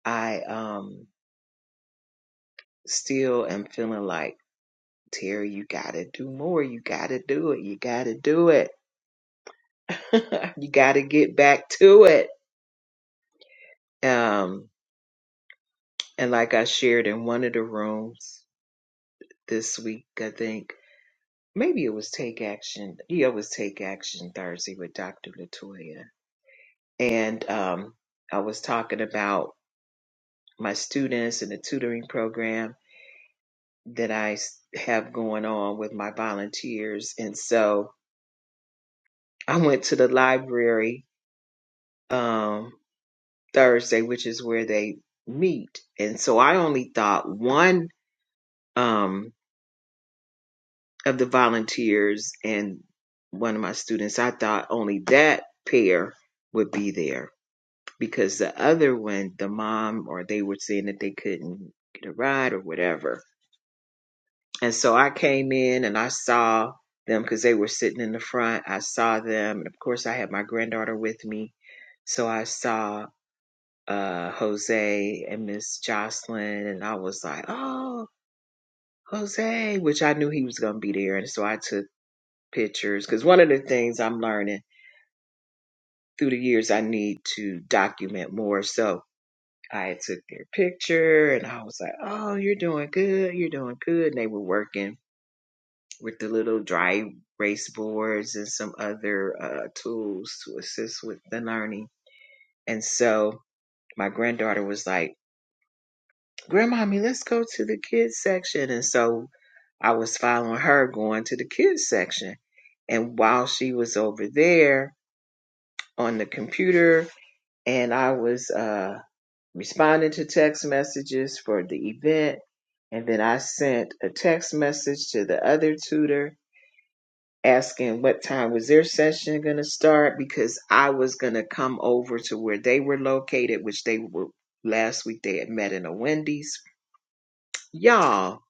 Speaker 1: I um still am feeling like, Terry, you got to do more. You got to do it. You got to do it. you got to get back to it. Um, and like I shared in one of the rooms this week, I think maybe it was Take Action. Yeah, it was Take Action Thursday with Dr. Latoya. And um, I was talking about my students and the tutoring program that I have going on with my volunteers. And so I went to the library um, Thursday, which is where they meet. And so I only thought one um, of the volunteers and one of my students, I thought only that pair would be there because the other one, the mom, or they were saying that they couldn't get a ride or whatever. And so I came in and I saw them because they were sitting in the front. I saw them. And of course, I had my granddaughter with me. So I saw uh, Jose and Miss Jocelyn. And I was like, oh, Jose, which I knew he was going to be there. And so I took pictures because one of the things I'm learning through the years, I need to document more. So I took their picture and I was like, oh, you're doing good. You're doing good. And they were working with the little dry erase boards and some other uh, tools to assist with the learning. And so my granddaughter was like, Grandmommy, let's go to the kids section. And so I was following her going to the kids section. And while she was over there on the computer, and I was uh, responding to text messages for the event, and then I sent a text message to the other tutor asking what time was their session going to start because I was going to come over to where they were located, which they were last week they had met in a Wendy's. Y'all.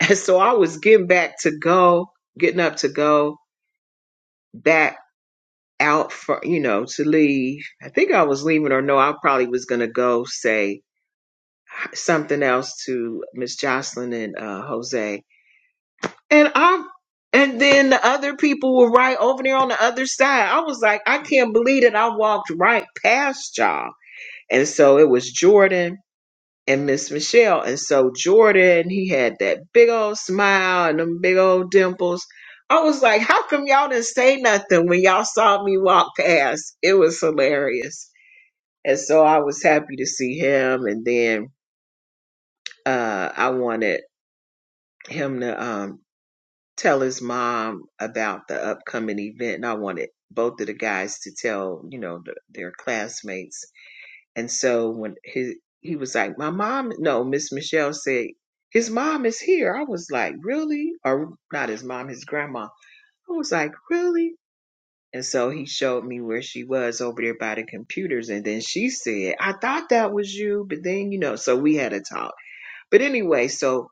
Speaker 1: And so I was getting back to go, getting up to go back out for, you know, to leave. I think I was leaving or no, I probably was going to go say something else to Miss Jocelyn and uh, Jose And I and then the other people were right over there on the other side. I was like, I can't believe that I walked right past y'all. And so it was Jordan and Miss Michelle. And so Jordan, he had that big old smile and them big old dimples. I was like, how come y'all didn't say nothing when y'all saw me walk past? It was hilarious. And so I was happy to see him. And then uh, I wanted him to um, tell his mom about the upcoming event and I wanted both of the guys to tell, you know, the, their classmates. And so when his he was like, "My mom, no, Miss Michelle said his mom is here." I was like, "Really?" Or not his mom, his grandma. I was like, "Really?" And so he showed me where she was over there by the computers and then she said, "I thought that was you, but then, you know, so we had a talk." But anyway, so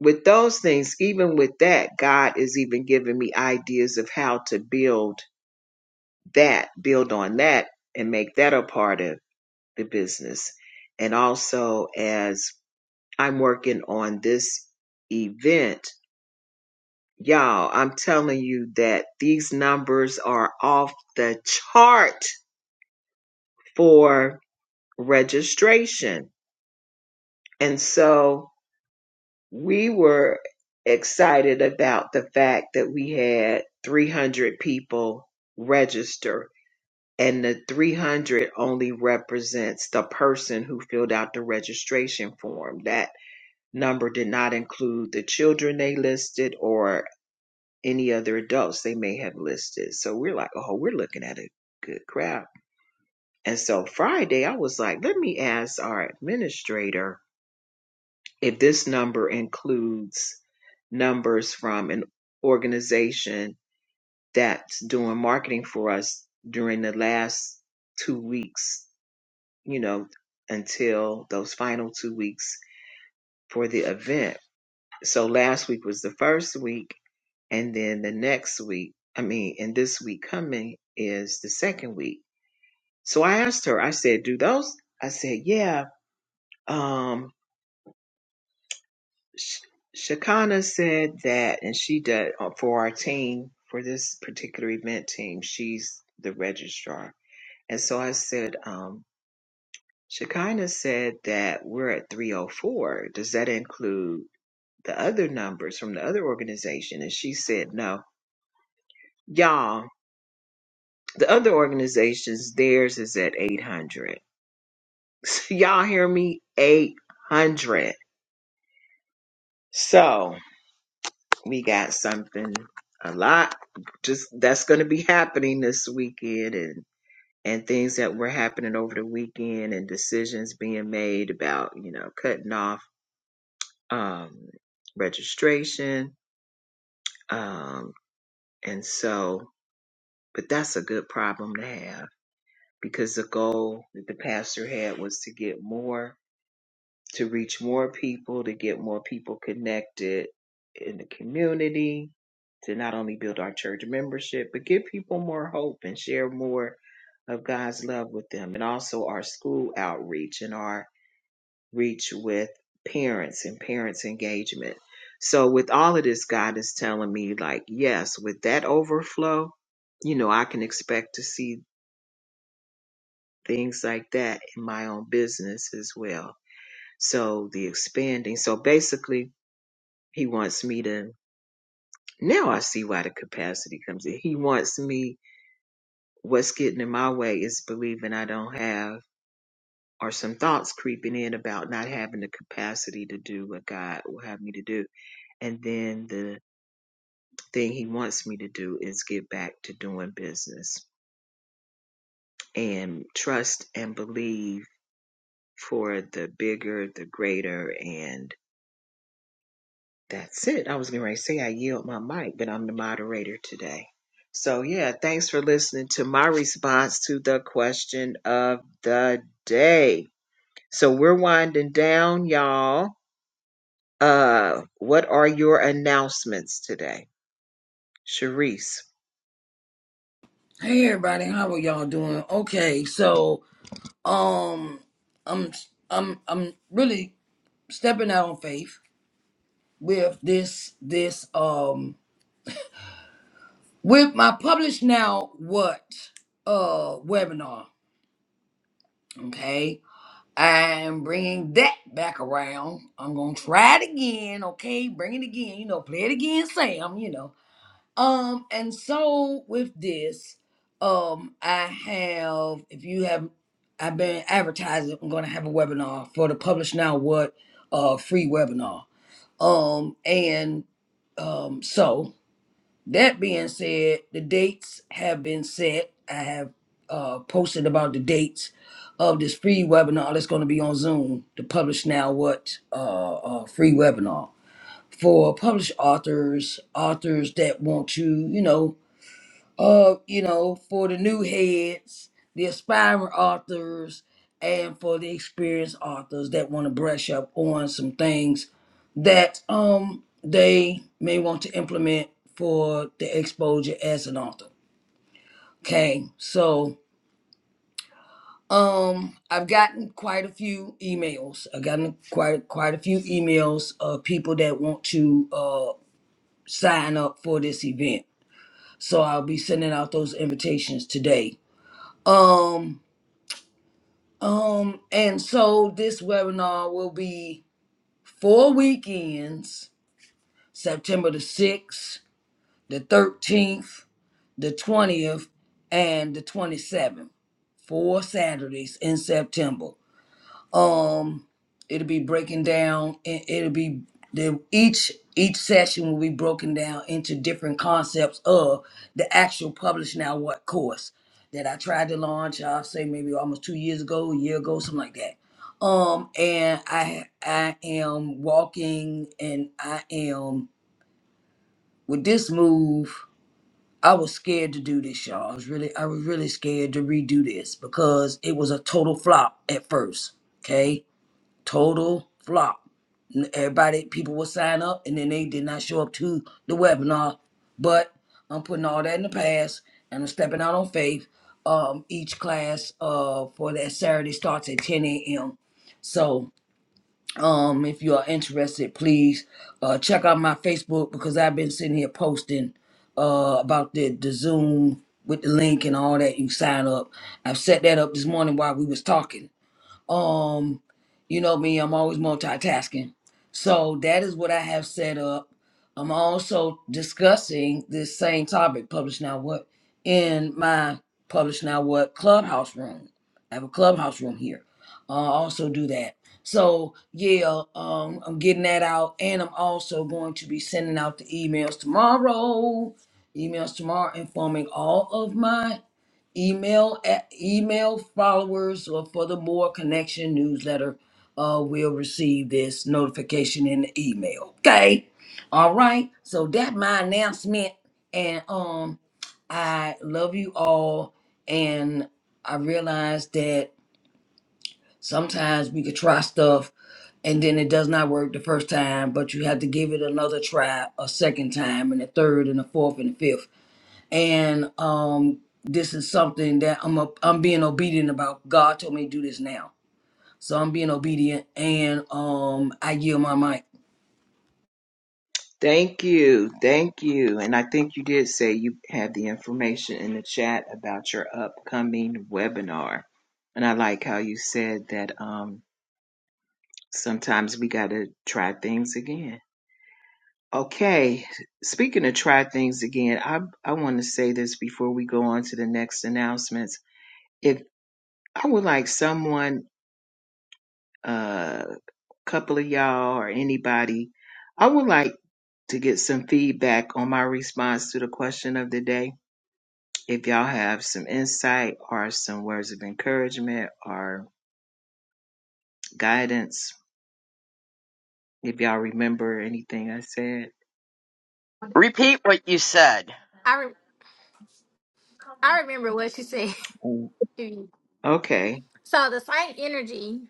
Speaker 1: with those things, even with that, God is even giving me ideas of how to build that, build on that, and make that a part of the business. And also, as I'm working on this event, y'all, I'm telling you that these numbers are off the chart for registration. And so, we were excited about the fact that we had 300 people register and the 300 only represents the person who filled out the registration form that number did not include the children they listed or any other adults they may have listed so we're like oh we're looking at a good crowd and so friday i was like let me ask our administrator If this number includes numbers from an organization that's doing marketing for us during the last two weeks, you know, until those final two weeks for the event. So last week was the first week, and then the next week, I mean, and this week coming is the second week. So I asked her, I said, do those? I said, yeah. Um, Sh- Shakana said that, and she does uh, for our team for this particular event team. She's the registrar, and so I said, um, Shakana said that we're at 304. Does that include the other numbers from the other organization? And she said, No, y'all. The other organizations, theirs is at 800. y'all hear me? 800. So. We got something a lot just that's going to be happening this weekend and and things that were happening over the weekend and decisions being made about, you know, cutting off um registration um and so but that's a good problem to have because the goal that the pastor had was to get more to reach more people, to get more people connected in the community, to not only build our church membership, but give people more hope and share more of God's love with them. And also our school outreach and our reach with parents and parents' engagement. So, with all of this, God is telling me, like, yes, with that overflow, you know, I can expect to see things like that in my own business as well. So, the expanding. So, basically, He wants me to. Now I see why the capacity comes in. He wants me. What's getting in my way is believing I don't have, or some thoughts creeping in about not having the capacity to do what God will have me to do. And then the thing He wants me to do is get back to doing business and trust and believe for the bigger, the greater, and. That's it. I was going to say I yield my mic, but I'm the moderator today. So, yeah, thanks for listening to my response to the question of the day. So, we're winding down, y'all. Uh, what are your announcements today? Sharice.
Speaker 2: Hey everybody, how are y'all doing? Okay, so um I'm I'm I'm really stepping out on faith with this this um with my publish now what uh webinar okay i'm bringing that back around i'm gonna try it again okay bring it again you know play it again sam you know um and so with this um i have if you have i've been advertising i'm gonna have a webinar for the publish now what uh free webinar um and um so That being said, the dates have been set. I have uh, posted about the dates of this free webinar that's going to be on Zoom, the Publish Now What uh, uh, free webinar for published authors, authors that want to, you know, uh, you know, for the new heads, the aspiring authors, and for the experienced authors that want to brush up on some things that um they may want to implement for the exposure as an author. Okay, so um I've gotten quite a few emails. I've gotten quite quite a few emails of people that want to uh sign up for this event. So I'll be sending out those invitations today. Um Um, and so this webinar will be four weekends, September the 6th, the 13th, the 20th, and the 27th, four Saturdays in September um it'll be breaking down it, it'll be the each each session will be broken down into different concepts of the actual publish now what course that i tried to launch i'll say maybe almost two years ago a year ago something like that um and i i am walking and i am with this move i was scared to do this y'all i was really i was really scared to redo this because it was a total flop at first okay total flop. N- Everybody, people will sign up, and then they did not show up to the webinar. But I'm putting all that in the past, and I'm stepping out on faith. Um, each class uh, for that Saturday starts at 10 a.m. So, um, if you are interested, please uh, check out my Facebook because I've been sitting here posting uh, about the, the Zoom with the link and all that. You sign up. I've set that up this morning while we was talking um, you know me, I'm always multitasking. So that is what I have set up. I'm also discussing this same topic, Publish Now What, in my Publish Now What clubhouse room. I have a clubhouse room here. Uh, I also do that. So yeah, um, I'm getting that out, and I'm also going to be sending out the emails tomorrow. Emails tomorrow, informing all of my email at, email followers or for the more connection newsletter uh, will receive this notification in the email okay all right so that my announcement and um i love you all and i realize that sometimes we could try stuff and then it does not work the first time but you have to give it another try a second time and a third and a fourth and a fifth and um this is something that I'm a, I'm being obedient about. God told me to do this now. So I'm being obedient and um I yield my mic.
Speaker 1: Thank you. Thank you. And I think you did say you had the information in the chat about your upcoming webinar. And I like how you said that um, sometimes we got to try things again Okay, speaking of try things again, I I want to say this before we go on to the next announcements. If I would like someone, a uh, couple of y'all or anybody, I would like to get some feedback on my response to the question of the day. If y'all have some insight or some words of encouragement or guidance, if y'all remember anything I said.
Speaker 5: repeat what you said
Speaker 6: I re- I remember what she said.
Speaker 1: Mm, Okay,
Speaker 6: so the same energy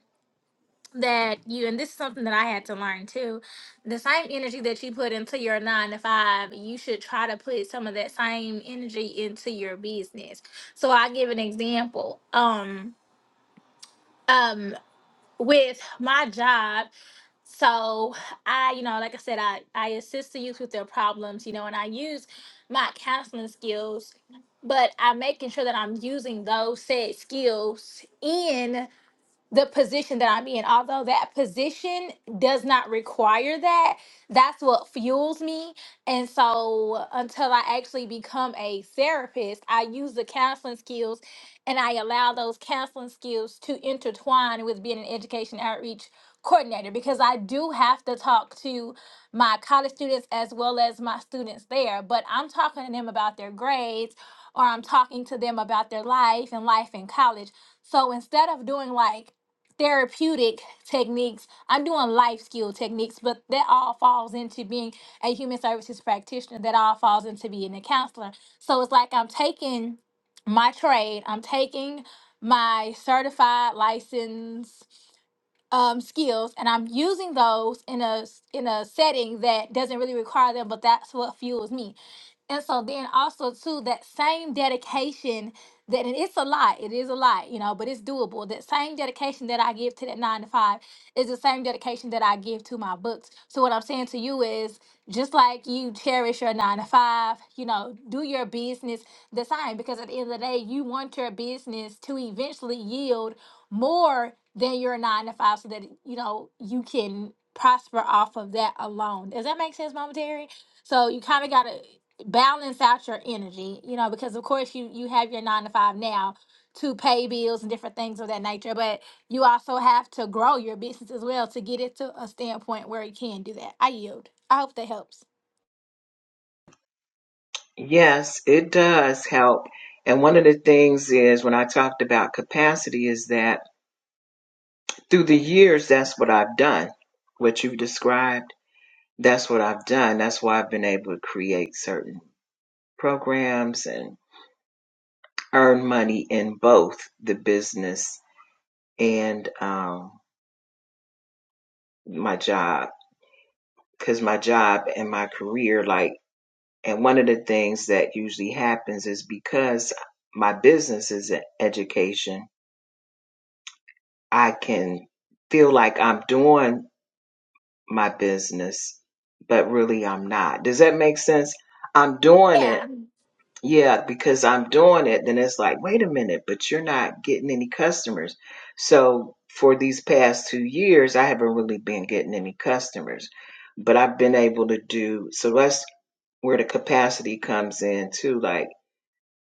Speaker 6: that you and this is something that I had to learn too. The same energy that you put into your nine to five, you should try to put some of that same energy into your business. So I give an example. Um, um, with my job, so I, you know, like I said, I I assist the youth with their problems, you know, and I use my counseling skills, but I'm making sure that I'm using those said skills in the position that I'm in, although that position does not require that, that's what fuels me. And so until I actually become a therapist, I use the counseling skills and I allow those counseling skills to intertwine with being an education outreach coordinator because I do have to talk to my college students as well as my students there, but I'm talking to them about their grades or I'm talking to them about their life and life in college. So instead of doing like therapeutic techniques. I'm doing life skill techniques, but that all falls into being a human services practitioner. That all falls into being a counselor. So it's like I'm taking my trade, I'm taking my certified license um, skills and I'm using those in a s- in a setting that doesn't really require them, but that's what fuels me. And so then also too that same dedication that and it's a lot, it is a lot, you know, but it's doable. That same dedication that I give to that nine to five is the same dedication that I give to my books. So what I'm saying to you is just like you cherish your nine to five, you know, do your business the same because at the end of the day, you want your business to eventually yield more than your nine to five so that you know you can prosper off of that alone. Does that make sense, Mama Terry? So you kind of gotta balance out your energy, you know, because of course you you have your nine to five now to pay bills and different things of that nature, but you also have to grow your business as well to get it to a standpoint where you can do that. I yield. I hope that helps.
Speaker 1: Yes, it does help. And one of the things is when I talked about capacity is that through the years, that's what I've done. What you've described, that's what I've done. That's why I've been able to create certain programs and earn money in both the business and um, my job. Because my job and my career, like, and one of the things that usually happens is because my business is in education I can feel like I'm doing my business, but really I'm not. Does that make sense? I'm doing it.
Speaker 6: Yeah.
Speaker 1: Yeah, because I'm doing it, then it's like, wait a minute, but you're not getting any customers. So for these past two years, I haven't really been getting any customers, but I've been able to do so. That's where the capacity comes in too. Like,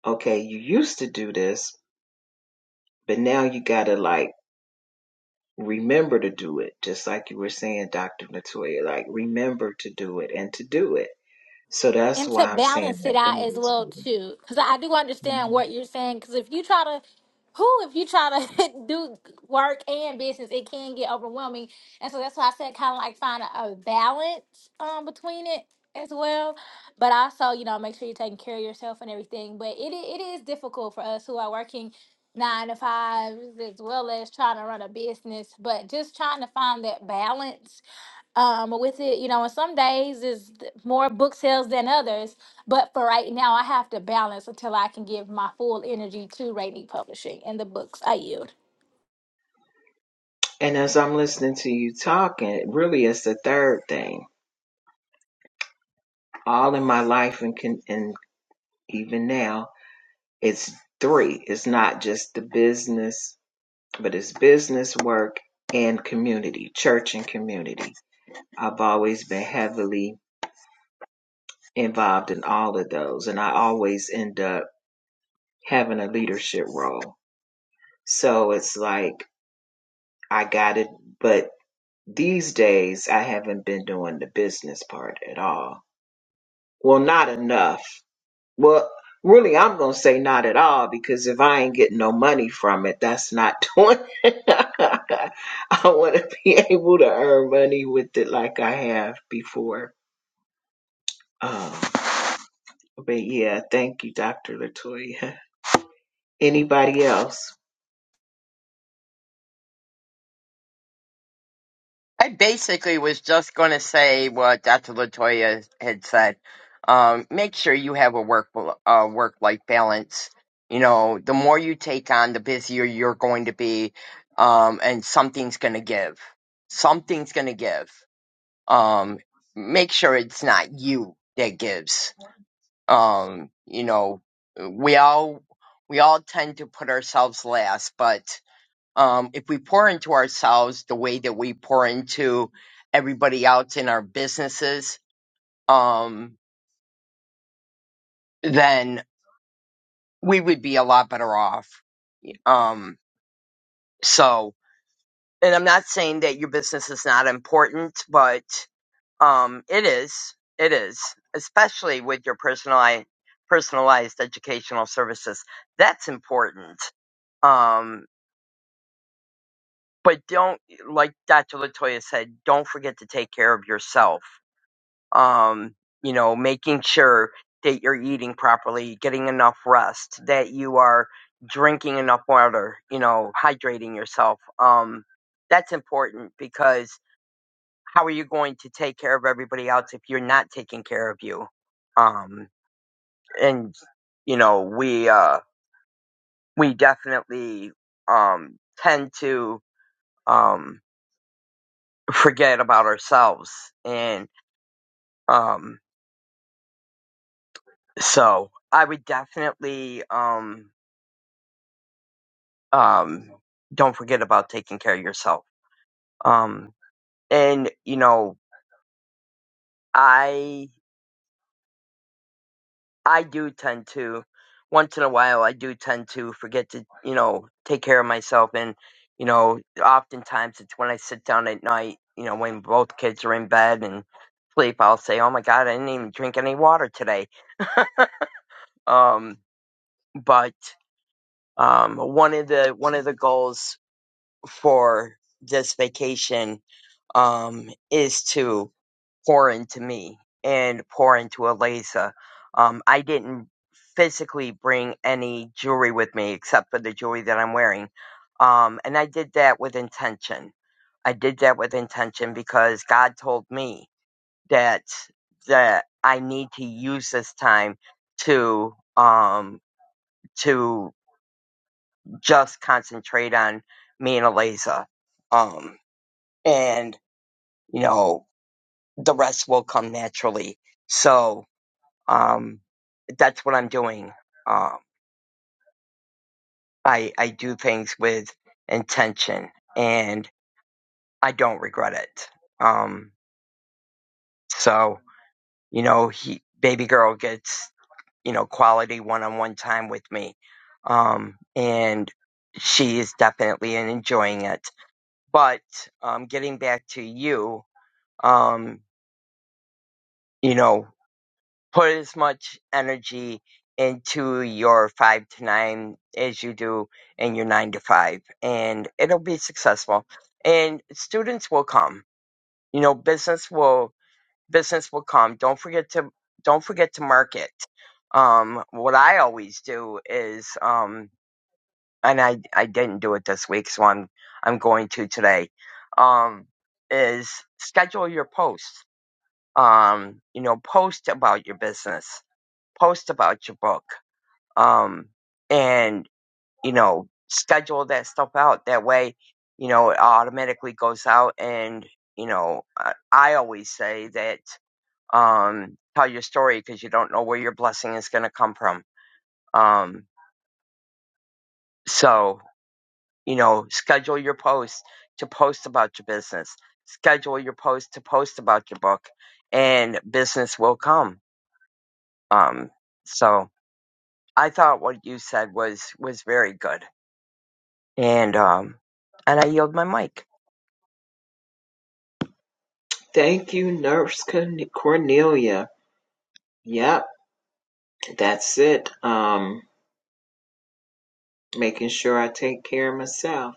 Speaker 1: okay, you used to do this, but now you got to like, remember to do it, just like you were saying, Dr. Latoya, like remember to do it and to do it. So that's
Speaker 6: and to
Speaker 1: why I'm saying
Speaker 6: balance it
Speaker 1: that
Speaker 6: out
Speaker 1: God
Speaker 6: as
Speaker 1: is
Speaker 6: well
Speaker 1: good.
Speaker 6: too because i do understand
Speaker 1: Mhm.
Speaker 6: what you're saying because if you try to who if you try to do work and business it can get overwhelming and so that's why i said kind of like find a, a balance um between it as well but also you know make sure you're taking care of yourself and everything but it, i- it is difficult for us who are working nine to fives as well as trying to run a business but just trying to find that balance um with it you know and some days is th- more book sales than others but for right now i have to balance until i can give my full energy to rainy publishing and the books i yield
Speaker 1: And as I'm listening to you talking, it really is the third thing. All in my life and can, and even now, it's three. It's not just the business, but it's business, work, and community, church and community. I've always been heavily involved in all of those, and I always end up having a leadership role. So it's like I got it, but these days I haven't been doing the business part at all. Well, not enough. Well, really, I'm going to say not at all because if I ain't getting no money from it, that's not doing it. I want to be able to earn money with it like I have before. Um, but yeah, thank you, Dr. Latoya. Anybody else?
Speaker 5: I basically was just going to say what Dr. Latoya had said. Um, make sure you have a work uh, work life balance. You know, the more you take on, the busier you're going to be, um, and something's going to give. Something's going to give. Um, make sure it's not you that gives. Um, you know, we all we all tend to put ourselves last, but um, if we pour into ourselves the way that we pour into everybody else in our businesses, um, then we would be a lot better off. Um, so, and I'm not saying that your business is not important, but um, it is. It is, especially with your personalized, personalized educational services. That's important. Um, but don't, like Dr. Latoya said, don't forget to take care of yourself um, you know, making sure that you're eating properly, getting enough rest, that you are drinking enough water, you know, hydrating yourself. Um, that's important because how are you going to take care of everybody else if you're not taking care of you? Um, and you know, we uh, we definitely um, tend to um, forget about ourselves, and um, so I would definitely. Um, um, don't forget about taking care of yourself. Um, and you know, I I do tend to once in a while I do tend to forget to you know take care of myself, and you know, oftentimes it's when I sit down at night, you know, when both kids are in bed and sleep, I'll say, oh my god, I didn't even drink any water today. Um, but um, one of the one of the goals for this vacation um is to pour into me and pour into Eliza. Um, I didn't physically bring any jewelry with me except for the jewelry that I'm wearing. Um, and I did that with intention. I did that with intention because God told me that that I need to use this time to um to just concentrate on me and Eliza. Um and you know the rest will come naturally. So Um, that's what I'm doing. Um, I I do things with intention, and I don't regret it. Um, so you know, he baby girl gets you know quality one-on-one time with me, um, and she is definitely enjoying it. But um, getting back to you, um, you know. put as much energy into your five to nine as you do in your nine to five, and it'll be successful. And students will come. You know, business will business will come. Don't forget to don't forget to market. Um, what I always do is, um, and I I didn't do it this week, so I'm I'm going to today. Um, is schedule your posts. Um, you know, post about your business post about your book um and you know schedule that stuff out that way you know it automatically goes out and you know i, I always say that um tell your story because you don't know where your blessing is going to come from um so you know schedule your post to post about your business schedule your post to post about your book and business will come um so i thought what you said was was very good And um and I yield my mic.
Speaker 1: Thank you, Nurse Corn- Cornelia. Yep. That's it. Um, making sure I take care of myself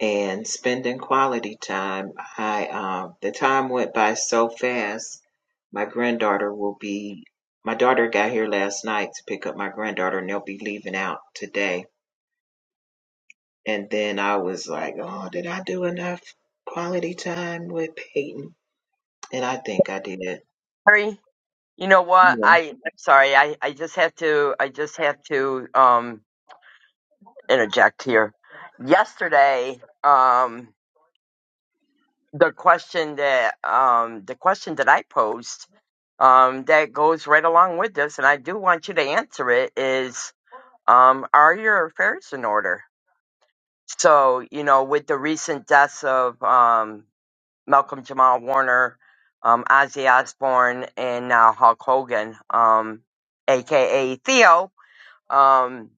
Speaker 1: and spending quality time. I um, the time went by so fast. My granddaughter will be. My daughter got here last night to pick up my granddaughter, and they'll be leaving out today. And then I was like, "Oh, did I do enough quality time with Peyton?" And I think I did.
Speaker 5: Sorry, you know what?
Speaker 1: Yeah.
Speaker 5: I I'm sorry. I I just have to I just have to um interject here. Yesterday, um the question that um the question that I posed um that goes right along with this and I do want you to answer it is um are your affairs in order? So, you know, with the recent deaths of um Malcolm Jamal Warner, um, Ozzy Osbourne, and now Hulk Hogan, um, aka Theo. Um,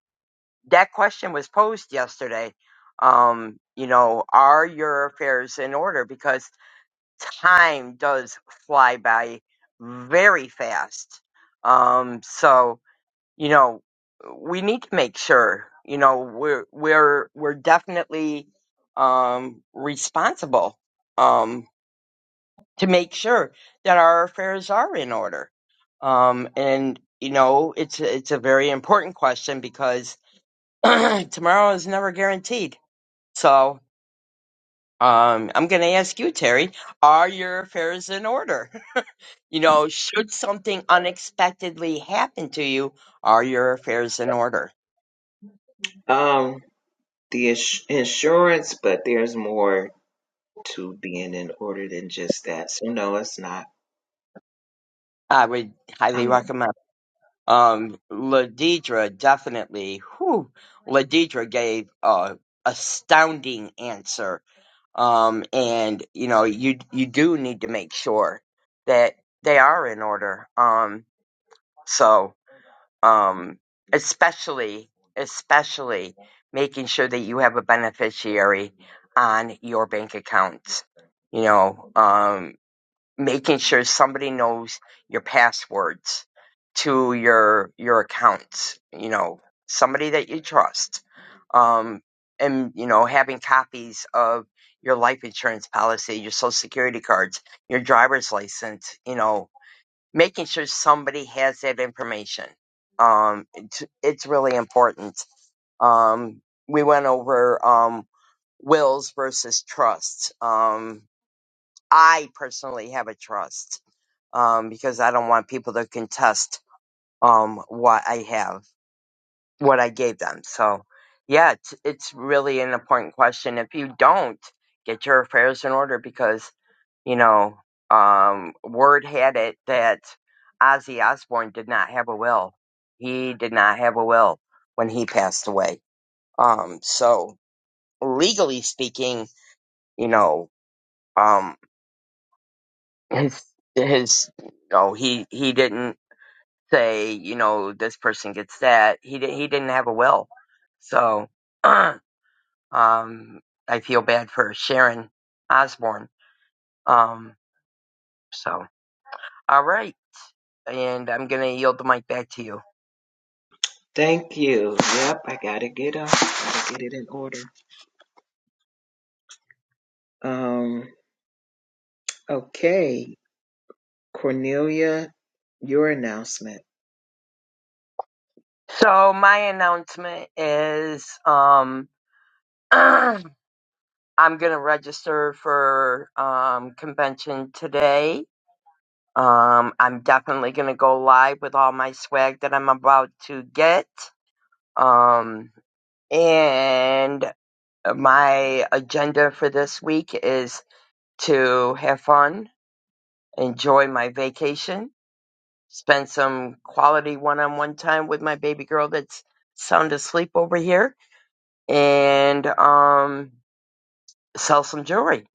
Speaker 5: that question was posed yesterday. Um, you know, are your affairs in order? Because time does fly by very fast. Um, so you know, we need to make sure. You know, we're we're we're definitely um, responsible Um, to make sure that our affairs are in order. Um, and you know, it's it's a very important question because tomorrow is never guaranteed. So um, I'm going to ask you, Terry, are your affairs in order? You know, should something unexpectedly happen to you, are your affairs in order?
Speaker 1: Um, the ins- insurance, but there's more to being in order than just that. So no, it's not.
Speaker 5: I would highly
Speaker 1: I'm not.
Speaker 5: recommend. Um, Ladidra definitely. Whew, Ladidra gave a astounding answer Um, and you know, you you do need to make sure that they are in order. Um, so um, especially especially making sure that you have a beneficiary on your bank accounts. You know, um making sure somebody knows your passwords to your your accounts you know somebody that you trust um and you know having copies of your life insurance policy your social security cards your driver's license you know making sure somebody has that information um it's, it's really important um we went over um wills versus trusts um i personally have a trust um, because I don't want people to contest um, what I have, what I gave them. So, yeah, it's, it's really an important question. If you don't get your affairs in order, because you know, um, word had it that Ozzy Osbourne did not have a will. He did not have a will when he passed away. Um, so legally speaking, you know, um, his his no, he he didn't say, you know, this person gets that. He di- he didn't have a will, so um, I feel bad for Sharon Osborne. Um, so all right, and I'm gonna yield the mic back to you.
Speaker 1: Thank you. Yep, I gotta get up. Gotta get it in order. Um. Okay, Cornelia, your announcement.
Speaker 5: So my announcement is, um, I'm gonna register for um convention today. Um, I'm definitely gonna go live with all my swag that I'm about to get. Um, and my agenda for this week is to have fun, enjoy my vacation, spend some quality one-on-one time with my baby girl that's sound asleep over here, and um, sell some jewelry.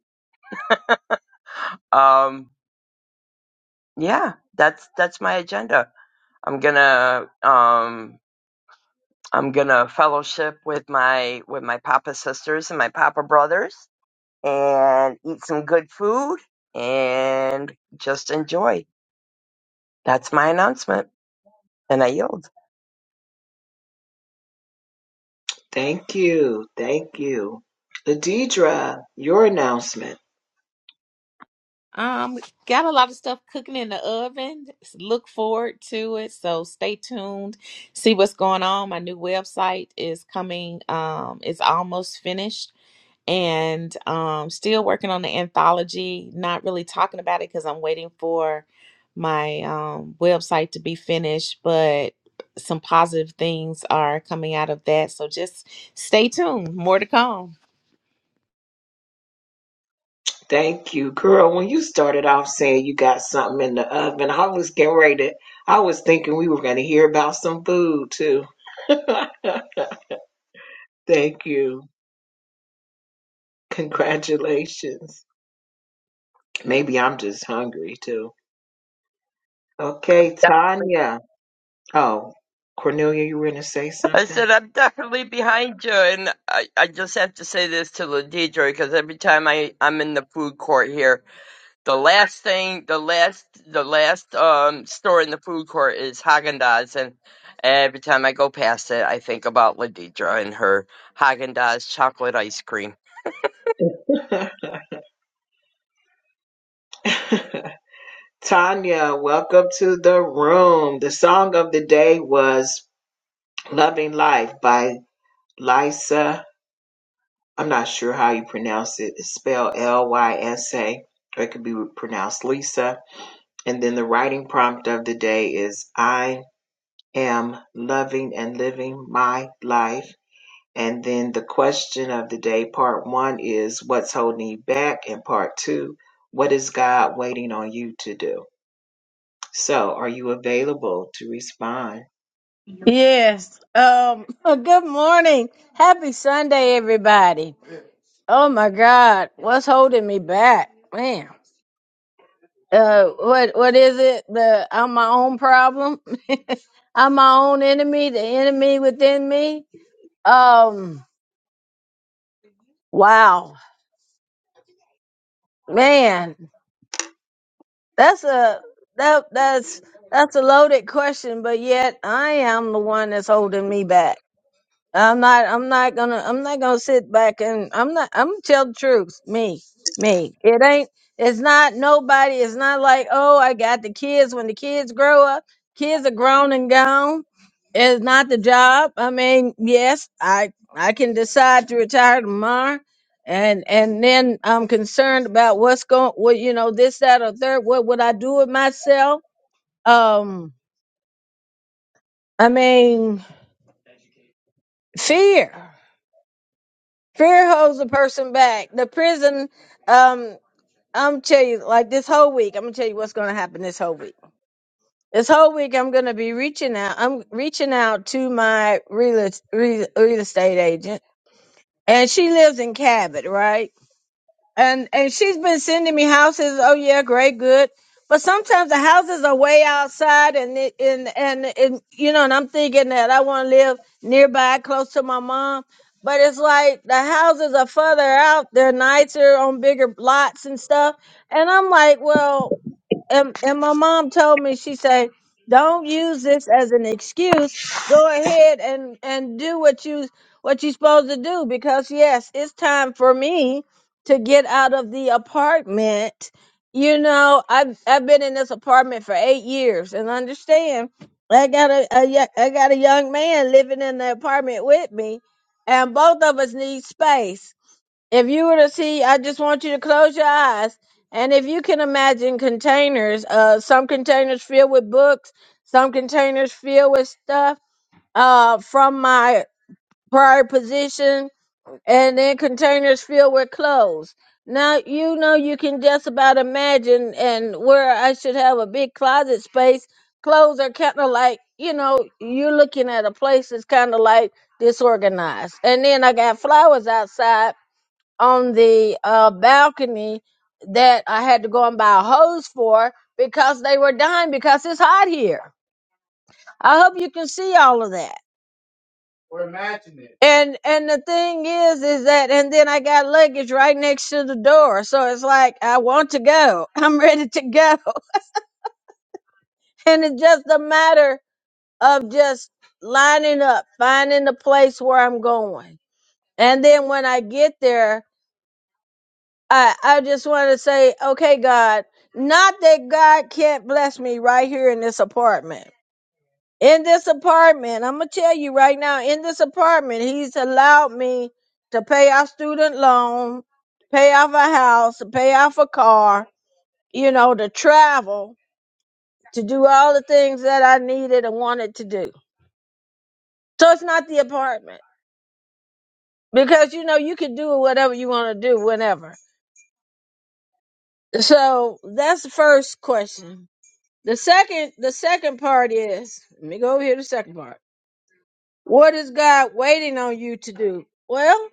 Speaker 5: Um, yeah, that's that's my agenda. I'm gonna um, I'm gonna fellowship with my with my papa sisters and my papa brothers, and eat some good food and just enjoy. That's my announcement, and I yield.
Speaker 1: Thank you. Thank you. Ladidra, your announcement.
Speaker 7: Um, got a lot of stuff cooking in the oven. Look forward to it. So stay tuned. See what's going on. My new website is coming. Um, it's almost finished. and um, still working on the anthology. Not really talking about it because I'm waiting for my um, website to be finished, but some positive things are coming out of that. So just stay tuned. More to come.
Speaker 1: Thank you, girl. When you started off saying you got something in the oven, I was getting ready. To, I was thinking we were going to hear about some food too. Thank you. Congratulations. Maybe I'm just hungry too. Okay, Tanya. Oh, Cornelia, you were gonna say
Speaker 5: I
Speaker 1: something?
Speaker 5: said I'm definitely behind you, and I, I just have to say this to Ladidre because every time I I'm in the food court here, the last thing, the last, the last um store in the food court is Haagen Dazs, and every time I go past it, I think about Ladidra and her Haagen Dazs chocolate ice cream.
Speaker 1: Tanya, welcome to the room. The song of the day was Loving Life by Lysa. I'm not sure how you pronounce it. It's spelled L Y S A, or it could be pronounced Lisa. And then the writing prompt of the day is I am loving and living my life. And then the question of the day, part one, is What's holding you back? And part two, What is God waiting on you to do? So, are you available to respond?
Speaker 10: Yes. Um. Good morning. Happy Sunday, everybody. Oh my God, what's holding me back, man? Uh, what what is it? The I'm my own problem. I'm my own enemy. The enemy within me. Um. Wow, man. That's a that that's that's a loaded question, but yet I am the one that's holding me back. I'm not I'm not gonna I'm not gonna sit back and I'm not I'm gonna tell the truth. Me. Me. It ain't it's not nobody, it's not like, oh, I got the kids when the kids grow up. Kids are grown and gone. It's not the job. I mean, yes, I I can decide to retire tomorrow and and then I'm concerned about what's going what you know, this, that or third. What would I do with myself? Um I mean fear. Fear holds a person back. The prison, um, I'm tell you, like this whole week, I'm gonna tell you what's gonna happen this whole week. This whole week, I'm gonna be reaching out. I'm reaching out to my real, real, real estate agent, and she lives in Cabot, right? and and she's been sending me houses. Oh yeah, great, good. But sometimes the houses are way outside, and it, and, and and you know, and I'm thinking that I want to live nearby, close to my mom. But it's like the houses are further out; they're nicer on bigger lots and stuff. And I'm like, well, and, and my mom told me she said don't use this as an excuse go ahead and and do what you what you are supposed to do because yes it's time for me to get out of the apartment you know i've i've been in this apartment for eight years and understand i got a, a yo- i got a young man living in the apartment with me and both of us need space if you were to see, I just want you to close your eyes. And if you can imagine containers, uh, some containers filled with books, some containers filled with stuff uh, from my prior position, and then containers filled with clothes. Now, you know, you can just about imagine and where I should have a big closet space. Clothes are kind of like, you know, you're looking at a place that's kind of like disorganized. And then I got flowers outside on the uh, balcony that I had to go and buy a hose for because they were dying because it's hot here. I hope you can see all of that. And and the thing is, is that and then I got luggage right next to the door, so it's like I want to go. I'm ready to go, and it's just a matter of just lining up, finding the place where I'm going, and then when I get there. I I just want to say, okay, God, not that God can't bless me right here in this apartment. In this apartment, I'm gonna tell you right now, in this apartment, He's allowed me to pay off student loan, pay off a house, to pay off a car, you know, to travel, to do all the things that I needed and wanted to do. So it's not the apartment because you know you can do whatever you want to do whenever. So that's the first question. The second the second part is let me go over here to the second part. What is God waiting on you to do? Well,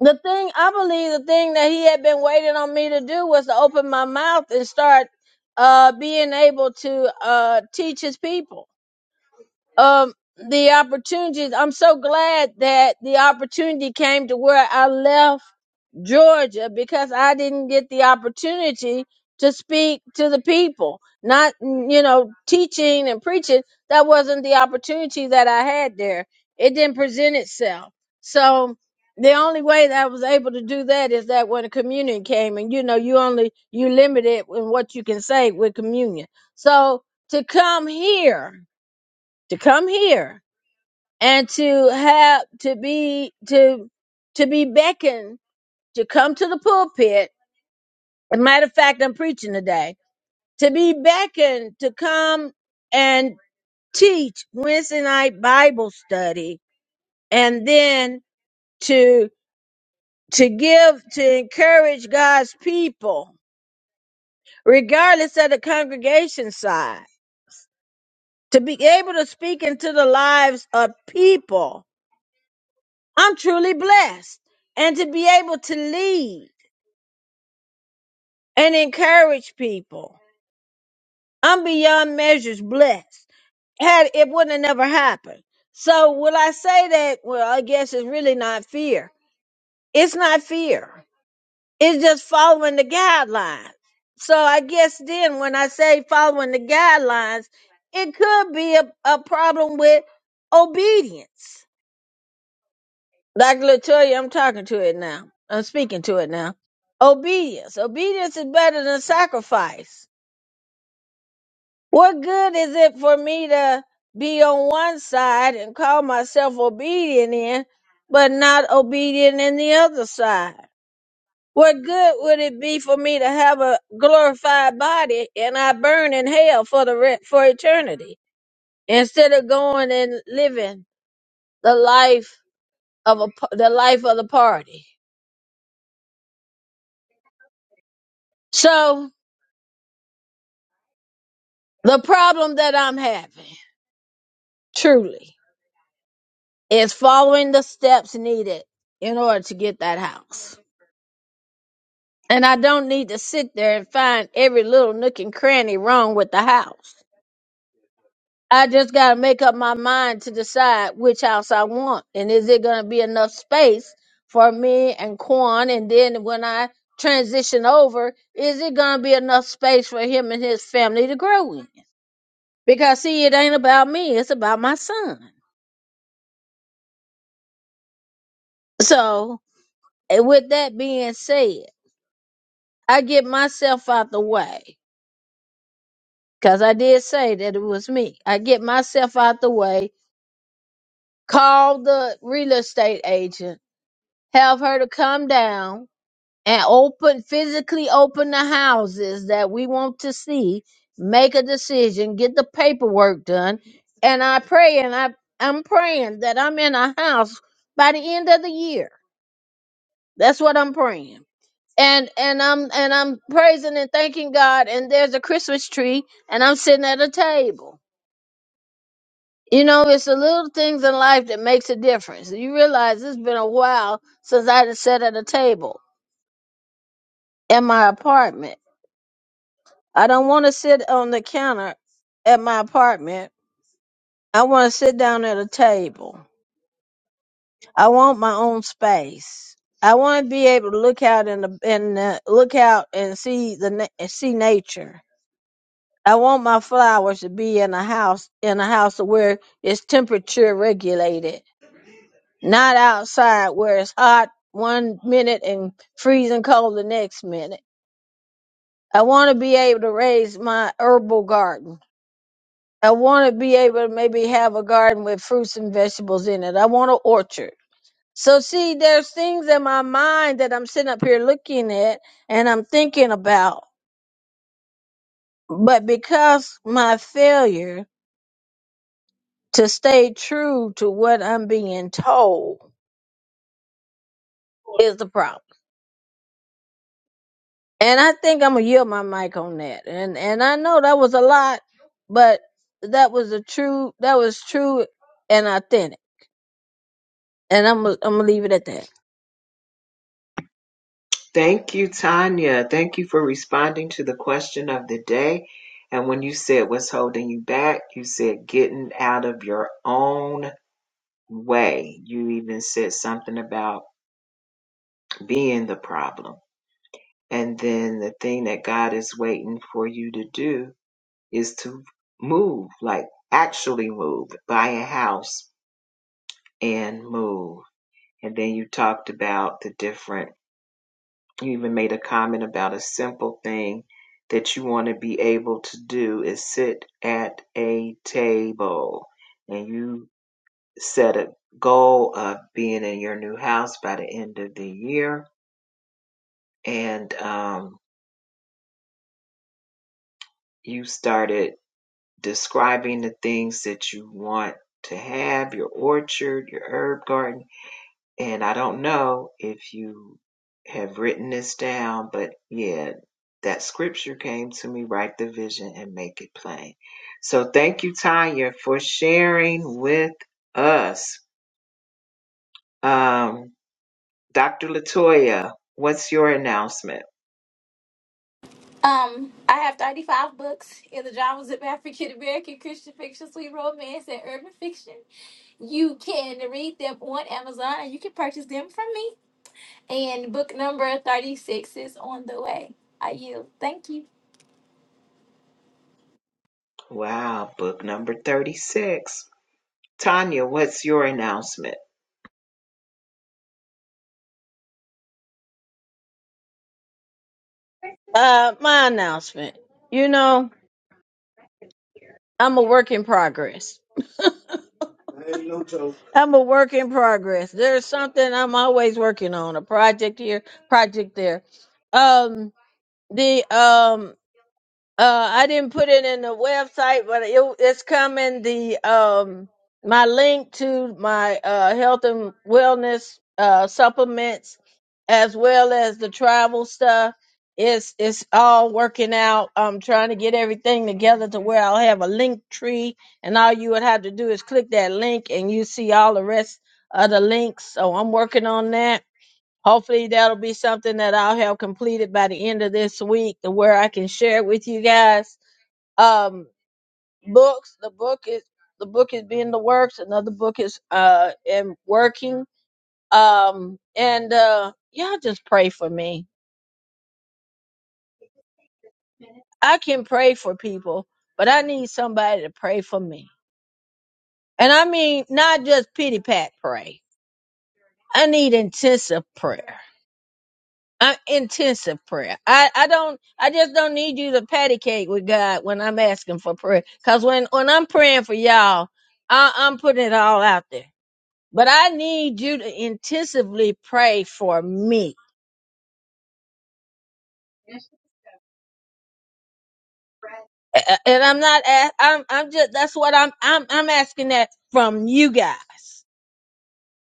Speaker 10: the thing I believe the thing that he had been waiting on me to do was to open my mouth and start uh being able to uh teach his people um the opportunities. I'm so glad that the opportunity came to where I left Georgia because I didn't get the opportunity to speak to the people. Not you know teaching and preaching that wasn't the opportunity that I had there. It didn't present itself. So the only way that I was able to do that is that when communion came and you know you only you limited in what you can say with communion. So to come here to come here and to have to be to to be beckoned to come to the pulpit. As a matter of fact, I'm preaching today. To be beckoned to come and teach Wednesday night Bible study, and then to to give to encourage God's people, regardless of the congregation size, to be able to speak into the lives of people I'm truly blessed. And to be able to lead and encourage people, I'm beyond measures blessed. Had it wouldn't have never happened. So will I say that? Well, I guess it's really not fear. It's not fear. It's just following the guidelines. So I guess then when I say following the guidelines, it could be a, a problem with obedience Like Latoya, I'm talking to it now. I'm speaking to it now. Obedience. Obedience is better than sacrifice. What good is it for me to be on one side and call myself obedient in, but not obedient in the other side? What good would it be for me to have a glorified body and I burn in hell for the re- for eternity instead of going and living the life of a p- the life of the party? So The problem that I'm having, truly, is following the steps needed in order to get that house. And I don't need to sit there and find every little nook and cranny wrong with the house. I just got to make up my mind to decide which house I want. And is it going to be enough space for me and Quan? And then when I transition over, is it going to be enough space for him and his family to grow in? Because, see, it ain't about me, it's about my son. So And with that being said, I get myself out the way because I did say that it was me. I get myself out the way, call the real estate agent, have her to come down and open, physically open the houses that we want to see, make a decision, get the paperwork done. And I pray and I, I'm praying that I'm in a house by the end of the year. That's what I'm praying. and and I'm and I'm praising and thanking God and there's a Christmas tree and I'm sitting at a table. You know, it's the little things in life that makes a difference. You realize it's been a while since I done sat at a table in my apartment. I don't want to sit on the counter at my apartment. I want to sit down at a table. I want my own space. I want to be able to look out in the and look out and see the na- and see nature. I want my flowers to be in a house in a house where it's temperature regulated, not outside where it's hot one minute and freezing cold the next minute. I want to be able to raise my herbal garden. I want to be able to maybe have a garden with fruits and vegetables in it. I want an orchard. So see, there's things in my mind that I'm sitting up here looking at and I'm thinking about, but because my failures. to stay true to what I'm being told is the problem. And I think I'm gonna yield my mic on that. And and I know that was a lot, but that was a true that was true and authentic. And I'm gonna- I'm gonna leave it at that.
Speaker 1: Thank you, Tanya. Thank you for responding to the question of the day. And when you said what's holding you back, you said getting out of your own way. You even said something about being the problem. And then the thing that God is waiting for you to do is to move, like actually move, buy a house and move. And then you talked about the different You even made a comment about a simple thing that you want to be able to do is sit at a table. And you set a goal of being in your new house by the end of the year. And um, you started describing the things that you want to have your orchard, your herb garden And I don't know if you have written this down, but yeah, that scripture came to me write the vision and make it plain. So thank you, Tanya, for sharing with us. Um, Dr. Latoya, what's your announcement?
Speaker 6: um i have 35 books in the genres of african american christian fiction sweet romance and urban fiction you can read them on amazon and you can purchase them from me and book number 36 is on the way i yield thank you
Speaker 1: Wow, book number 36. Tanya, what's your announcement?
Speaker 10: Uh, my announcement. You know, I'm a work in progress. I'm a work in progress. There's something I'm always working on, a project here, project there. Um, the um Uh, I didn't put it in the website, but it, it's coming. The um, my link to my uh health and wellness uh supplements, as well as the travel stuff, it's it's all working out. I'm trying to get everything together to where I'll have a link tree, and all you would have to do is click that link, and you see all the rest of the links. So I'm working on that Hopefully that'll be something that I'll have completed by the end of this week to where I can share it with you guys. Um books, the book is the book is being the works, another book is uh in working. Um and uh y'all just pray for me. I can pray for people, but I need somebody to pray for me. And I mean not just pity pat pray. I need intensive prayer. I, intensive prayer. I, I don't, I just don't need you to patty cake with God when I'm asking for prayer. Cause when, when I'm praying for y'all, I, I'm putting it all out there. But I need you to intensively pray for me. A- a- And I'm not, a- I'm, I'm just, that's what I'm, I'm, I'm asking that from you guys.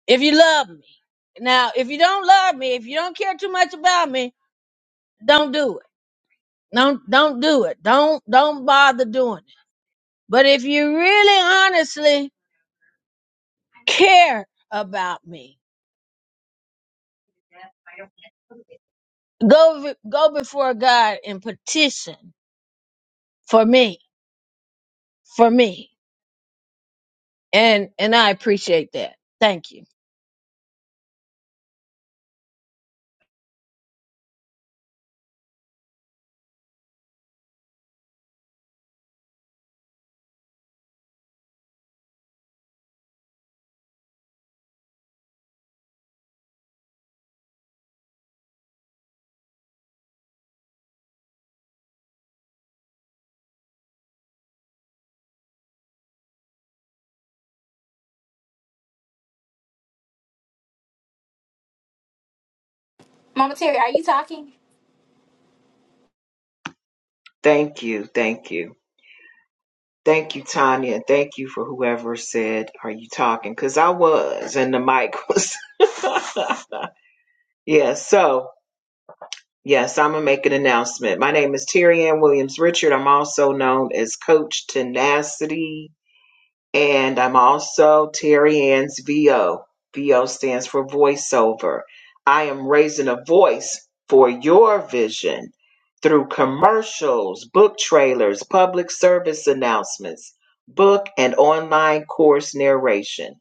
Speaker 10: If you love me. Now, if you don't love me, if you don't care too much about me, don't do it. Don't, don't do it. Don't, don't bother doing it. But if you really honestly care about me, go go before God and petition for me, for me. And and I appreciate that. Thank you.
Speaker 6: mama terry are you talking
Speaker 1: Thank you. Thank you. Thank you, Tanya. and Thank you for whoever said, Are you talking? Because I was, and the mic was. yeah, so, yes, I'm going to make an announcement. My name is Terry Ann Williams Richard. I'm also known as Coach Tenacity. And I'm also Terry Ann's VO. VO stands for voiceover. I am raising a voice for your vision through commercials, book trailers, public service announcements, book and online course narration,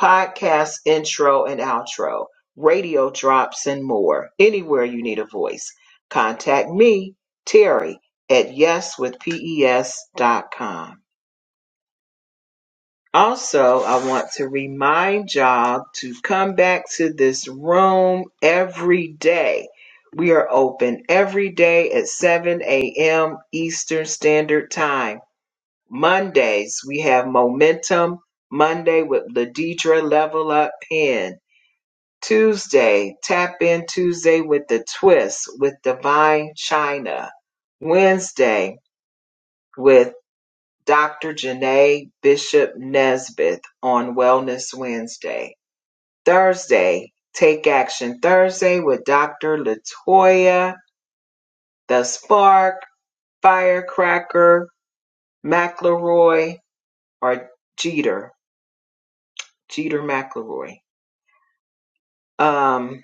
Speaker 1: podcast intro and outro, radio drops, and more. Anywhere you need a voice, contact me, Terry, at yeswithpes.com. Also, I want to remind y'all to come back to this room every day. We are open every day at 7 a.m. Eastern Standard Time. Mondays, we have Momentum Monday with Ladidra Level Up Pen. Tuesday, Tap In Tuesday with the Twist with Divine China. Wednesday, with Dr. Janae Bishop Nesbitt on Wellness Wednesday. Thursday, Take Action Thursday with Dr. Latoya, The Spark, Firecracker, McElroy, or Jeter, Jeter McElroy. Um,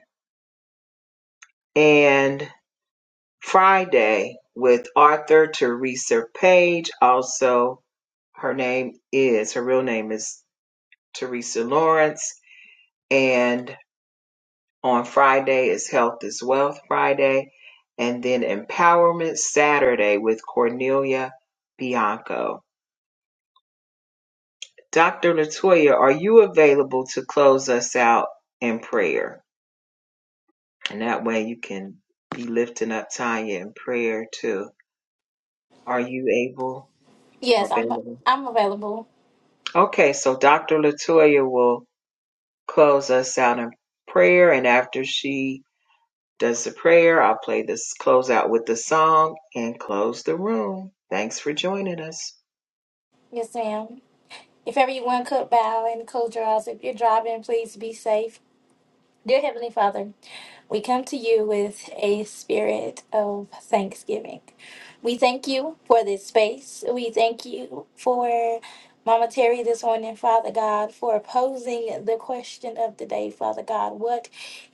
Speaker 1: and Friday with Arthur Teresa Page. Also, her name is, her real name is Teresa Lawrence. And on Friday is Health is Wealth Friday, and then Empowerment Saturday with Cornelia Bianco. Dr. Latoya, are you available to close us out in prayer? And that way you can be lifting up Tanya in prayer too. Are you able
Speaker 6: yes
Speaker 1: or
Speaker 6: i'm
Speaker 1: available?
Speaker 6: i'm available
Speaker 1: Okay, so Dr. Latoya will close us out in prayer, and after she does the prayer. I'll play this close out with the song and close the room. Thanks for joining us.
Speaker 6: yes ma'am If everyone could bow and close your eyes, if you're driving, please be safe. Dear Heavenly Father, we come to you with a spirit of thanksgiving. We thank you for this space. We thank you for Mama Terry this morning, Father God, for posing the question of the day, Father God. What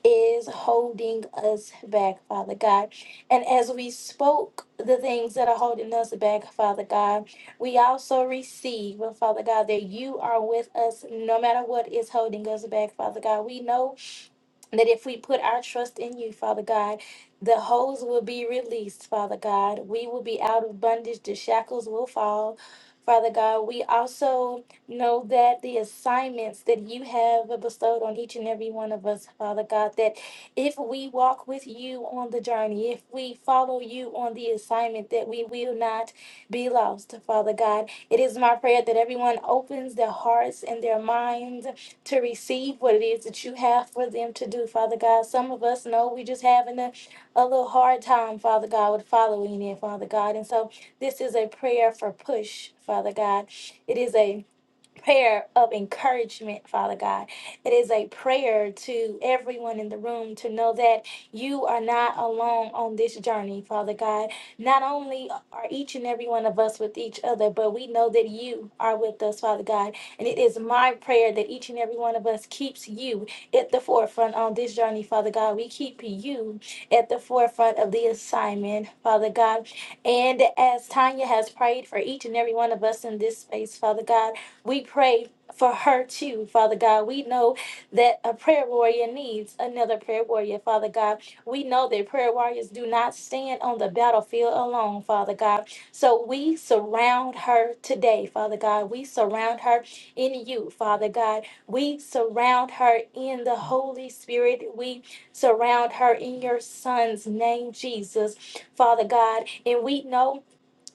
Speaker 6: is holding us back, Father God? And as we spoke the things that are holding us back, Father God, we also receive, Father God, that you are with us no matter what is holding us back, Father God. We know that if we put our trust in you, Father God, the holes will be released, Father God. We will be out of bondage, the shackles will fall. Father God, we also know that the assignments that you have bestowed on each and every one of us, Father God, that if we walk with you on the journey, if we follow you on the assignment, that we will not be lost, Father God. It is my prayer that everyone opens their hearts and their minds to receive what it is that you have for them to do, Father God. Some of us know we just having a, a little hard time, Father God, with following it, Father God. And so this is a prayer for push, Father God. It is a prayer of encouragement, Father God. It is a prayer to everyone in the room to know that you are not alone on this journey, Father God. Not only are each and every one of us with each other, but we know that you are with us, Father God. And it is my prayer that each and every one of us keeps you at the forefront on this journey, Father God. We keep you at the forefront of the assignment, Father God. And as Tanya has prayed for each and every one of us in this space, Father God. We pray for her too, Father God. We know that a prayer warrior needs another prayer warrior, Father God. We know that prayer warriors do not stand on the battlefield alone, Father God. So we surround her today, Father God. We surround her in you, Father God. We surround her in the Holy Spirit. We surround her in your Son's name, Jesus, Father God. And we know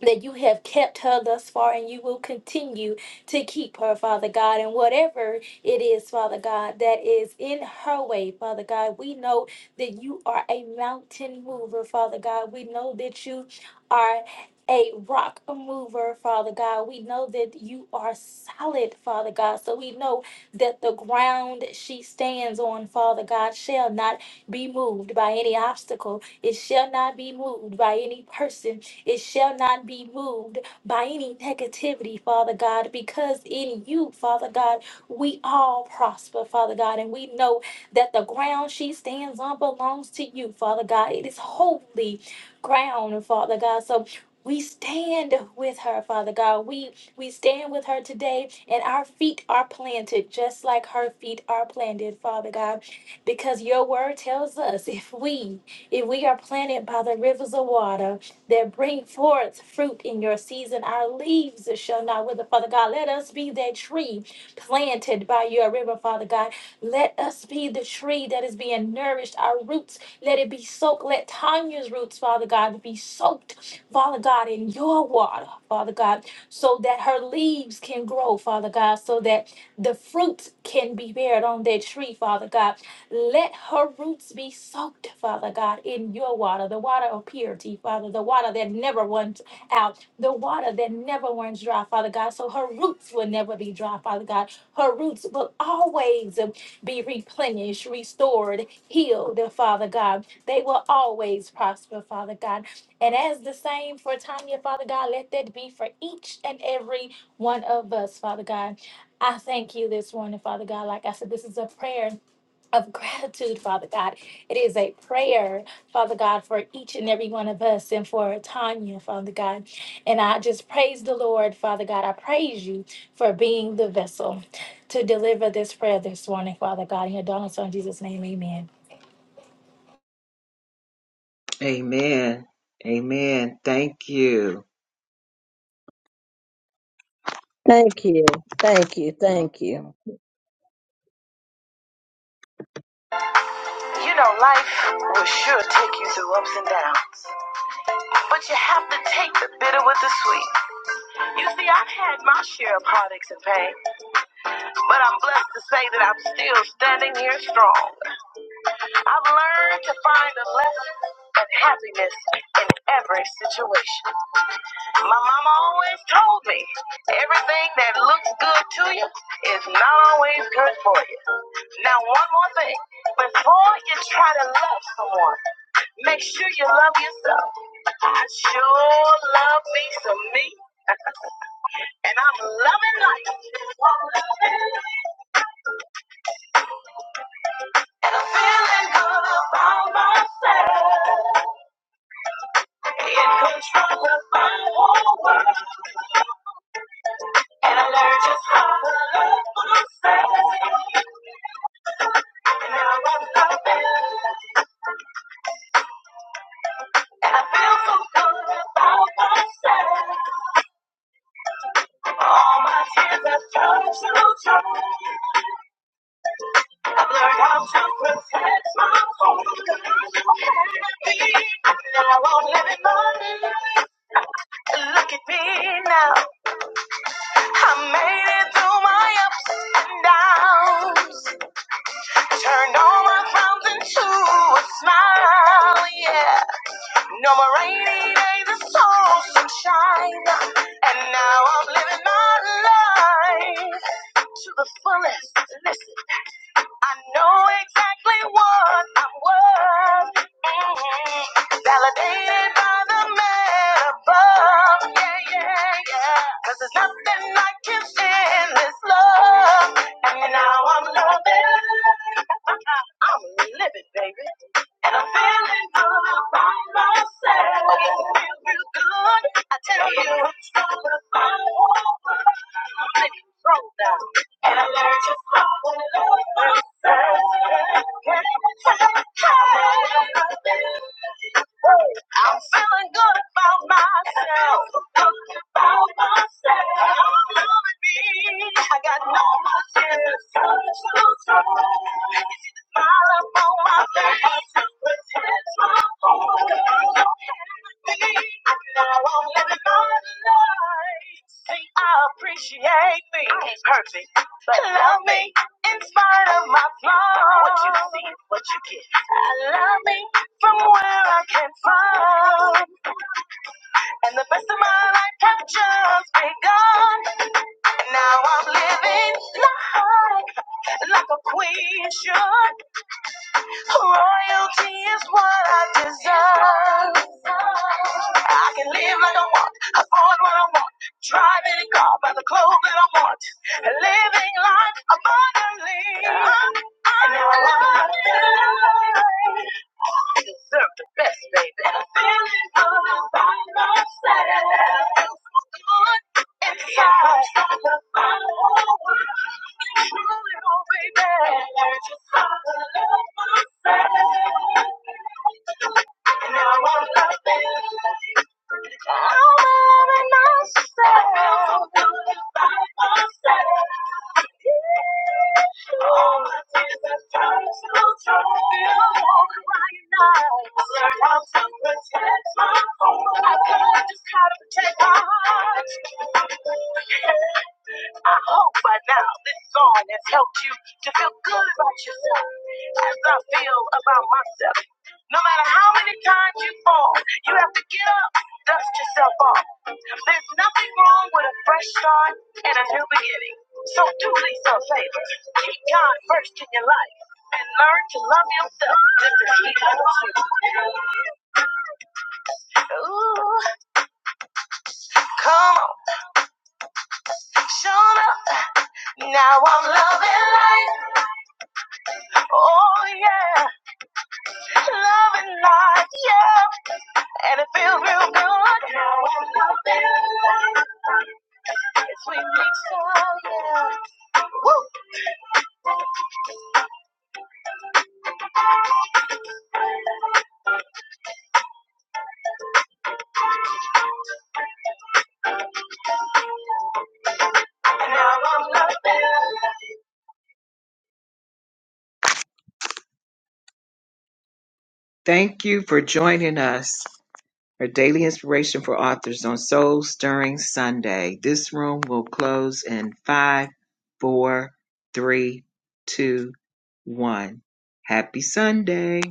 Speaker 6: that you have kept her thus far and you will continue to keep her, Father God. And whatever it is, Father God, that is in her way, Father God, we know that you are a mountain mover, Father God. We know that you are. A rock mover, Father God. We know that you are solid, Father God. So we know that the ground she stands on, Father God, shall not be moved by any obstacle. It shall not be moved by any person it shall not be moved by any negativity, Father God, because in you, Father God, we all prosper, Father God, and we know that the ground she stands on belongs to you, Father God. It is holy ground, Father God. So we stand with her, Father God. We we stand with her today, and our feet are planted just like her feet are planted, Father God, because your word tells us if we if we are planted by the rivers of water, that bring forth fruit in your season. Our leaves shall not wither, Father God. Let us be that tree planted by your river, Father God. Let us be the tree that is being nourished. Our roots, let it be soaked. Let Tanya's roots, Father God, be soaked, Father God, in your water, Father God, so that her leaves can grow, Father God, so that the fruit can be bared on that tree, Father God. Let her roots be soaked, Father God, in your water, the water of purity, Father, the water that never runs out, the water that never runs dry, Father God. So her roots will never be dry, Father God. Her roots will always be replenished, restored, healed, Father God. They will always prosper, Father God. And as the same for Tanya, Father God, let that be for each and every one of us, Father God. I thank you this morning, Father God. Like I said, this is a prayer of gratitude, Father God. It is a prayer, Father God, for each and every one of us and for Tanya, Father God. And I just praise the Lord, Father God. I praise you for being the vessel to deliver this prayer this morning, Father God. In your darling son, Jesus' name, amen.
Speaker 1: Amen. Amen. Thank you.
Speaker 10: Thank you. Thank you. Thank you.
Speaker 1: You know, life will sure take you through ups and downs, but you have to take the bitter with the sweet. You see, I've had my share of heartaches and pain, but I'm blessed to say that I'm still standing here strong. I've learned to find a lesson and happiness in every situation. My mama always told me everything that looks good to you is not always good for you. Now, one more thing before you try to love someone, make sure you love yourself. I sure love me some me, and I'm loving life. I'm loving life. And I'm feeling good about myself. In control of my whole world. And I learned just how to love myself. now I'm loving. And so good about myself. All my tears have turned to joy. i learned how to protect my home. And I'm living my life. Look at me now. I made it through my ups and downs. Turn all my frowns into a smile, yeah. No more rainy days, it's all sunshine. And now I'm living my life to the fullest. Listen. I know exactly what I'm worth. mm Validated by the man above. Yeah, yeah, yeah. Cause there's nothing like can endless love. And now I'm loving. I'm really living, baby. And I'm feeling all by myself. Oh, you feel real good. I tell you, it's all about. Let it roll down. Thank you. I'm feeling good about myself. Good about myself. I'm loving me. I got no more tears. Sun so strong. You see the Smile up on my face. Pretend my home. I'm so happy. I know I'm living my life. See, I appreciate me. I ain't perfect, but love me in spite of my flaws. What you see, what you get. I love me from where I came from. And the best of my life had just begun. Now I'm living like, like a queen should. Royalty is what I deserve. I can live like I want, afford what I want, drive any car, buy the clothes that I want. and Living life abundantly. And now I'm living life. I deserve the best, baby. I'm feeling all by myself. Good inside. I'm my whole world. I'm rolling on, baby. I just follow myself. And Now I'm loving. I hope by now this song has helped you to feel good about yourself as I feel about myself. No matter how many times you fall, you have to get up, dust yourself off. There's nothing wrong with a fresh start and a new beginning. So do Lisa a favor. Keep God first in your life and learn to love yourself just as He loves you. Ooh, come on, Shona. Now I'm loving life. Oh yeah. Loving like you, and it feels real good. Now I'm loving like it's sweet mix oh yeah. Woo! Now I'm loving life. Thank you for joining us for Daily Inspiration for Authors on Soul Stirring Sunday. This room will close in five, four, three, two, one. Happy Sunday.